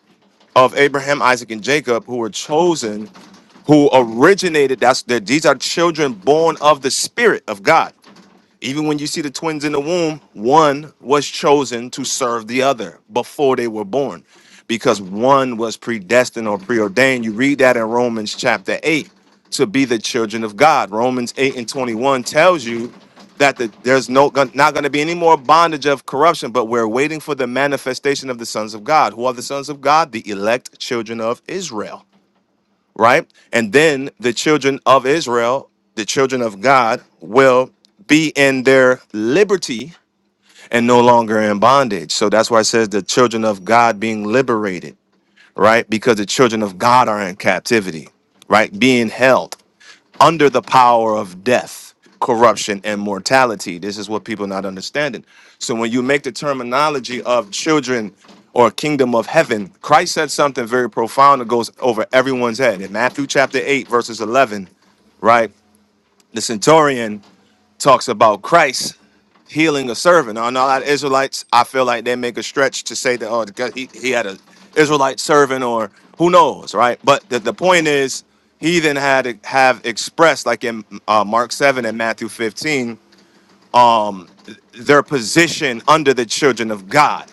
of Abraham, Isaac, and Jacob, who were chosen, who originated, that's that these are children born of the Spirit of God. Even when you see the twins in the womb, one was chosen to serve the other before they were born because one was predestined or preordained. You read that in Romans chapter 8 to be the children of God. Romans 8 and 21 tells you that the, there's no gon- not going to be any more bondage of corruption, but we're waiting for the manifestation of the sons of God. Who are the sons of God? The elect children of Israel right? And then the children of Israel, the children of God, will be in their liberty and no longer in bondage. So that's why it says the children of God being liberated, right? Because the children of God are in captivity, right? Being held under the power of death, corruption, and mortality. This is what people are not understanding. So when you make the terminology of children or kingdom of heaven, Christ said something very profound that goes over everyone's head. In Matthew chapter 8, verses 11, right? The centurion talks about Christ healing a servant. On a lot of Israelites, I feel like they make a stretch to say that oh because he, he had an Israelite servant or who knows, right? But the, the point is he then had to have expressed like in uh, Mark 7 and Matthew 15 their position under the children of God,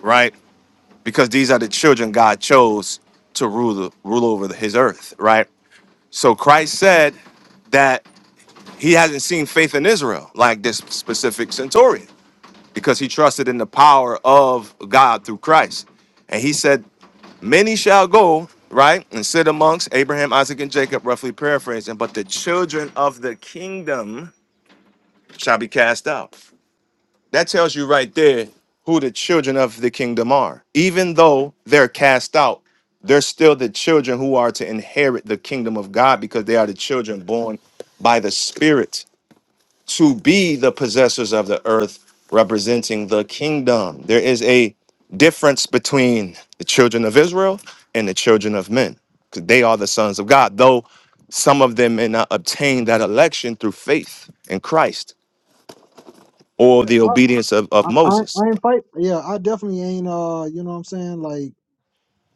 right? Because these are the children God chose to rule the, rule over the, his earth, right? So Christ said that he hasn't seen faith in Israel like this specific centurion. because he trusted in the power of God through Christ. And he said, Many shall go, right, and sit amongst Abraham, Isaac, and Jacob, roughly paraphrasing, but the children of the kingdom shall be cast out. That tells you right there who the children of the kingdom are. Even though they're cast out, they're still the children who are to inherit the kingdom of God because they are the children born by the Spirit to be the possessors of the earth, representing the kingdom. There is a difference between the children of Israel and the children of men, because they are the sons of God, though some of them may not obtain that election through faith in Christ or yeah the I, obedience of, of I i Moses. I ain't fight yeah i definitely ain't uh you know what i'm saying like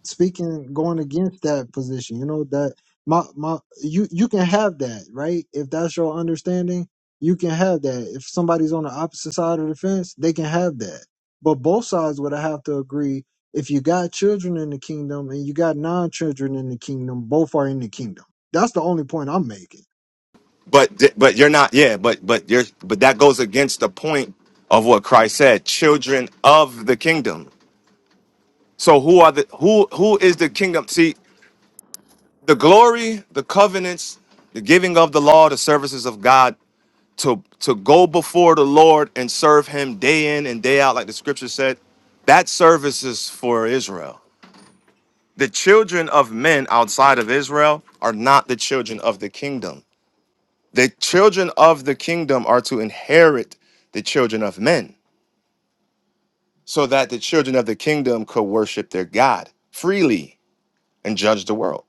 speaking going against that position you know that my my you you can have that right if that's your understanding you can have that if somebody's on the opposite side of the fence they can have that but both sides would have to agree if you got children in the kingdom and you got non-children in the kingdom both are in the kingdom that's the only point i'm making But th- but you're not, yeah, but but you're but that goes against the point of what Christ said, children of the kingdom. So who are the who who is the kingdom? See, the glory, the covenants, the giving of the law, the services of God to to go before the Lord and serve him day in and day out like the scripture said, that service is for Israel. The children of men outside of Israel are not the children of the kingdom. The children of the kingdom are to inherit the children of men so that the children of the kingdom could worship their God freely and judge the world.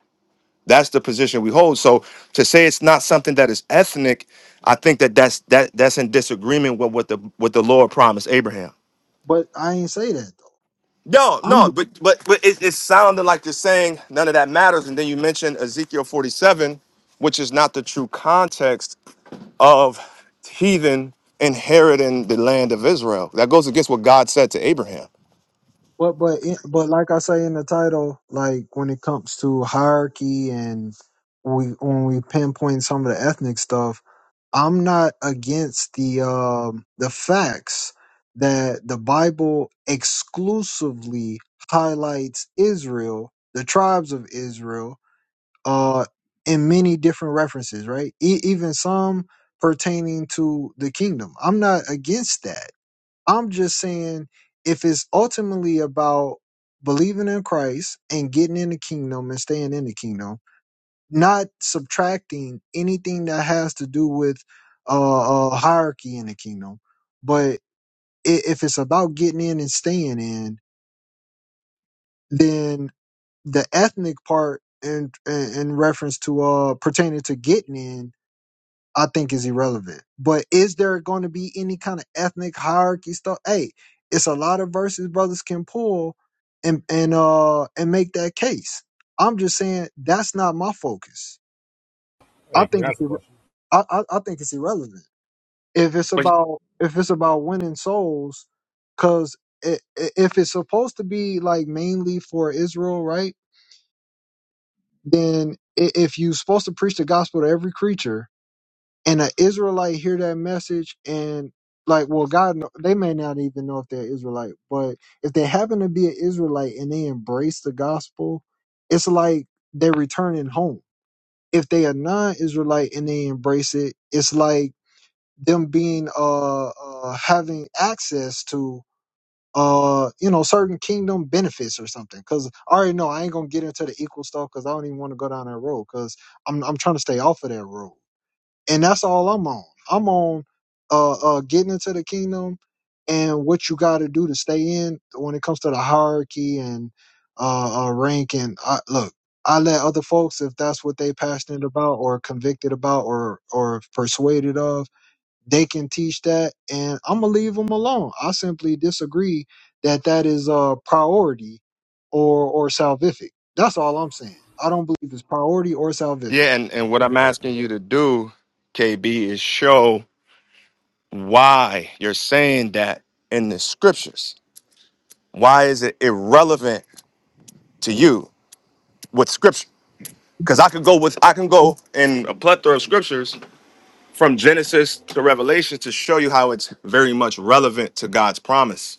That's the position we hold. So to say it's not something that is ethnic, I think that that's that that's in disagreement with what the what the Lord promised Abraham. but i ain't say that though No, no, but but but it, it sounded like you're saying none of that matters, and then you mentioned Ezekiel 47, which is not the true context of heathen inheriting the land of Israel. That goes against what God said to Abraham. But but in- but like I say in the title, like when it comes to hierarchy and we when we pinpoint some of the ethnic stuff, I'm not against the um the facts that the Bible exclusively highlights Israel, the tribes of Israel, uh, in many different references, right? E- even some pertaining to the kingdom. I'm not against that I'm just saying if it's ultimately about believing in Christ and getting in the kingdom and staying in the kingdom, not subtracting anything that has to do with uh, uh hierarchy in the kingdom, but i- if it's about getting in and staying in, then the ethnic part in in, in reference to uh pertaining to getting in I think is irrelevant. But is there going to be any kind of ethnic hierarchy stuff? Hey, it's a lot of verses brothers can pull and and uh and make that case. I'm just saying that's not my focus. I Hey, can think I ask it's, a irre- question? I, I I think it's irrelevant if it's about if it's about winning souls, because if it's supposed to be like mainly for Israel, right? Then i- if you're supposed to preach the gospel to every creature, and an Israelite hear that message and like well God kno- they may not even know if they're Israelite, but if they happen to be an Israelite and they embrace the gospel, it's like they're returning home. If they are non-Israelite and they embrace it, it's like them being uh, uh having access to uh you know certain kingdom benefits or something because i already know i ain't gonna get into the equal stuff because i don't even want to go down that road because i'm, I'm trying to stay off of that road and that's all I'm on. I'm on uh, uh, getting into the kingdom and what you got to do to stay in when it comes to the hierarchy and uh, uh, rank. And I, look, I let other folks, if that's what they passionate about or convicted about or or persuaded of, they can teach that, and I'm gonna leave them alone. I simply disagree that that is a priority or or salvific. That's all I'm saying. I don't believe it's priority or salvific. Yeah, and, and what That's I'm a question. asking you to do, KB, is show why you're saying that in the scriptures Why is it irrelevant to you with scripture? Because I could go with I can go in a plethora of scriptures from Genesis to Revelation to show you how it's very much relevant to God's promise.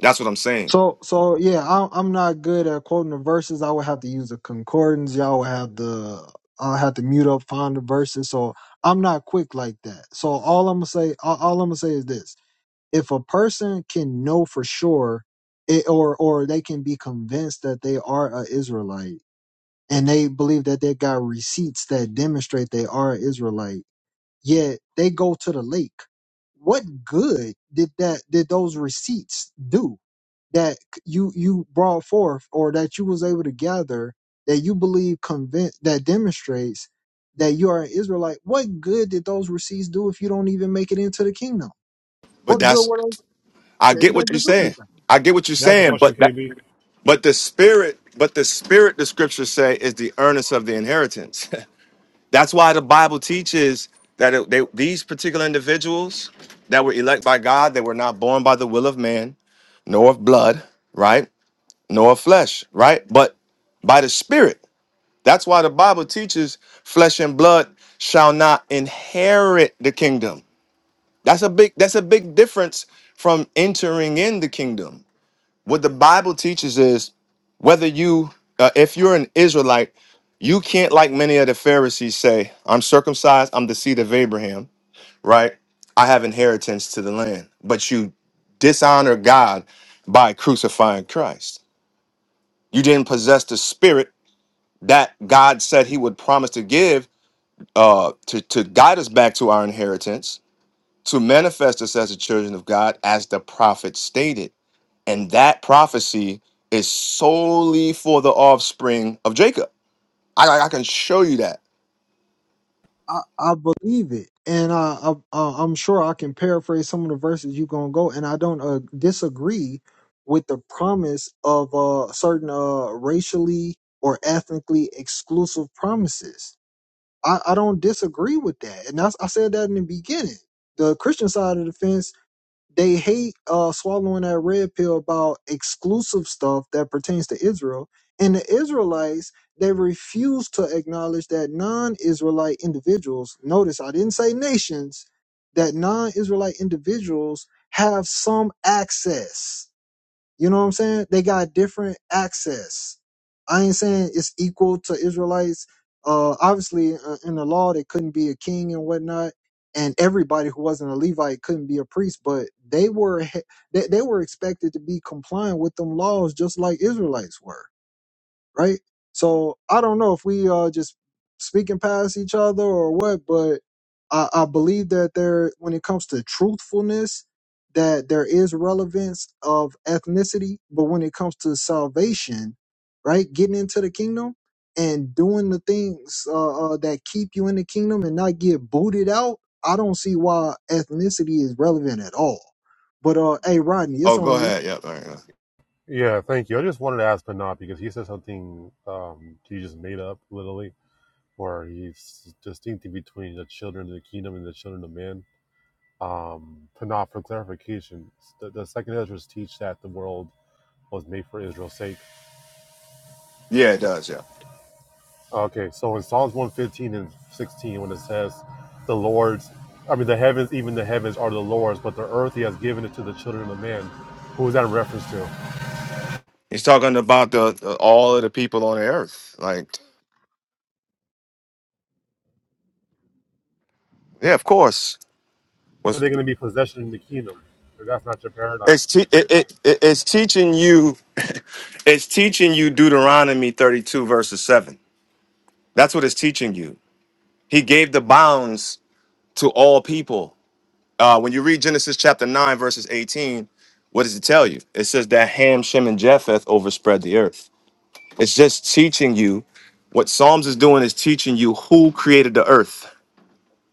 That's what I'm saying. So so yeah, I, I'm not good at quoting the verses. I would have to use a concordance. Y'all would have the I'll have to mute up, find the verses. So I'm not quick like that. So all I'm gonna say, all, all I'm gonna say is this: if a person can know for sure, it, or or they can be convinced that they are a Israelite, and they believe that they got receipts that demonstrate they are an Israelite, yet they go to the lake. What good did that did those receipts do? that you you brought forth or that you was able to gather that you believe convince that demonstrates that you are an Israelite, what good did those receipts do if you don't even make it into the kingdom? But What good that's were those? I It get what you're doesn't do saying. anything. I get what you're Can I ask a saying, question, but that KB? but the spirit, but the spirit, the scriptures say, is the earnest of the inheritance. (laughs) That's why the Bible teaches that it, they, these particular individuals that were elect by God, they were not born by the will of man. nor of blood, right? Nor of flesh, right? But by the Spirit. That's why the Bible teaches flesh and blood shall not inherit the kingdom. That's a big that's a big difference from entering in the kingdom. What the Bible teaches is whether you uh, if you're an Israelite, you can't like many of the Pharisees say, I'm circumcised, I'm the seed of Abraham, right? I have inheritance to the land. But you dishonor God by crucifying Christ. You didn't possess the spirit that God said He would promise to give uh, to, to guide us back to our inheritance, to manifest us as the children of God, as the prophet stated. And that prophecy is solely for the offspring of Jacob. I, I can show you that. I, I believe it, and I, I uh, I'm sure I can paraphrase some of the verses you gonna go, and I don't uh, disagree with the promise of uh, certain uh, racially or ethnically exclusive promises I, I don't disagree with that. And that's, I said that in the beginning. The Christian side of the fence, they hate uh, swallowing that red pill about exclusive stuff that pertains to Israel. And the Israelites, they refuse to acknowledge that non Israelite individuals, notice I didn't say nations, that non Israelite individuals have some access. You know what I'm saying? They got different access. I ain't saying it's equal to Israelites. Uh, obviously, uh, in the law, they couldn't be a king and whatnot, and everybody who wasn't a Levite couldn't be a priest. But they were he- they, they were expected to be compliant with them laws, just like Israelites were right? So I don't know if we are just speaking past each other or what, but I, I believe that there, when it comes to truthfulness, that there is relevance of ethnicity, but when it comes to salvation, right, getting into the kingdom and doing the things uh, uh, that keep you in the kingdom and not get booted out, I don't see why ethnicity is relevant at all. But uh, hey, Rodney, Oh, it's go on you. ahead. Yep. all right, Yeah, thank you. I just wanted to ask Panat because he said something um, he just made up, literally, where he's distincting between the children of the kingdom and the children of men. Um, Panat, for clarification, the, the second Ezra's teach that the world was made for Israel's sake. yeah. yeah, it does. Yeah. Okay, so in Psalms 115 and 16, when it says, the Lord's, I mean, the heavens, even the heavens are the Lord's, but the earth he has given it to the children of men. Who is that in reference to? He's talking about the, the all of the people on the earth. Like, yeah, of course. Was they're going to be possession in the kingdom. But that's not your paradigm. it's te- it, it, it- it's teaching you It's teaching you Deuteronomy 32, verses 7. That's what it's teaching you. He gave the bounds to all people. Uh, when you read Genesis chapter 9, verses 18, what does it tell you? It says that Ham, Shem, and Japheth overspread the earth. It's just teaching you what Psalms is doing is teaching you who created the earth.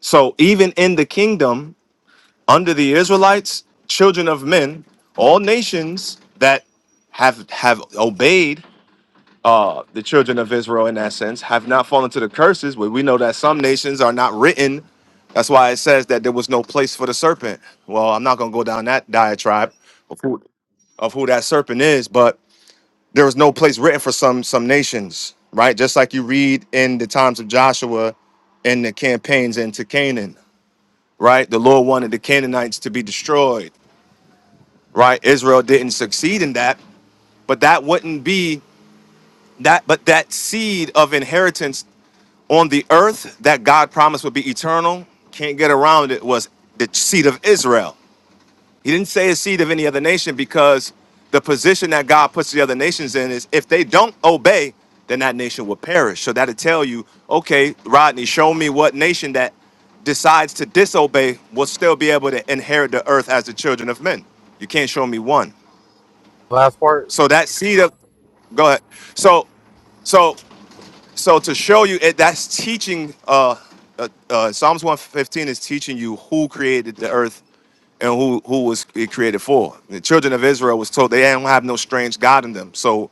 So even in the kingdom, under the Israelites, children of men, all nations that have have obeyed uh, the children of Israel in that sense have not fallen to the curses, but we know that some nations are not written. That's why it says that there was no place for the serpent. Well, I'm not going to go down that diatribe of who, of who that serpent is, but there was no place written for some some nations, right? Just like you read in the times of Joshua in the campaigns into Canaan, right? The Lord wanted the Canaanites to be destroyed, right? Israel didn't succeed in that, but that wouldn't be that but that seed of inheritance on the earth that God promised would be eternal, can't get around it, was the seed of Israel. He didn't say a seed of any other nation because the position that God puts the other nations in is if they don't obey, then that nation will perish. So that'll tell you, okay, Rodney, show me what nation that decides to disobey will still be able to inherit the earth as the children of men. You can't show me one. Last part. So that seed of go ahead. So so so to show you, it, that's teaching. Uh, uh, uh, Psalms one fifteen is teaching you who created the earth and who who was it created for. The children of Israel was told they don't have no strange god in them. So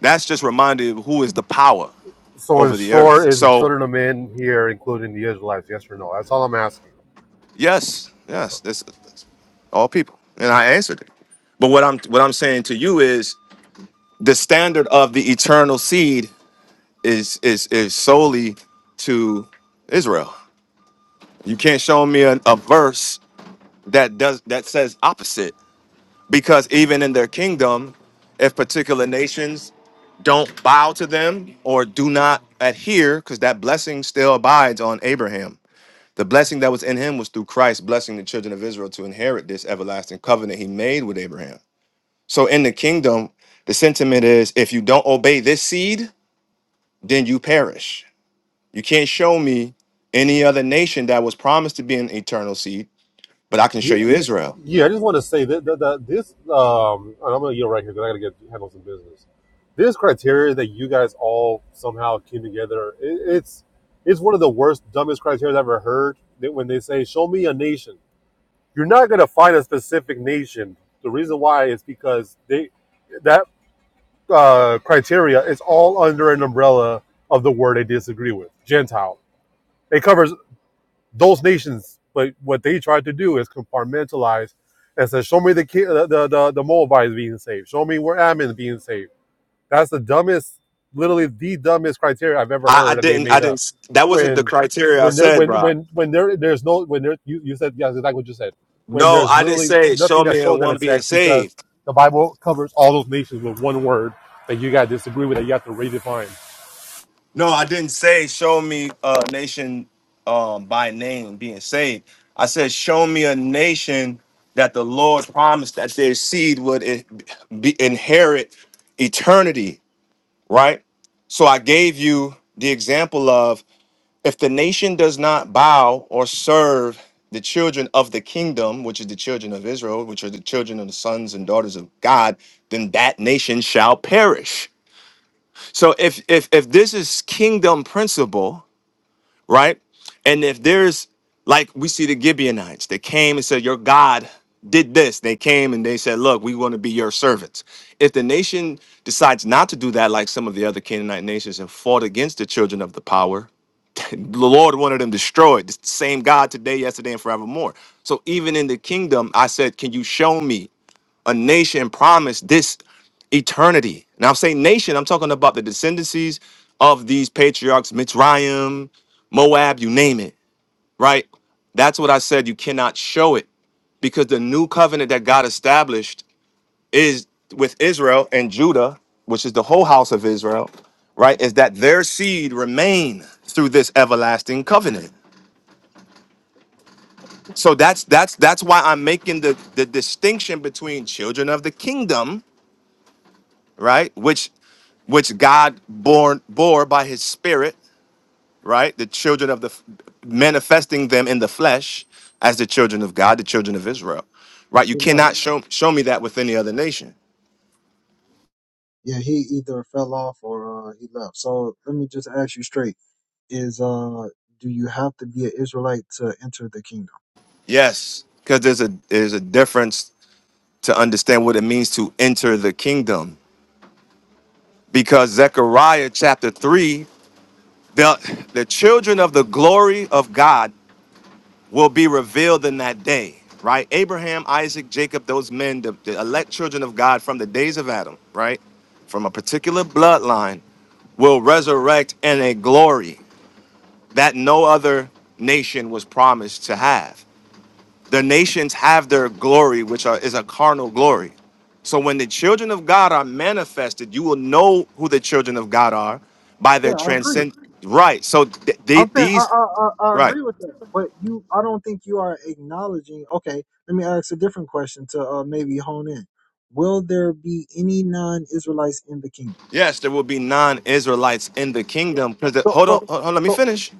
that's just reminded of who is the power So, in over the short, earth. is the So children of men here, including the Israelites? Yes or no? That's all I'm asking. yes, yes, this this- all people, and I answered it. But what I'm what I'm saying to you is the standard of the eternal seed is is is solely to Israel. You can't show me a, a verse that does that says opposite because even in their kingdom if particular nations don't bow to them or do not adhere because that blessing still abides on abraham the blessing that was in him was through christ blessing the children of israel to inherit this everlasting covenant he made with abraham so in the kingdom the sentiment is if you don't obey this seed then you perish you can't show me any other nation that was promised to be an eternal seed but i can show Yeah, you israel yeah. I just want to say that, that, that this, um, and I'm going to yield right here because I got to get handle some business. This criteria that you guys all somehow came together, it, it's it's one of the worst, dumbest criteria I've ever heard. That when they say, "Show me a nation," you're not going to find a specific nation. The reason why is because they. that uh, criteria is all under an umbrella of the word they disagree with, Gentile. It covers those nations, but what they tried to do is compartmentalize and say, "Show me the the the, the, Moabites being saved. Show me where Ammon is being saved." That's the dumbest, literally the dumbest criteria I've ever I, I heard that they didn't. I made up. didn't. That wasn't the When criteria I when there said, when bro. when when there there's no when there you, you said yes exactly what you said. When No, there's I didn't literally say nothing show that me a shows that in one being text because saved. the Bible covers all those nations with one word that you got to disagree with that you have to redefine. No, I didn't say show me a nation um, by name being saved. I said show me a nation that the Lord promised that their seed would in- be, inherit eternity. Right. So I gave you the example of If the nation does not bow or serve the children of the kingdom, which is the children of Israel, which are the children of the sons and daughters of God, then that nation shall perish. So if if if this is kingdom principle, right? And if there's like we see the Gibeonites, they came and said, Your God did this. They came and they said, Look, we want to be your servants. If the nation decides not to do that, like some of the other Canaanite nations and fought against the children of the power, the Lord wanted them destroyed. It's the same God today, yesterday, and forevermore. So even in the kingdom, I said, Can you show me a nation promised this eternity? And I'm saying nation, I'm talking about the descendancies of these patriarchs, Mitzrayim, Moab, you name it, right? That's what I said. You cannot show it because the new covenant that God established is with Israel and Judah, which is the whole house of Israel, right? Is that their seed remain through this everlasting covenant. So that's that's that's why I'm making the the distinction between children of the kingdom, right, which which God born bore by His Spirit, right, the children of the f- manifesting them in the flesh as the children of God, the children of Israel, right. You Hey, cannot show show me that with any other nation. Yeah, he either fell off or uh, he left. So let me just ask you straight: Is uh, do you have to be an Israelite to enter the kingdom? Yes, because there's a there's a difference to understand what it means to enter the kingdom. Because Zechariah chapter three, the the children of the glory of God will be revealed in that day, right? Abraham, Isaac, Jacob, those men, the, the elect children of God from the days of Adam, right? From a particular bloodline will resurrect in a glory that no other nation was promised to have. The nations have their glory, which are, is a carnal glory. So when the children of God are manifested, you will know who the children of God are by Yeah, their I agree. transcend. Right. So th- they, I'm saying I, these, I I I right. agree with that, but you, I don't think you are acknowledging. Okay, let me ask a different question to uh, maybe hone in. Will there be any non-Israelites in the kingdom? Yes, there will be non-Israelites in the kingdom. Because So hold so on, hold on, let me so finish.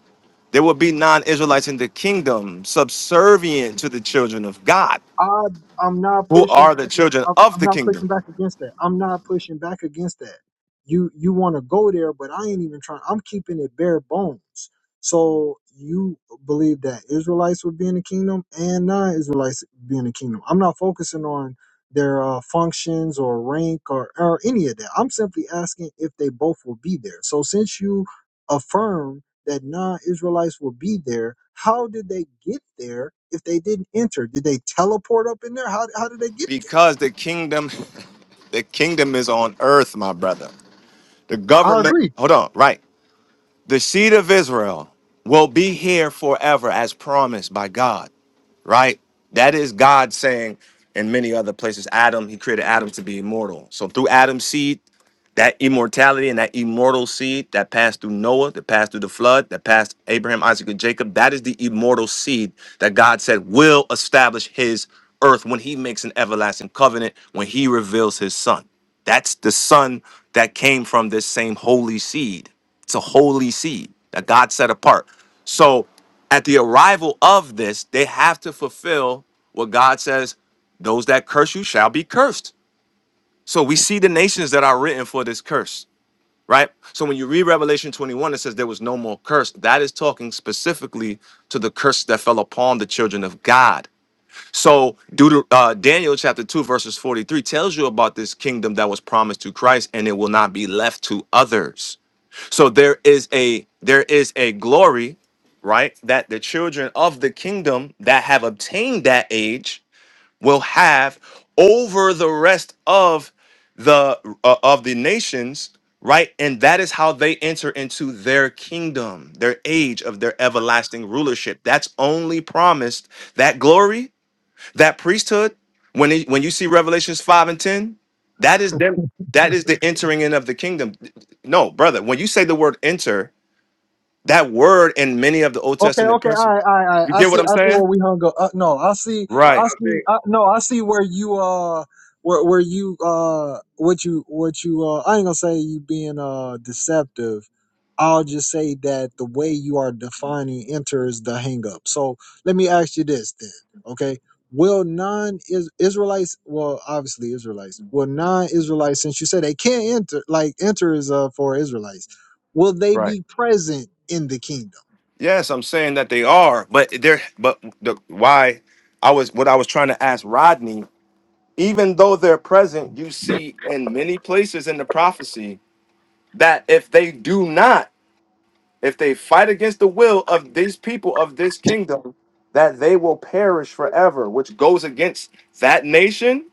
There will be non-Israelites in the kingdom, subservient to the children of God, I I'm not who pushing are the back. children I'm of I'm the not pushing kingdom. back against that. I'm not pushing back against that. You you want to go there, but I ain't even trying. I'm keeping it bare bones. So you believe that Israelites would be in the kingdom and non-Israelites be in the kingdom. I'm not focusing on their uh, functions or rank or or any of that. I'm simply asking if they both will be there. So since you affirm that non-Israelites will be there. How did they get there if they didn't enter? Did they teleport up in there? How how did they get Because the kingdom, (laughs) the kingdom is on earth, my brother. The there? I government, agree. hold on, right. The seed of Israel will be here forever as promised by God right? That is God saying in many other places, Adam, he created Adam to be immortal. So through Adam's seed, That immortality and that immortal seed that passed through Noah, that passed through the flood, that passed Abraham, Isaac, and Jacob, that is the immortal seed that God said will establish his earth when he makes an everlasting covenant, when he reveals his son. That's the son that came from this same holy seed. It's a holy seed that God set apart. So at the arrival of this, they have to fulfill what God says those that curse you shall be cursed. So we see the nations that are written for this curse right? So when you read Revelation 21, it says there was no more curse. That is talking specifically to the curse that fell upon the children of God. So Deuter- uh, Daniel chapter 2, verses 43 tells you about this kingdom that was promised to Christ and it will not be left to others. So there is a there is a glory, right? That the children of the kingdom that have obtained that age will have over the rest of the uh, of the nations right and that is how they enter into their kingdom their age of their everlasting rulership that's only promised that glory that priesthood when it, when you see revelations 5 and 10 that is them that is the entering in of the kingdom no brother when you say the word enter that word in many of the old Okay, testament okay, all principles right, all right, all right. you I get what see, i'm I see where saying we hung up. Uh, no, I see, I right I I see, uh, think no, I see where you, uh, where, where you, uh, what you, what you, uh, I ain't gonna say you being, uh, deceptive. I'll just say that the way you are defining enters the hang up. So let me ask you this then, okay? Will non Israelites, well, obviously Israelites, will non Israelites, since you said they can't enter, like enter is, uh, for Israelites, will they right be present in the kingdom? Yes, I'm saying that they are, but they're but the why I was what I was trying to ask Rodney, even though they're present, you see in many places in the prophecy that if they do not, if they fight against the will of these people of this kingdom, that they will perish forever, which goes against that nation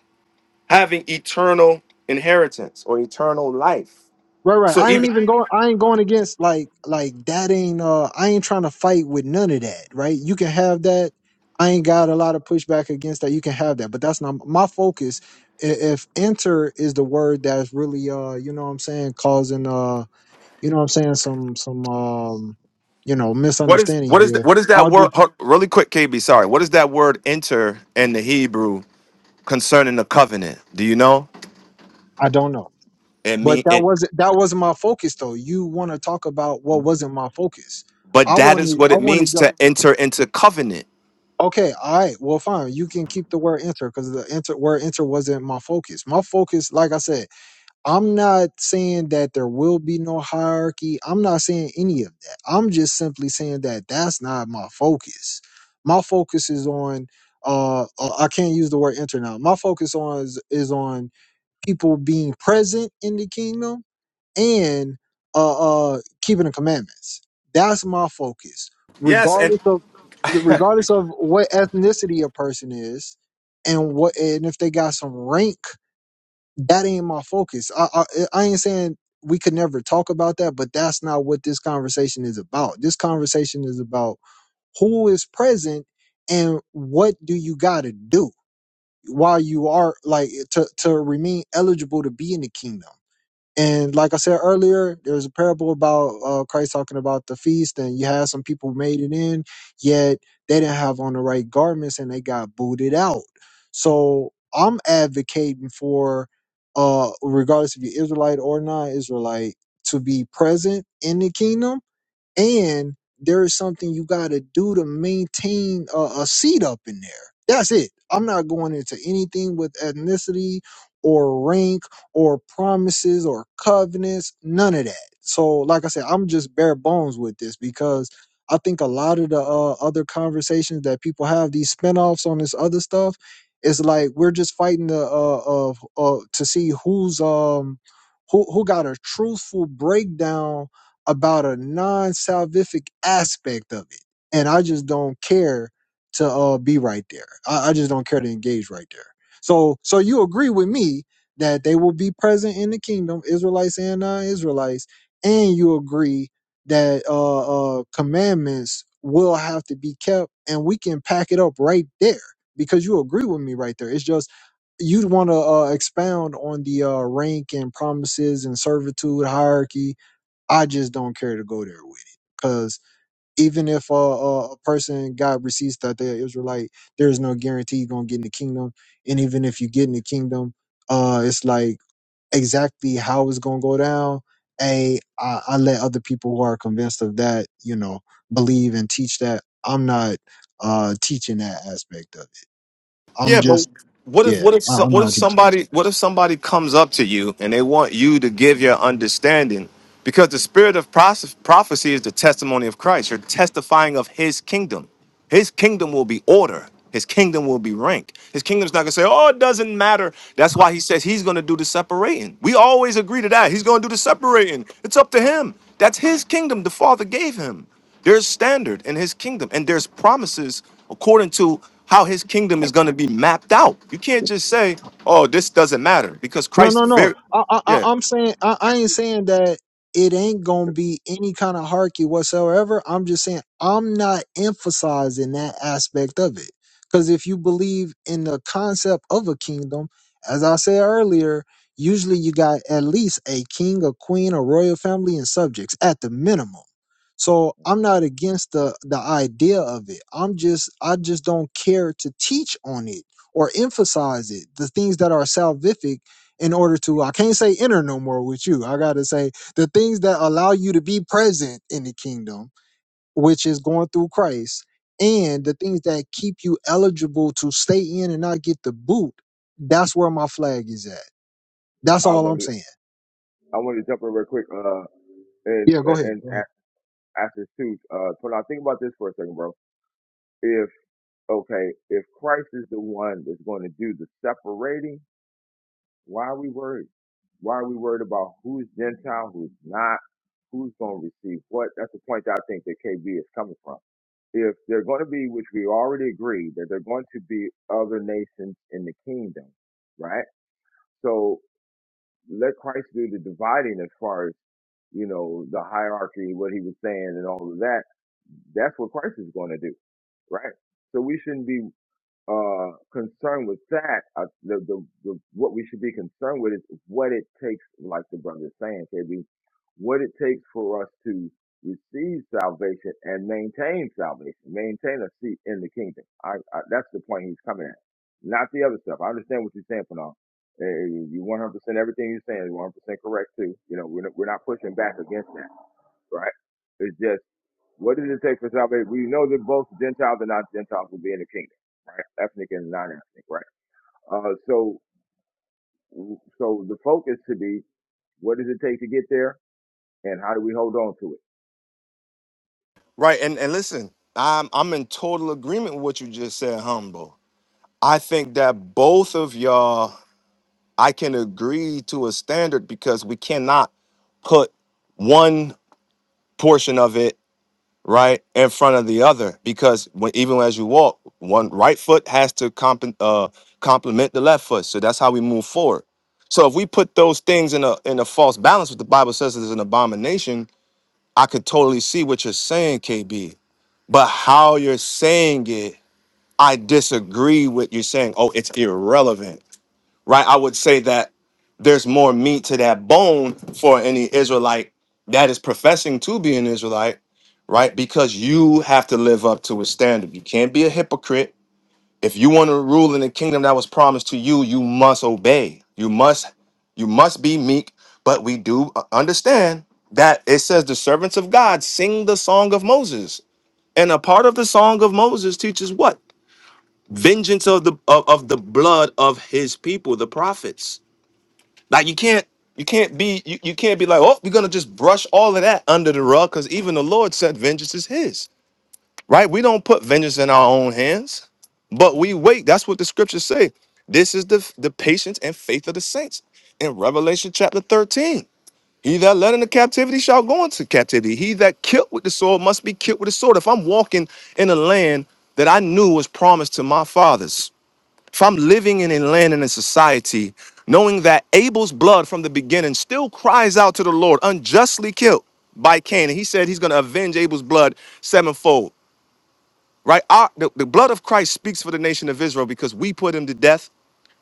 having eternal inheritance or eternal life. Right, right. So I ain't even even going. I ain't going against like like that. Ain't uh. I ain't trying to fight with none of that. Right. You can have that. I ain't got a lot of pushback against that. You can have that, but that's not my focus. I- If enter is the word that's really uh, you know what I'm saying, causing uh, you know what I'm saying, some some um, you know, what is misunderstanding what is here. what is that I'll word just hold- really quick, KB? Sorry, what is that word enter in the Hebrew concerning the covenant. Do you know? I don't know. It But mean that it, wasn't that wasn't my focus though. You want to talk about what wasn't my focus. but I that is wanted what I it means wanted to enter into covenant. Okay, all right. Well, fine. You can keep the word enter because the enter word enter wasn't my focus. My focus, like I said, I'm not saying that there will be no hierarchy. I'm not saying any of that. I'm just simply saying that that's not my focus. My focus is on uh uh, I can't use the word enter now. My focus on is, is on people being present in the kingdom and uh, uh keeping the commandments. That's my focus, Yes, and regardless of regardless of what ethnicity a person is, and what and if they got some rank. That ain't my focus. I I, I ain't saying we could never talk about that, but that's not what this conversation is about. This conversation is about who is present and what do you got to do while you are like to to remain eligible to be in the kingdom and like I said earlier, there's a parable about uh, Christ talking about the feast, and you had some people made it in, yet they didn't have on the right garments and they got booted out. So I'm advocating for, uh, regardless if you're Israelite or not Israelite, to be present in the kingdom and there is something you got to do to maintain a, a seat up in there. That's it. I'm not going into anything with ethnicity or rank or promises or covenants, none of that. So, like I said, I'm just bare bones with this because I think a lot of the uh, other conversations that people have, these spinoffs on this other stuff, it's like we're just fighting the uh, uh, uh to see who's um who who got a truthful breakdown about a non-salvific aspect of it, and I just don't care to uh, be right there. I, I just don't care to engage right there. So, so you agree with me that they will be present in the kingdom, Israelites and non-Israelites, and you agree that uh, uh, commandments will have to be kept, and we can pack it up right there because you agree with me right there. It's just you'd want to uh, expound on the uh, rank and promises and servitude hierarchy I just don't care to go there with it because even if a, a, a person got receipts that they're Israelite, there's no guarantee you're gonna get in the kingdom. And even if you get in the kingdom, uh, it's like exactly how it's gonna go down. A, I, I let other people who are convinced of that, you know, believe and teach that. I'm not uh teaching that aspect of it. Yeah, I'm but just what if yeah. what if so- what if somebody what if somebody comes up to you and they want you to give your understanding because the spirit of pros- prophecy is the testimony of Christ. You're testifying of His kingdom. His kingdom will be order. His kingdom will be rank. His kingdom's not gonna say, "Oh, it doesn't matter." That's why He says He's gonna do the separating. We always agree to that. He's gonna do the separating. It's up to Him. That's His kingdom. The Father gave Him. There's standard in his kingdom, and there's promises according to how his kingdom is going to be mapped out. You can't just say, "Oh, this doesn't matter," because No, Christ no, no. very, I, I, I- yeah, I'm saying I, I ain't saying that it ain't gonna be any kind of harky whatsoever. I'm just saying I'm not emphasizing that aspect of it. Because if you believe in the concept of a kingdom, as I said earlier, usually you got at least a king, a queen, a royal family, and subjects at the minimum. So I'm not against the the idea of it. I'm just I just don't care to teach on it or emphasize it. The things that are salvific in order to I can't say enter no more with you. I gotta say the things that allow you to be present in the kingdom, which is going through Christ, and the things that keep you eligible to stay in and not get the boot, that's where my flag is at. That's I all want I'm to saying. I want to jump in real quick uh, and Yeah, go ahead. and Go ahead. Actually, too, uh, Twin, I think about this for a second, bro. If okay, if Christ is the one that's going to do the separating, why are we worried? Why are we worried about who's Gentile, who's not, who's going to receive what? That's the point that I think that KB is coming from. If they're going to be, which we already agree that they're going to be other nations in the kingdom, right? So let Christ do the dividing as far as you know the hierarchy, what he was saying, and all of that. That's what Christ is going to do right? So we shouldn't be uh, concerned with that. Uh, the, the, the, what we should be concerned with is what it takes, like the brother is saying, KB, what it takes for us to receive salvation and maintain salvation, maintain a seat in the kingdom. I, I, that's the point he's coming at, not the other stuff. I understand what you're saying, Panal. Uh, you 100% everything you're saying is 100% correct too. You know, we're not, we're not pushing back against that, right? It's just what does it take for salvation? We know that both Gentiles and non-Gentiles will be in the kingdom, right? Ethnic and non-ethnic, right? Uh, so, so the focus should be what does it take to get there, and how do we hold on to right. And and listen, I'm I'm in total agreement with what you just said, humble. I think that both of y'all, I can agree to a standard because we cannot put one portion of it right in front of the other because when, even as you walk one right foot has to comp- uh, complement the left foot so that's how we move forward so if we put those things in a in a false balance what the bible says is an abomination i could totally see what you're saying kb but how you're saying it i disagree with you saying oh it's irrelevant right? I would say that there's more meat to that bone for any Israelite that is professing to be an Israelite, right? Because you have to live up to a standard. You can't be a hypocrite. If you want to rule in the kingdom that was promised to you, you must obey. You must you must be meek, but we do uh, understand that it says the servants of God sing the song of Moses. And a part of the song of Moses teaches what? Vengeance of the of, of the blood of his people, the prophets like you can't you can't be you, you can't be like, oh, we're gonna just brush all of that under the rug, because even the Lord said vengeance is his. Right? We don't put vengeance in our own hands, but we wait. That's what the scriptures say. This is the the patience and faith of the saints in Revelation chapter 13. He that led into captivity shall go into captivity. He that killed with the sword must be killed with the sword. If I'm walking in a land that I knew was promised to my fathers, if I'm living in a land and a society, knowing that Abel's blood from the beginning still cries out to the Lord, unjustly killed by Cain, and he said he's going to avenge Abel's blood sevenfold right? Our, the, the blood of Christ speaks for the nation of Israel because we put him to death,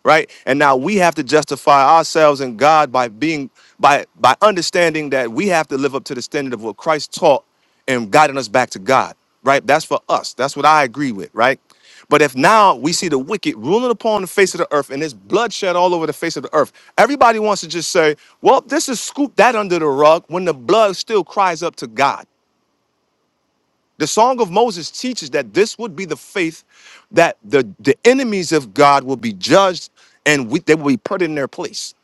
right? And now we have to justify ourselves and God by being by by understanding that we have to live up to the standard of what Christ taught and guiding us back to God, right? That's for us. That's what I agree with, right? But if now we see the wicked ruling upon the face of the earth and there's bloodshed all over the face of the earth, everybody wants to just say, well, this is scoop that under the rug when the blood still cries up to God. The Song of Moses teaches that this would be the faith that the, the enemies of God will be judged and we, they will be put in their place.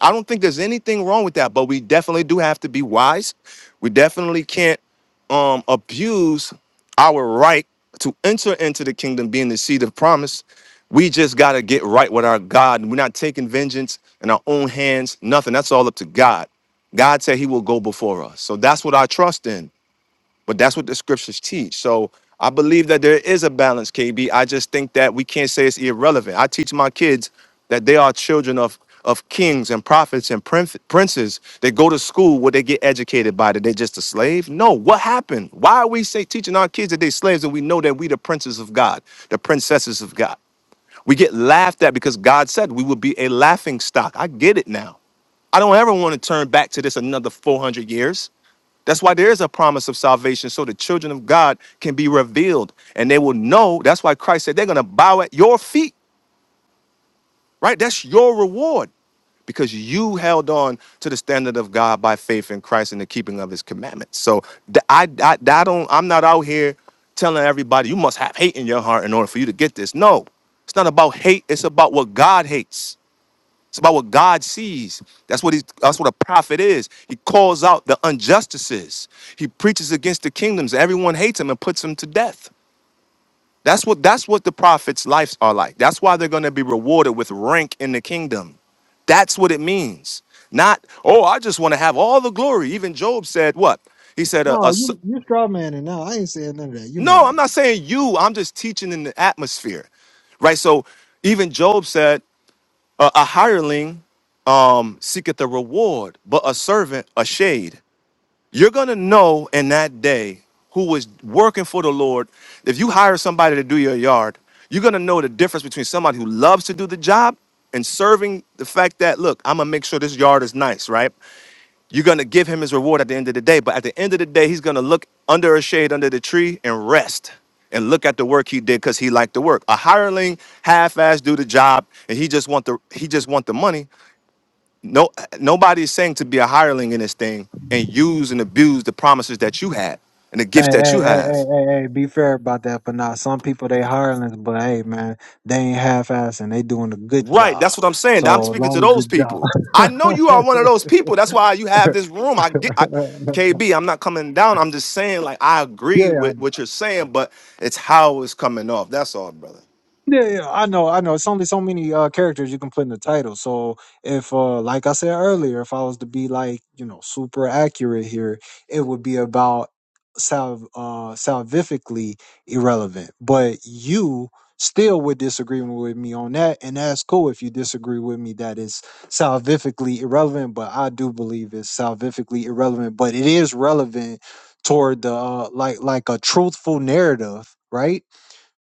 I don't think there's anything wrong with that, but we definitely do have to be wise. We definitely can't um, abuse our right to enter into the kingdom being the seed of promise. We just got to get right with our God. We're not taking vengeance in our own hands, nothing. That's all up to God. God said he will go before us. So that's what I trust in. But that's what the scriptures teach. So I believe that there is a balance, KB. I just think that we can't say it's irrelevant. I teach my kids that they are children of of kings and prophets and prince- princes. They go to school where they get educated by. That they just a slave? No. What happened? Why are we say teaching our kids that they slaves and we know that we the princes of God, the princesses of God? We get laughed at because God said we would be a laughing stock. I get it now. I don't ever want to turn back to this another 400 years. That's why there is a promise of salvation so the children of God can be revealed and they will know. That's why Christ said they're going to bow at your feet right? That's your reward because you held on to the standard of God by faith in Christ and the keeping of his commandments. So th- I, I, I don't, I'm not out here telling everybody you must have hate in your heart in order for you to get this. No, it's not about hate. It's about what God hates. It's about what God sees. That's what he, that's what a prophet is. He calls out the injustices. He preaches against the kingdoms. Everyone hates him and puts him to death. That's what that's what the prophets' lives are like. That's why they're going to be rewarded with rank in the kingdom. That's what it means. Not, oh, I just want to have all the glory. Even Job said what? He said, a, a No, s- you you straw man now I ain't saying none of that. You know no, that. I'm not saying you. I'm just teaching in the atmosphere, right? So even Job said, a, a hireling um, seeketh a reward, but a servant a shade. You're going to know in that day who was working for the Lord. If you hire somebody to do your yard, you're going to know the difference between somebody who loves to do the job and serving the fact that, look, I'm going to make sure this yard is nice, right? You're going to give him his reward at the end of the day. But at the end of the day, he's going to look under a shade, under the tree, and rest and look at the work he did because he liked the work. A hireling half-ass do the job and he just want the he just want the money. No, nobody is saying to be a hireling in this thing and use and abuse the promises that you have and the gifts Hey, that hey, you hey, have. hey, hey, hey, be fair about that, but not some people they hirelings, but hey man, they ain't half assing, they doing a good Right. job. That's what I'm saying. I'm So as speaking to long as the those job people. I know you are one of those people. That's why you (laughs) have this room. I get I, KB, I'm not coming down. I'm just saying, like, I Yeah, agree yeah, I with know, what I you're know, I know. saying, but it's how it's coming off. That's all, brother. Yeah, yeah, I know, I know. It's only so many uh, characters you can put in the title. So if, uh, like I said earlier, if I was to be like you know super accurate here, it would be about salv uh, salvifically irrelevant. But you still would disagree with me on that, and that's cool if you disagree with me that it's salvifically irrelevant. But I do believe it's salvifically irrelevant, but it is relevant toward the uh, like like a truthful narrative, right?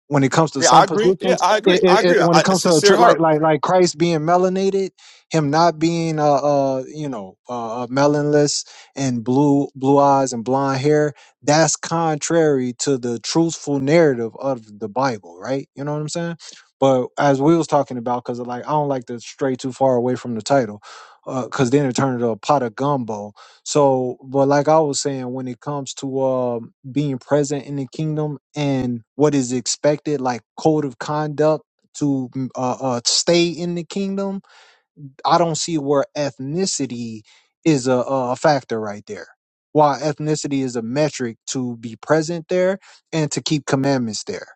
when it comes to Yeah, some I agree. Yeah, positions. I It, agree. I it, it, agree. when I, it a comes to a tr- sincere like heart. like like Christ being melanated, him not being uh, uh you know uh, uh, melonless and blue blue eyes and blonde hair, that's contrary to the truthful narrative of the Bible, right? You know what I'm saying? But as we was talking about, because like I don't like to stray too far away from the title, because then it turned into a pot of gumbo so, but like I was saying, when it comes to um being present in the kingdom and what is expected, like code of conduct to mm, uh, uh, stay in the kingdom, I don't see where ethnicity is a, a factor right there. Why ethnicity is a metric to be present there and to keep commandments there.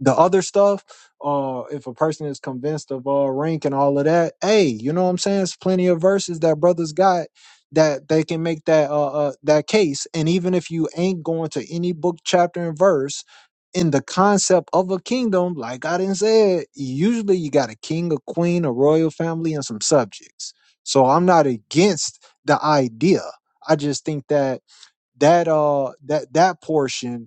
The other stuff, uh, if a person is convinced of all rank and all of that, hey, you know what I'm saying? It's plenty of verses that brothers got that they can make that uh, uh that case. And even if you ain't going to any book, chapter, and verse, in the concept of a kingdom, like I didn't say, usually you got a king, a queen, a royal family, and some subjects. So I'm not against the idea. I just think that that uh that that portion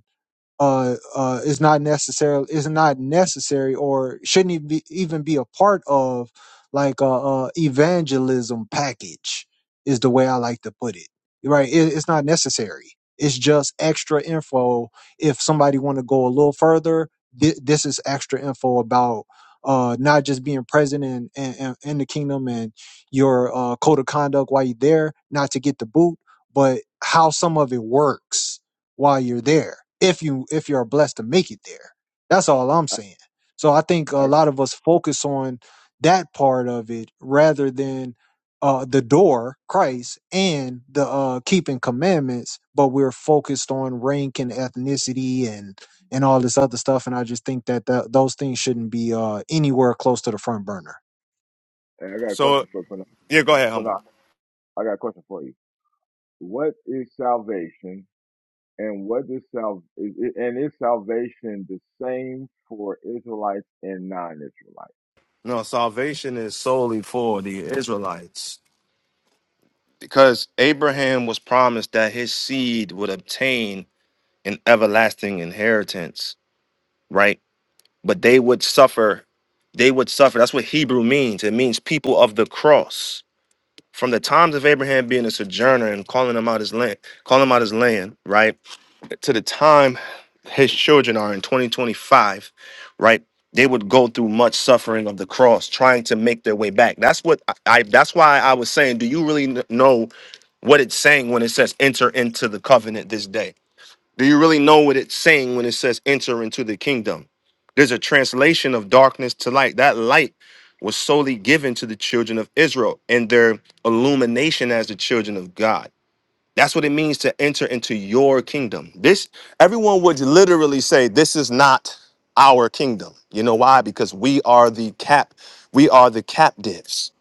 uh, uh, is not necessarily is not necessary or shouldn't even be, even be a part of like a, a evangelism package is the way I like to put it. Right? It, it's not necessary. It's just extra info. If somebody want to go a little further, thi- this is extra info about uh, not just being present in, in, in in the kingdom and your uh, code of conduct while you're there, not to get the boot, but how some of it works while you're there if you if you're blessed to make it there that's all i'm it? saying so i think a I, lot of us focus on that part of it rather than uh the door christ and the uh keeping commandments but we're focused on rank and ethnicity and and all this other stuff and i just think that th- those things shouldn't be uh anywhere close to the front burner I, I got a So, question for for, yeah, go ahead, for humble. I got a question for you. What is salvation, and what is sal is, is- and is salvation the same for Israelites and non-Israelites? (clears throat) No, salvation is solely for the Israelites. because Abraham was promised that his seed would obtain an everlasting inheritance, right? But they would suffer. They would suffer. That's what Hebrew means. It means people of the cross. From the times of Abraham being a sojourner and calling him out his land, calling him out his land, right? to the time his children are in 2025, right? They would go through much suffering of the cross, trying to make their way back. That's what I. I- That's why I was saying, do you really kn- know what it's saying when it says enter into the covenant this day? Do you really know what it's saying when it says enter into the kingdom? There's a translation of darkness to light. That light was solely given to the children of Israel and their illumination as the children of God. That's what it means to enter into your kingdom. This everyone would literally say this is not our kingdom. You know why? Because we are the cap we are the captives,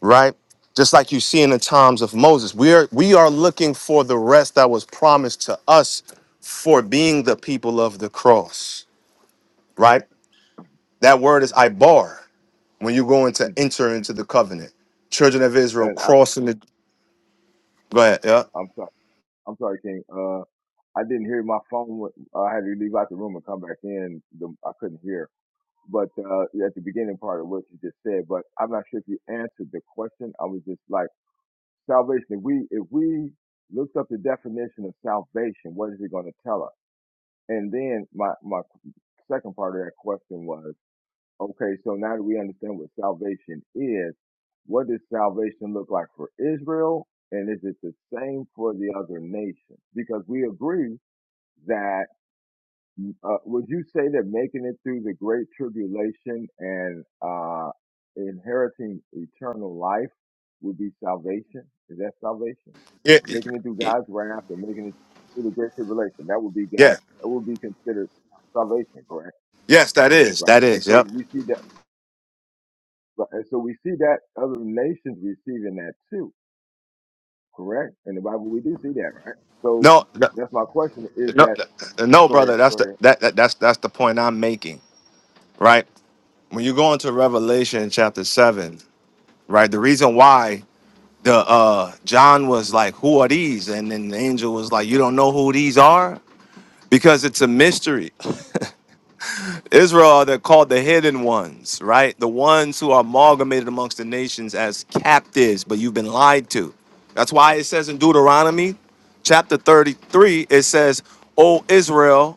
right? Just like you see in the times of Moses. We are we are looking for the rest that was promised to us for being the people of the cross, right? That word is ibar when you're going to enter into the covenant. Children of Israel And I, crossing the go ahead. I'm sorry, I'm sorry, King. Uh. I didn't hear my phone. went- I had to leave out the room and come back in. The, I couldn't hear. But uh, at the beginning part of what you just said, but I'm not sure if you answered the question. I was just like salvation. If we if we looked up the definition of salvation, what is it going to tell us? And then my my second part of that question was okay. So now that we understand what salvation is, what does salvation look like for Israel, and is it the same for the other nations? Because we agree that Uh, would you say that making it through the great tribulation and uh, inheriting eternal life would be salvation? Is that salvation? Yeah. Making it through Yeah. God's wrath and making it through the great tribulation that would be God. Yeah. That would be considered salvation, correct? Yes, that is. Right. That And is. so Yep. we see that. right, And so we see that other nations receiving that too, correct? In the Bible, we do see that, right? So No, no, that's my question: Is no, that no, go ahead? brother. That's Go the ahead. that, that that's that's the point I'm making. Right. When you go into Revelation chapter seven, right, the reason why the uh John was like, "Who are these?" and then the angel was like, "You don't know who these are because it's a mystery." Israel, they're called the hidden ones, right? The ones who are amalgamated amongst the nations as captives, but you've been lied to. That's why it says in Deuteronomy chapter 33, it says, O Israel,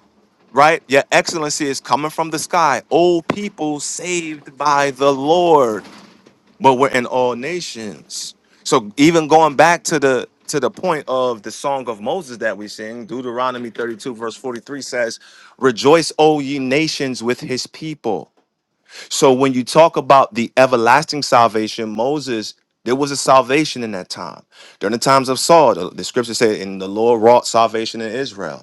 right? Your excellency is coming from the sky. O people saved by the Lord but we're in all nations. So even going back to the to the point of the song of Moses that we sing, Deuteronomy 32 verse 43 says, "Rejoice, O ye nations, with his people." So when you talk about the everlasting salvation, Moses there was a salvation in that time. During the times of Saul, the, the scripture said, "And the Lord wrought salvation in Israel."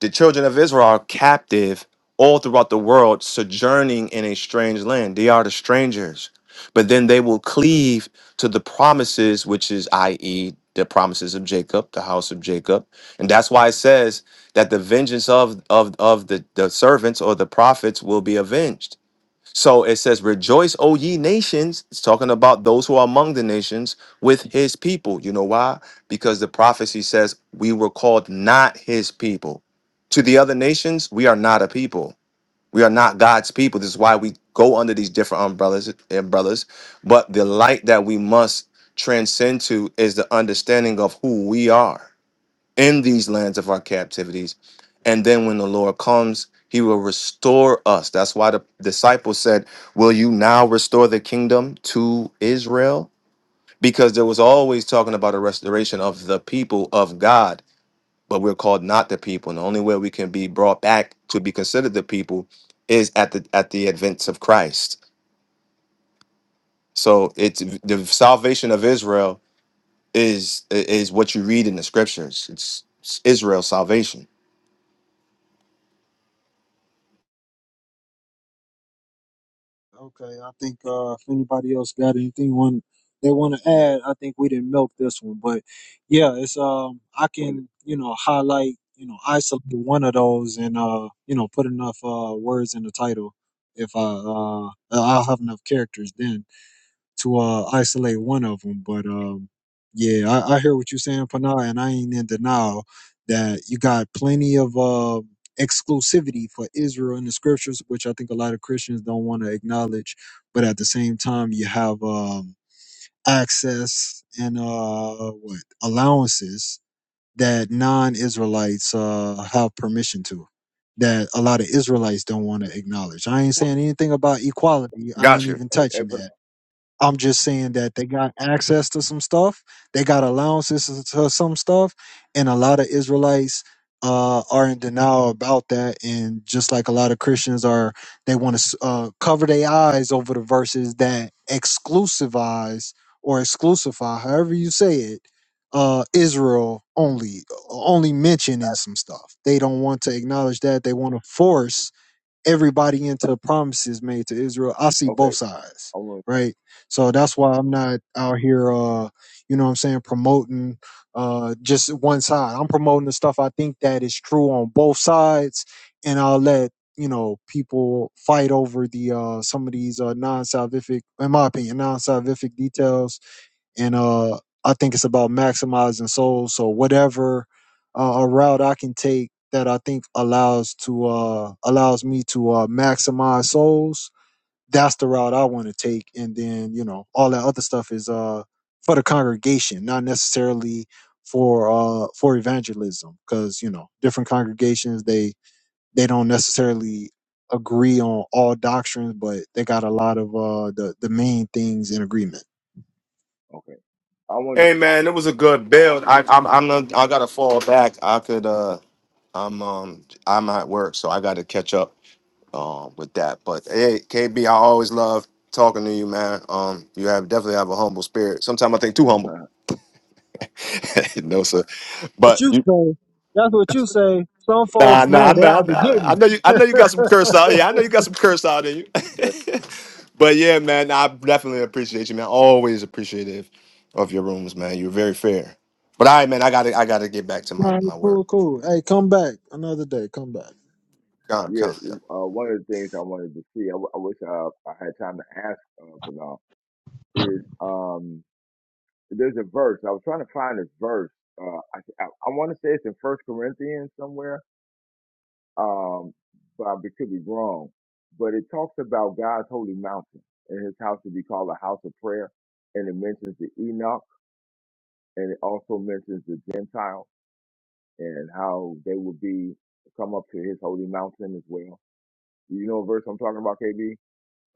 The children of Israel are captive all throughout the world, sojourning in a strange land. They are the strangers. But then they will cleave to the promises, which is, i.e., the promises of Jacob, the house of Jacob. And that's why it says that the vengeance of, of, of the, the servants or the prophets will be avenged so it says, Rejoice, O ye nations. It's talking about those who are among the nations with his people. You know why? Because the prophecy says, We were called not his people. To the other nations, we are not a people. We are not God's people. This is why we go under these different umbrellas. umbrellas. But the light that we must transcend to is the understanding of who we are in these lands of our captivities. And then when the Lord comes, he will restore us. That's why the disciples said, Will you now restore the kingdom to Israel? Because there was always talking about a restoration of the people of God, but we're called not the people. And the only way we can be brought back to be considered the people is at the at the advent of Christ. So it's the salvation of Israel is is what you read in the scriptures. It's, it's Israel's salvation. Okay, I think uh, if anybody else got anything one they want to add, I think we didn't milk this one, but yeah, it's um I can you know highlight you know isolate one of those and uh you know put enough uh words in the title if I uh I'll have enough characters then to uh, isolate one of them. But um, yeah, I, I hear what you're saying, Panay, and I ain't in denial that you got plenty of uh, exclusivity for Israel in the scriptures, which I think a lot of Christians don't want to acknowledge. But at the same time, you have um, access and uh, what allowances that non-Israelites uh, have permission to. That a lot of Israelites don't want to acknowledge. I ain't saying anything about equality. I ain't Gotcha. even Hey, hey, touching put- that. I'm just saying that they got access to some stuff. They got allowances to some stuff, and a lot of Israelites uh, are in denial about that. And just like a lot of Christians are, they want to uh, cover their eyes over the verses that exclusivize or exclusify, however you Mhm. say it, uh, Israel only, only mentioning some stuff. They don't want to acknowledge that. They want to force everybody into the promises made to Israel. I see Okay. both sides, I want. right? So that's why I'm not out here, uh, you know what I'm saying, promoting uh, just one side. I'm promoting the stuff I think that is true on both sides, and I'll let you know people fight over the uh, some of these uh, non-salvific, in my opinion, non-salvific details and uh, I think it's about maximizing souls. So whatever uh, a route I can take that I think allows to uh, allows me to uh, maximize souls, that's the route I want to take. And then you know all that other stuff is uh, for the congregation, not necessarily for uh, for evangelism, because you know different congregations they they don't necessarily agree on all doctrines, but they got a lot of uh, the the main things in agreement. Okay. I wanted Hey man, it was a good build. I, I'm I'm a, I am i am i got to fall back. I could uh I'm um I'm at work, so I gotta catch up um with that. But hey, KB, I always love talking to you, man. Um, you have definitely have a humble spirit. Sometimes I think too humble. (laughs) (laughs) no sir, But but you say that's what you say. Some folks, Nah, nah, man, they nah, out to nah. get I me. know you. I know you got some curse out. Yeah, I know you got some curse out in you. (laughs) but yeah, man, I definitely appreciate you, man. Always appreciative of your rooms, man. You're very fair. But all right, man, I gotta, I gotta get back to my Man, my work. cool, cool. Hey, come back another day. Come back. Come, yeah, come. uh, one of the things I wanted to see, I, w- I wish I, I had time to ask uh, for now, is um, there's a verse. I was trying to find this verse. Uh, I, I, I want to say it's in First Corinthians somewhere, um, but I could be wrong. But it talks about God's holy mountain and his house to be called a house of prayer. And it mentions the Enoch and it also mentions the Gentiles and how they will be come up to his holy mountain as well. Do you know a verse I'm talking about, KB?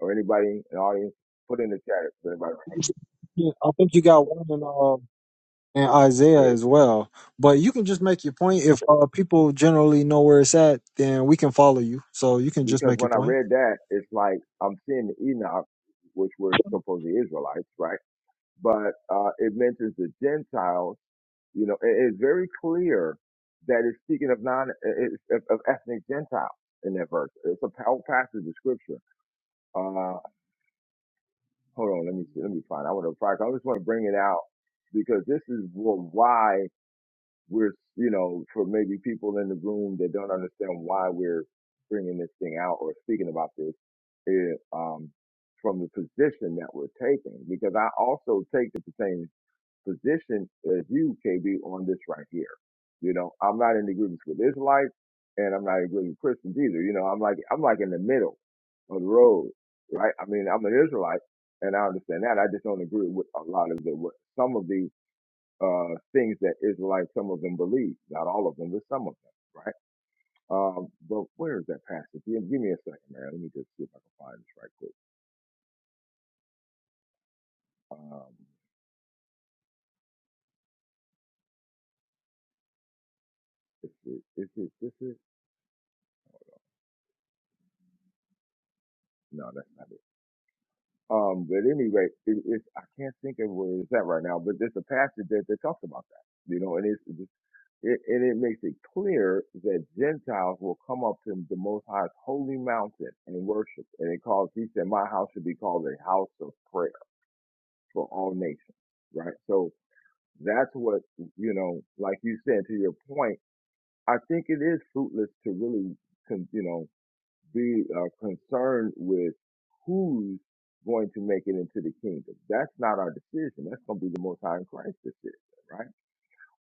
or anybody in the audience, put in the chat if anybody Yeah, I think you got one in um in Isaiah prepared. as well. But you can just make your point. If uh people generally know where it's at, then we can follow you. So you can just Because make your when I point. read that, it's like I'm seeing the Enoch, which were supposed to be Israelites, right? But uh, it mentions the Gentiles. You know, it is very clear that it's speaking of non it's of, of ethnic Gentiles in that verse. It's a whole passage of scripture. Uh, hold on, let me see, let me find. I want to I just want to bring it out because this is wh- why. we're you know for maybe people in the room that don't understand why we're bringing this thing out or speaking about this is um, from the position that we're taking because I also take the same position as you KB on this right here. You know, I'm not in agreement with Israelites and I'm not in agreement with Christians either. You know, I'm like I'm like in the middle of the road, right? I mean, I'm an Israelite and I understand that. I just don't agree with a lot of the what some of the uh, things that Israelites, some of them believe, not all of them, but some of them, right? Um, but where is that passage? Give, give me a second, man. Let me just see if I can find this right quick. Um, is it, is it, this is, no, that's not it. Um, but anyway, it, it's, I can't think of where it's at right now, but there's a passage that, that talks about that, you know, and it's, it's- it, and it makes it clear that Gentiles will come up to the Most High's holy mountain and worship. And it calls, he said, my house should be called a house of prayer for all nations, right? So that's what, you know, like you said, to your point, I think it is fruitless to really, con- you know, be uh, concerned with who's going to make it into the kingdom. That's not our decision. That's going to be the Most High in Christ's decision, right?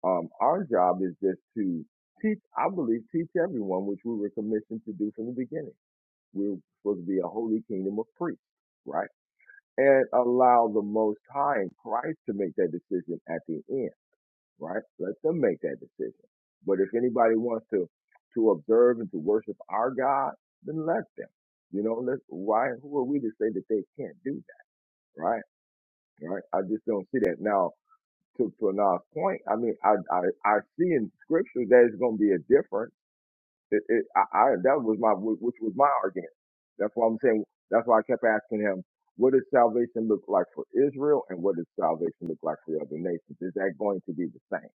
Um, our job is just to teach, I believe, teach everyone, which we were commissioned to do from the beginning. We're supposed to be a holy kingdom of priests, right? and allow the Most High in Christ to make that decision at the end, right? Let them make that decision. But if anybody wants to to observe and to worship our God, then let them. You know, let why? Who are we to say that they can't do that, right? Right? I just don't see that. Now, to to Anah's point, I mean, I I I see in Scripture that it's going to be a difference it, it, I, I, that was my, which was my argument. That's why I'm saying, that's why I kept asking him, what does salvation look like for Israel and what does salvation look like for the other nations? Is that going to be the same?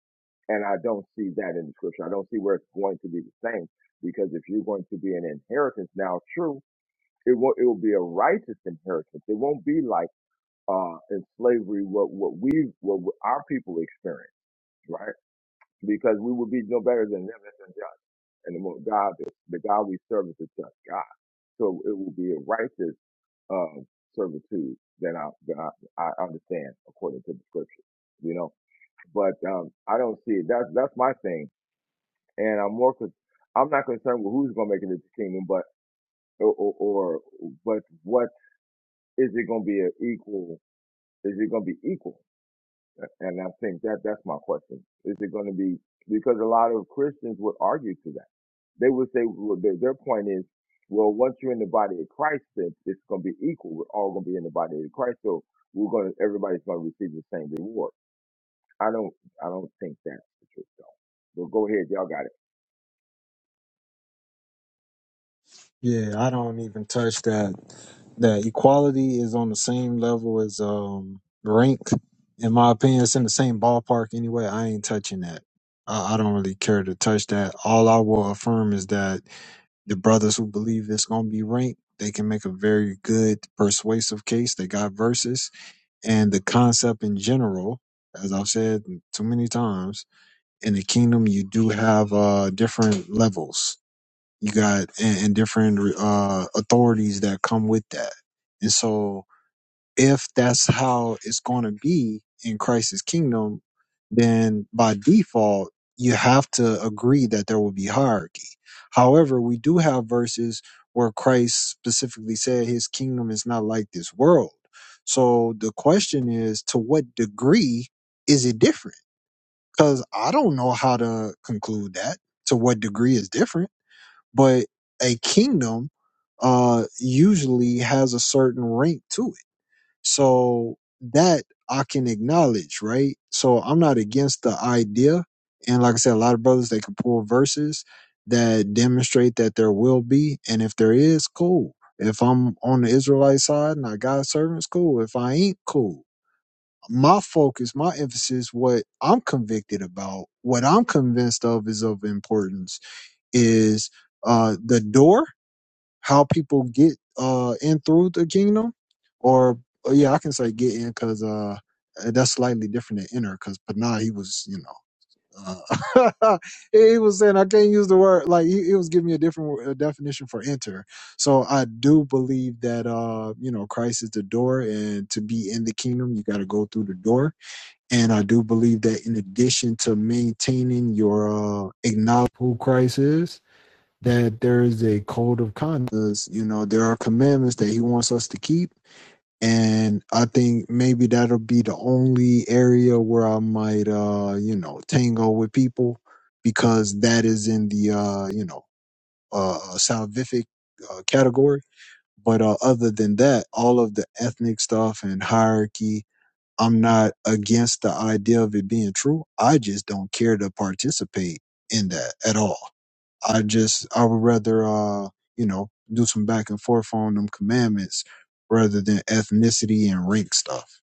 And I don't see that in the scripture. I don't see where it's going to be the same because if you're going to be an inheritance now, true, it will, it will be a righteous inheritance. It won't be like, uh, in slavery, what, what we, what our people experienced, right? Because we would be no better than them and what God the God we serve is a just God. So it will be a righteous uh, servitude that I, that I I understand according to the scripture, you know. But um, I don't see it. That's that's my thing, and I'm more con- I'm not concerned with who's going to make it into the kingdom, but or, or, or but what is it going to be an equal? Is it going to be equal? And I think that that's my question. Is it going to be because a lot of Christians would argue to that. They would say well, their, their point is, well, once you're in the body of Christ, then it's going to be equal. We're all going to be in the body of Christ, so we're going to everybody's going to receive the same reward. I don't I don't think that's the truth though. But go ahead, y'all got it. Yeah, I don't even touch that. That equality is on the same level as um rank, in my opinion. It's in the same ballpark anyway. I ain't touching that. I, I don't really care to touch that. All I will affirm is that the brothers who believe it's gonna be rank, they can make a very good persuasive case. They got verses and the concept in general, as I've said too many times, in the kingdom you do have uh different levels you got and, and different uh authorities that come with that and so if that's how it's going to be in christ's kingdom then by default you have to agree that there will be hierarchy however we do have verses where christ specifically said his kingdom is not like this world so the question is to what degree is it different because i don't know how to conclude that to what degree is different but a kingdom uh usually has a certain rank to it so that i can acknowledge right so i'm not against the idea and like i said a lot of brothers they can pull verses that demonstrate that there will be and if there is cool if i'm on the israelite side and i got servants cool if i ain't cool my focus my emphasis what i'm convicted about what i'm convinced of is of importance is uh the door how people get uh in through the kingdom or uh, yeah i can say get in because uh eh, that's slightly different than enter because panah he was you know uh, (laughs) he he was saying i can't use the word like he, he was giving me a different wo- uh definition for enter so i do believe that uh you know christ is the door and to be in the kingdom you got to go through the door and i do believe that in addition to maintaining your uh acknowledge who christ is that there is a code of conduct, You know, there are commandments that he wants us to keep. And I think maybe that'll be the only area where I might, uh, you know, tango with people because that is in the, uh, you know, uh, uh, salvific uh, category. But uh, other than that, all of the ethnic stuff and hierarchy, I'm not against the idea of it being true. I just don't care to participate in that at all. I just I would rather uh you know do some back and forth on them commandments rather than ethnicity and rank stuff.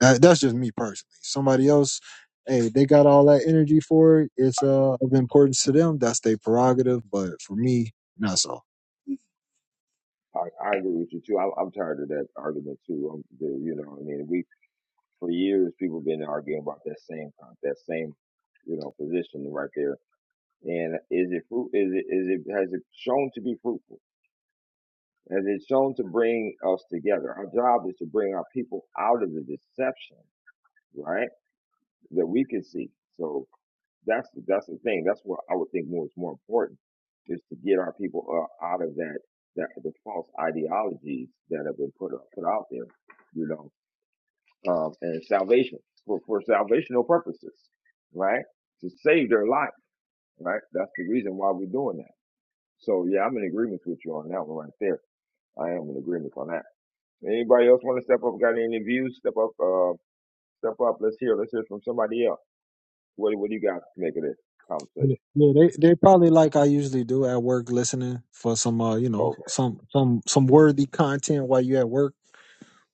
That, that's just me personally. Somebody else, hey, they got all that energy for it. It's uh of importance to them. That's their prerogative. But for me, not so. I, I agree with you too. I, I'm tired of that argument too. Um the, you know, what I mean, we for years people been arguing about that same con- that same you know position right there And is it fruit? Is it is it has it shown to be fruitful? Has it shown to bring us together? Our job is to bring our people out of the deception, right? That we can see. So that's that's the thing. That's what I would think more is more important is to get our people uh, out of that that the false ideologies that have been put up, put out there, you know, um, and salvation for for salvational purposes, right? To save their life, right? That's the reason why we're doing that. So yeah, I'm in agreement with you on that one right there. I am in agreement on that. Anybody else want to step up? Got any views? Step up. Uh, step up. Let's hear. Let's hear from somebody else. What What do you guys make of this Yeah, conversation? yeah, they they probably like I usually do at work, listening for some uh you know Okay. some some some worthy content while you at work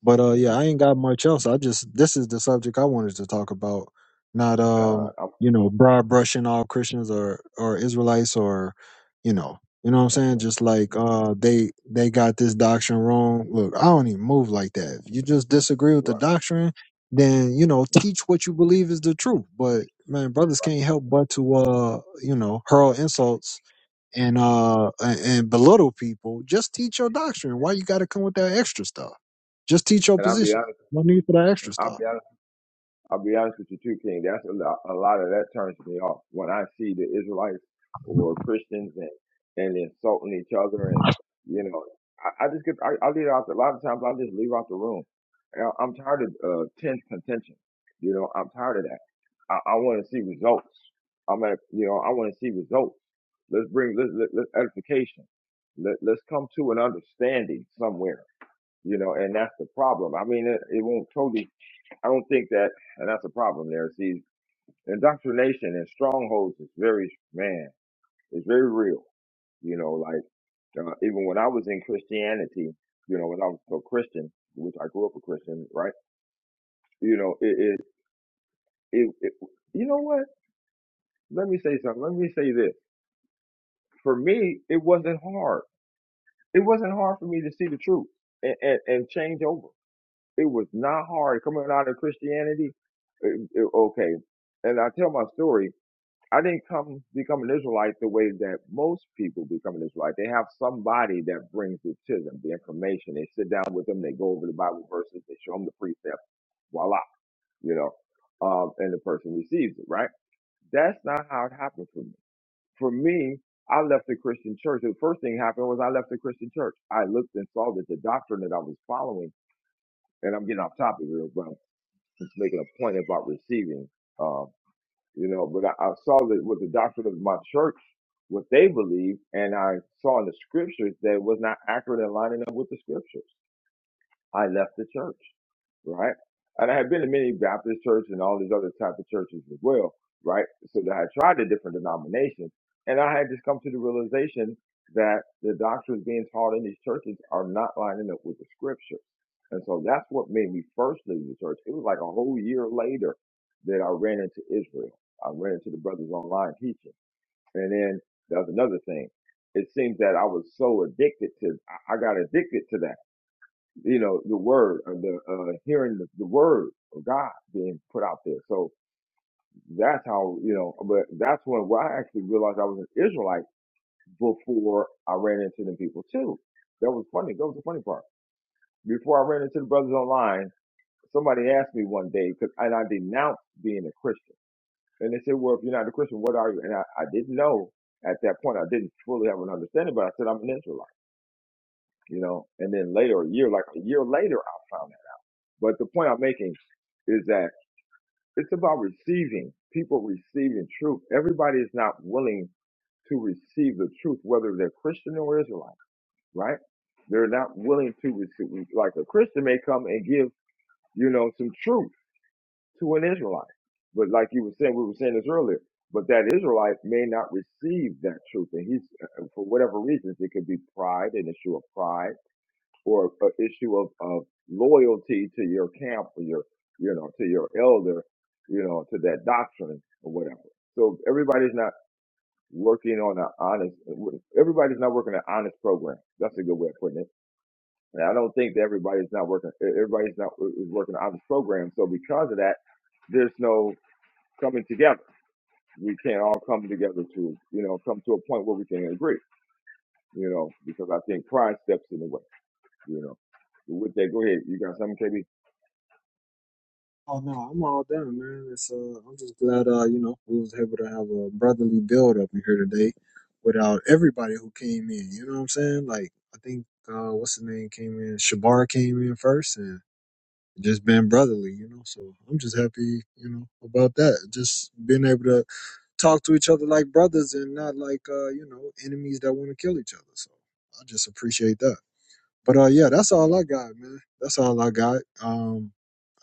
But uh Mm-hmm. yeah, I ain't got much else. I just this is the subject I wanted to talk about. Not Uh, um, I'm, you know, broad brushing all Christians or or Israelites or you know, you know what I'm saying? mhm. Just like uh they they got this doctrine wrong. Look, I don't even move like that. If you just disagree with the Right. doctrine, then you know, teach what you believe is the truth. But man, brothers can't help but to uh, you know, hurl insults and uh and belittle people, just teach your doctrine. Why you got to come with that extra stuff? Just teach your And I'll be position. honest. No need for that extra I'll stuff. be honest. I'll be honest with you too, King. That's a lot. A lot of that turns me off when I see the Israelites or Christians and and insulting each other, and you know, I, I just get. I, I leave out. The, a lot of times I just leave out the room. I, I'm tired of uh, tense contention. You know, I'm tired of that. I, I want to see results. I'm at. You know, I want to see results. Let's bring let's, let, let's edification. Let, let's come to an understanding somewhere. You know, and that's the problem. I mean, it, it won't totally I don't think that, and that's a problem there. See, indoctrination and strongholds is very, man, it's very real. You know, like uh, even when I was in Christianity, you know, when I was a Christian, which I grew up a Christian, right? You know, it it, it, it you know what? Let me say something. Let me say this. For me, it wasn't hard. It wasn't hard for me to see the truth and, and, and change over. It was not hard coming out of Christianity. it- it- okay. And I tell my story I didn't come become an Israelite the way that most people become an Israelite. They have somebody that brings it to them, the information. They sit down with them, they go over the Bible verses, they show them the precept, voila, you know, um, and the person receives it, right? That's not how it happened for me. For me, I left the Christian church. The first thing happened was I left the Christian church. I looked and saw that the doctrine that I was following, and I'm getting off topic here, but I'm just making a point about receiving. um, you know. But I, I saw that with the doctrine of my church, what they believe, and I saw in the scriptures that it was not accurate and lining up with the scriptures. I left the church, right? And I had been in many Baptist churches and all these other type of churches as well, right? So that I had tried the different denominations, and I had just come to the realization that the doctrines being taught in these churches are not lining up with the scripture. And so that's what made me first leave the church. It was like a whole year later that I ran into Israel. I ran into the brothers online teaching. And then that was another thing. It seems that I was so addicted to, I I got addicted to that you know, the word, or the uh, hearing the, the word of God being put out there. So that's how you know. But that's when well, I actually realized I was an Israelite before I ran into the people too. That was funny. That was the funny part. Before I ran into the brothers online, somebody asked me one day because and I denounced being a Christian, and they said, "Well, if you're not a Christian, what are you?" And I, I didn't know at that point. I didn't fully have an understanding, but I said I'm an Israelite. You know, and then later, a year, like a year later, I found out. But the point I'm making is that it's about receiving, people receiving truth. Everybody is not willing to receive the truth, whether they're Christian or Israelite, right? They're not willing to receive, like a Christian may come and give, you know, some truth to an Israelite. But like you were saying, we were saying this earlier, but that Israelite may not receive that truth. And he's, uh, for whatever reasons, it could be pride, an issue of pride or an issue of, of loyalty to your camp or your you know to your elder you know to that doctrine or whatever so everybody's not working on an honest everybody's not working an honest program that's a good way of putting it and i don't think that everybody's not working e-, everybody's not uh, is working an honest program so because of that there's no coming together we can't all come together to you know come to a point where we can agree you know because i think pride steps in the way you know with that go ahead you got something kb Oh no, I'm all done, man. It's uh, I'm just glad uh, you know, we was able to have a brotherly build up in here today, without everybody who came in. You know what I'm saying? Like I think uh, what's the name came in? Shabar came in first, and just been brotherly. You know, so I'm just happy. You know about that. Just being able to talk to each other like brothers and not like uh, you know enemies that want to kill each other. So I just appreciate that. But uh, yeah, that's all I got, man. That's all I got. Um,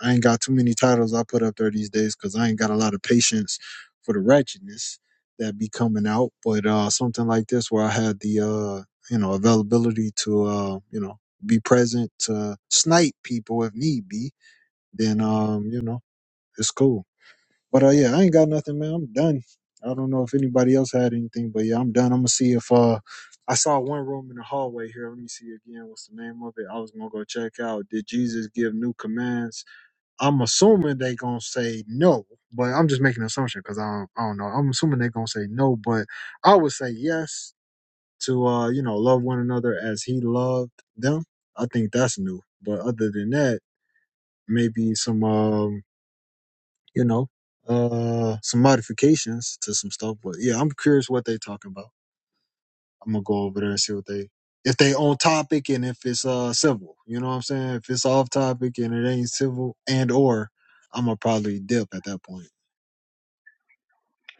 I ain't got too many titles I put up there these days because I ain't got a lot of patience for the wretchedness that be coming out. But uh, something like this where I had the uh, you know availability to uh, you know be present to snipe people if need be, then um, you know it's cool. But uh, yeah, I ain't got nothing, man. I'm done. I don't know if anybody else had anything, but yeah, I'm done. I'm gonna see if uh, I saw one room in the hallway here. Let me see again. What's the name of it? I was gonna go check out. Did Jesus give new commands? I'm assuming they gonna say no, but I'm just making an assumption because I don't, I don't know. I'm assuming they gonna say no, but I would say yes to uh, you know, love one another as He loved them. I think that's new. But other than that, maybe some um you know, uh, some modifications to some stuff. But yeah, I'm curious what they talking about. I'm gonna go over there and see what they if they on topic and if it's uh civil. You know what I'm saying? If it's off topic and it ain't civil and or I'm gonna probably dip at that point.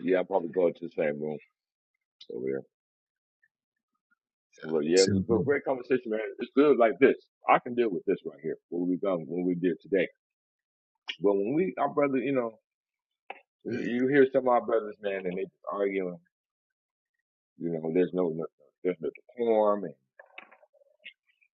Yeah, I probably go into the same room over there. Well, yeah, it See was a what good- they- great conversation, man. It's good like this. I can deal with this right here. What we done, what we did today. But when we, our brother, you know, you, you hear some of our brothers, man, and they just arguing. You know, there's no, no there's no decorum, and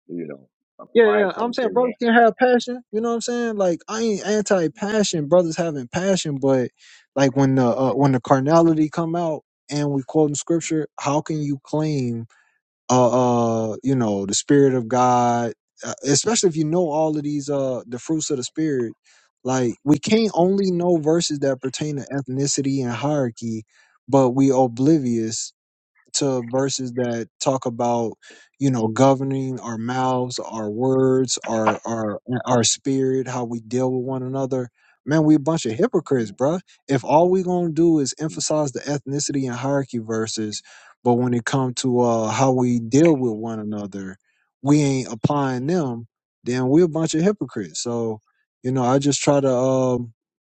you know, a yeah, yeah, pride yeah. I'm comes saying in there. brothers can have passion. You know what I'm saying? Like I ain't anti passion. Brothers having passion, but like when the uh, when the carnality come out and we quoting scripture, how can you claim? uh, uh you know the spirit of god uh, especially if you know all of these uh the fruits of the spirit like we can't only know verses that pertain to ethnicity and hierarchy but we oblivious to verses that talk about you know governing our mouths our words our our our spirit how we deal with one another man we a bunch of hypocrites bruh Mm-hmm, if all we gonna do is emphasize the ethnicity and hierarchy verses but when it come to uh how we deal with one another we ain't applying them then we a bunch of hypocrites so you know i just try to um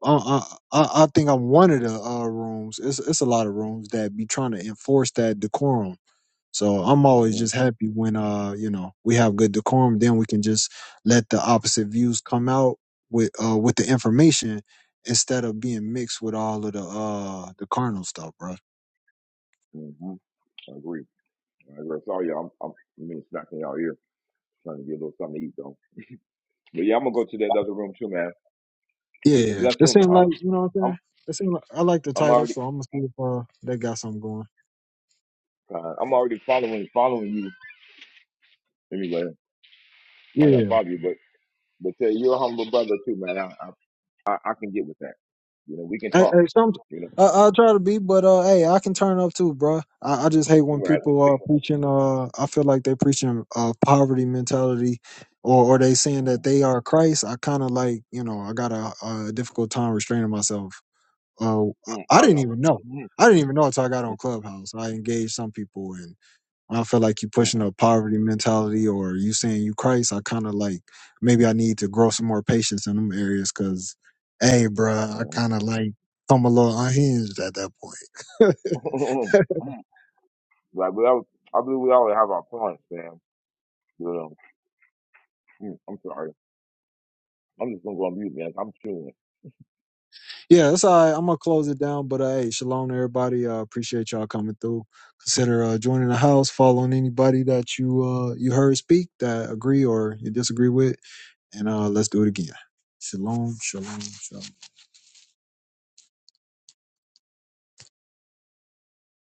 I, I I I think I'm one of the uh, rooms. It's it's a lot of rooms that be trying to enforce that decorum. So I'm always just mm-hmm, happy when uh you know we have good decorum. Then we can just let the opposite views come out with uh with the information instead of being mixed with all of the uh the carnal stuff, bro. mm-hmm. I agree. I agree. Sorry, y'all. I'm, I'm, I mean, it's y'all ear, trying to get a little something to eat though. But yeah, I'm gonna go to that other room too, man. It's a Yeah, blessed that room. seem I'm, like you know what I'm I'm, saying. That seem like I like the I'm title, already so I'm gonna see if uh that got something going. Uh, I'm already following following you anyway. Why not Yeah. follow you? But but tell you, you're a humble brother too, man. I I, I I can get with that. You know, we can Hey, talk. hey some, You I, I'll try to be, but uh, hey, I can turn up too, bro. I, I just hate when know, right? people are preaching. Uh, I feel like they're preaching uh poverty mentality, or or they saying that Mm-hmm. they are Christ. I kind of like, you know, I got a, a difficult time restraining myself. Uh, I Mm, I I didn't know. even know. Mm, I didn't even know until I got mm, on Clubhouse. I engaged some people I don't feel like you pushing mm, a poverty mentality or you saying you Christ. I kind of like maybe I need to grow some more patience in them areas because, hey, bruh, I mm, kind of like I'm a little unhinged at that point. mm. (laughs) (laughs) like, we all, I believe we all have our points, man. But, um, mm, I'm sorry. I'm just gonna go on mute, man. I'm chewing. yeah, that's all right. I'm gonna close it down, but uh, hey, shalom to everybody. uh, appreciate y'all coming through. Consider uh, joining the house, following anybody that you uh you heard speak that agree or you disagree with, and uh let's do it again. Shalom, shalom, shalom.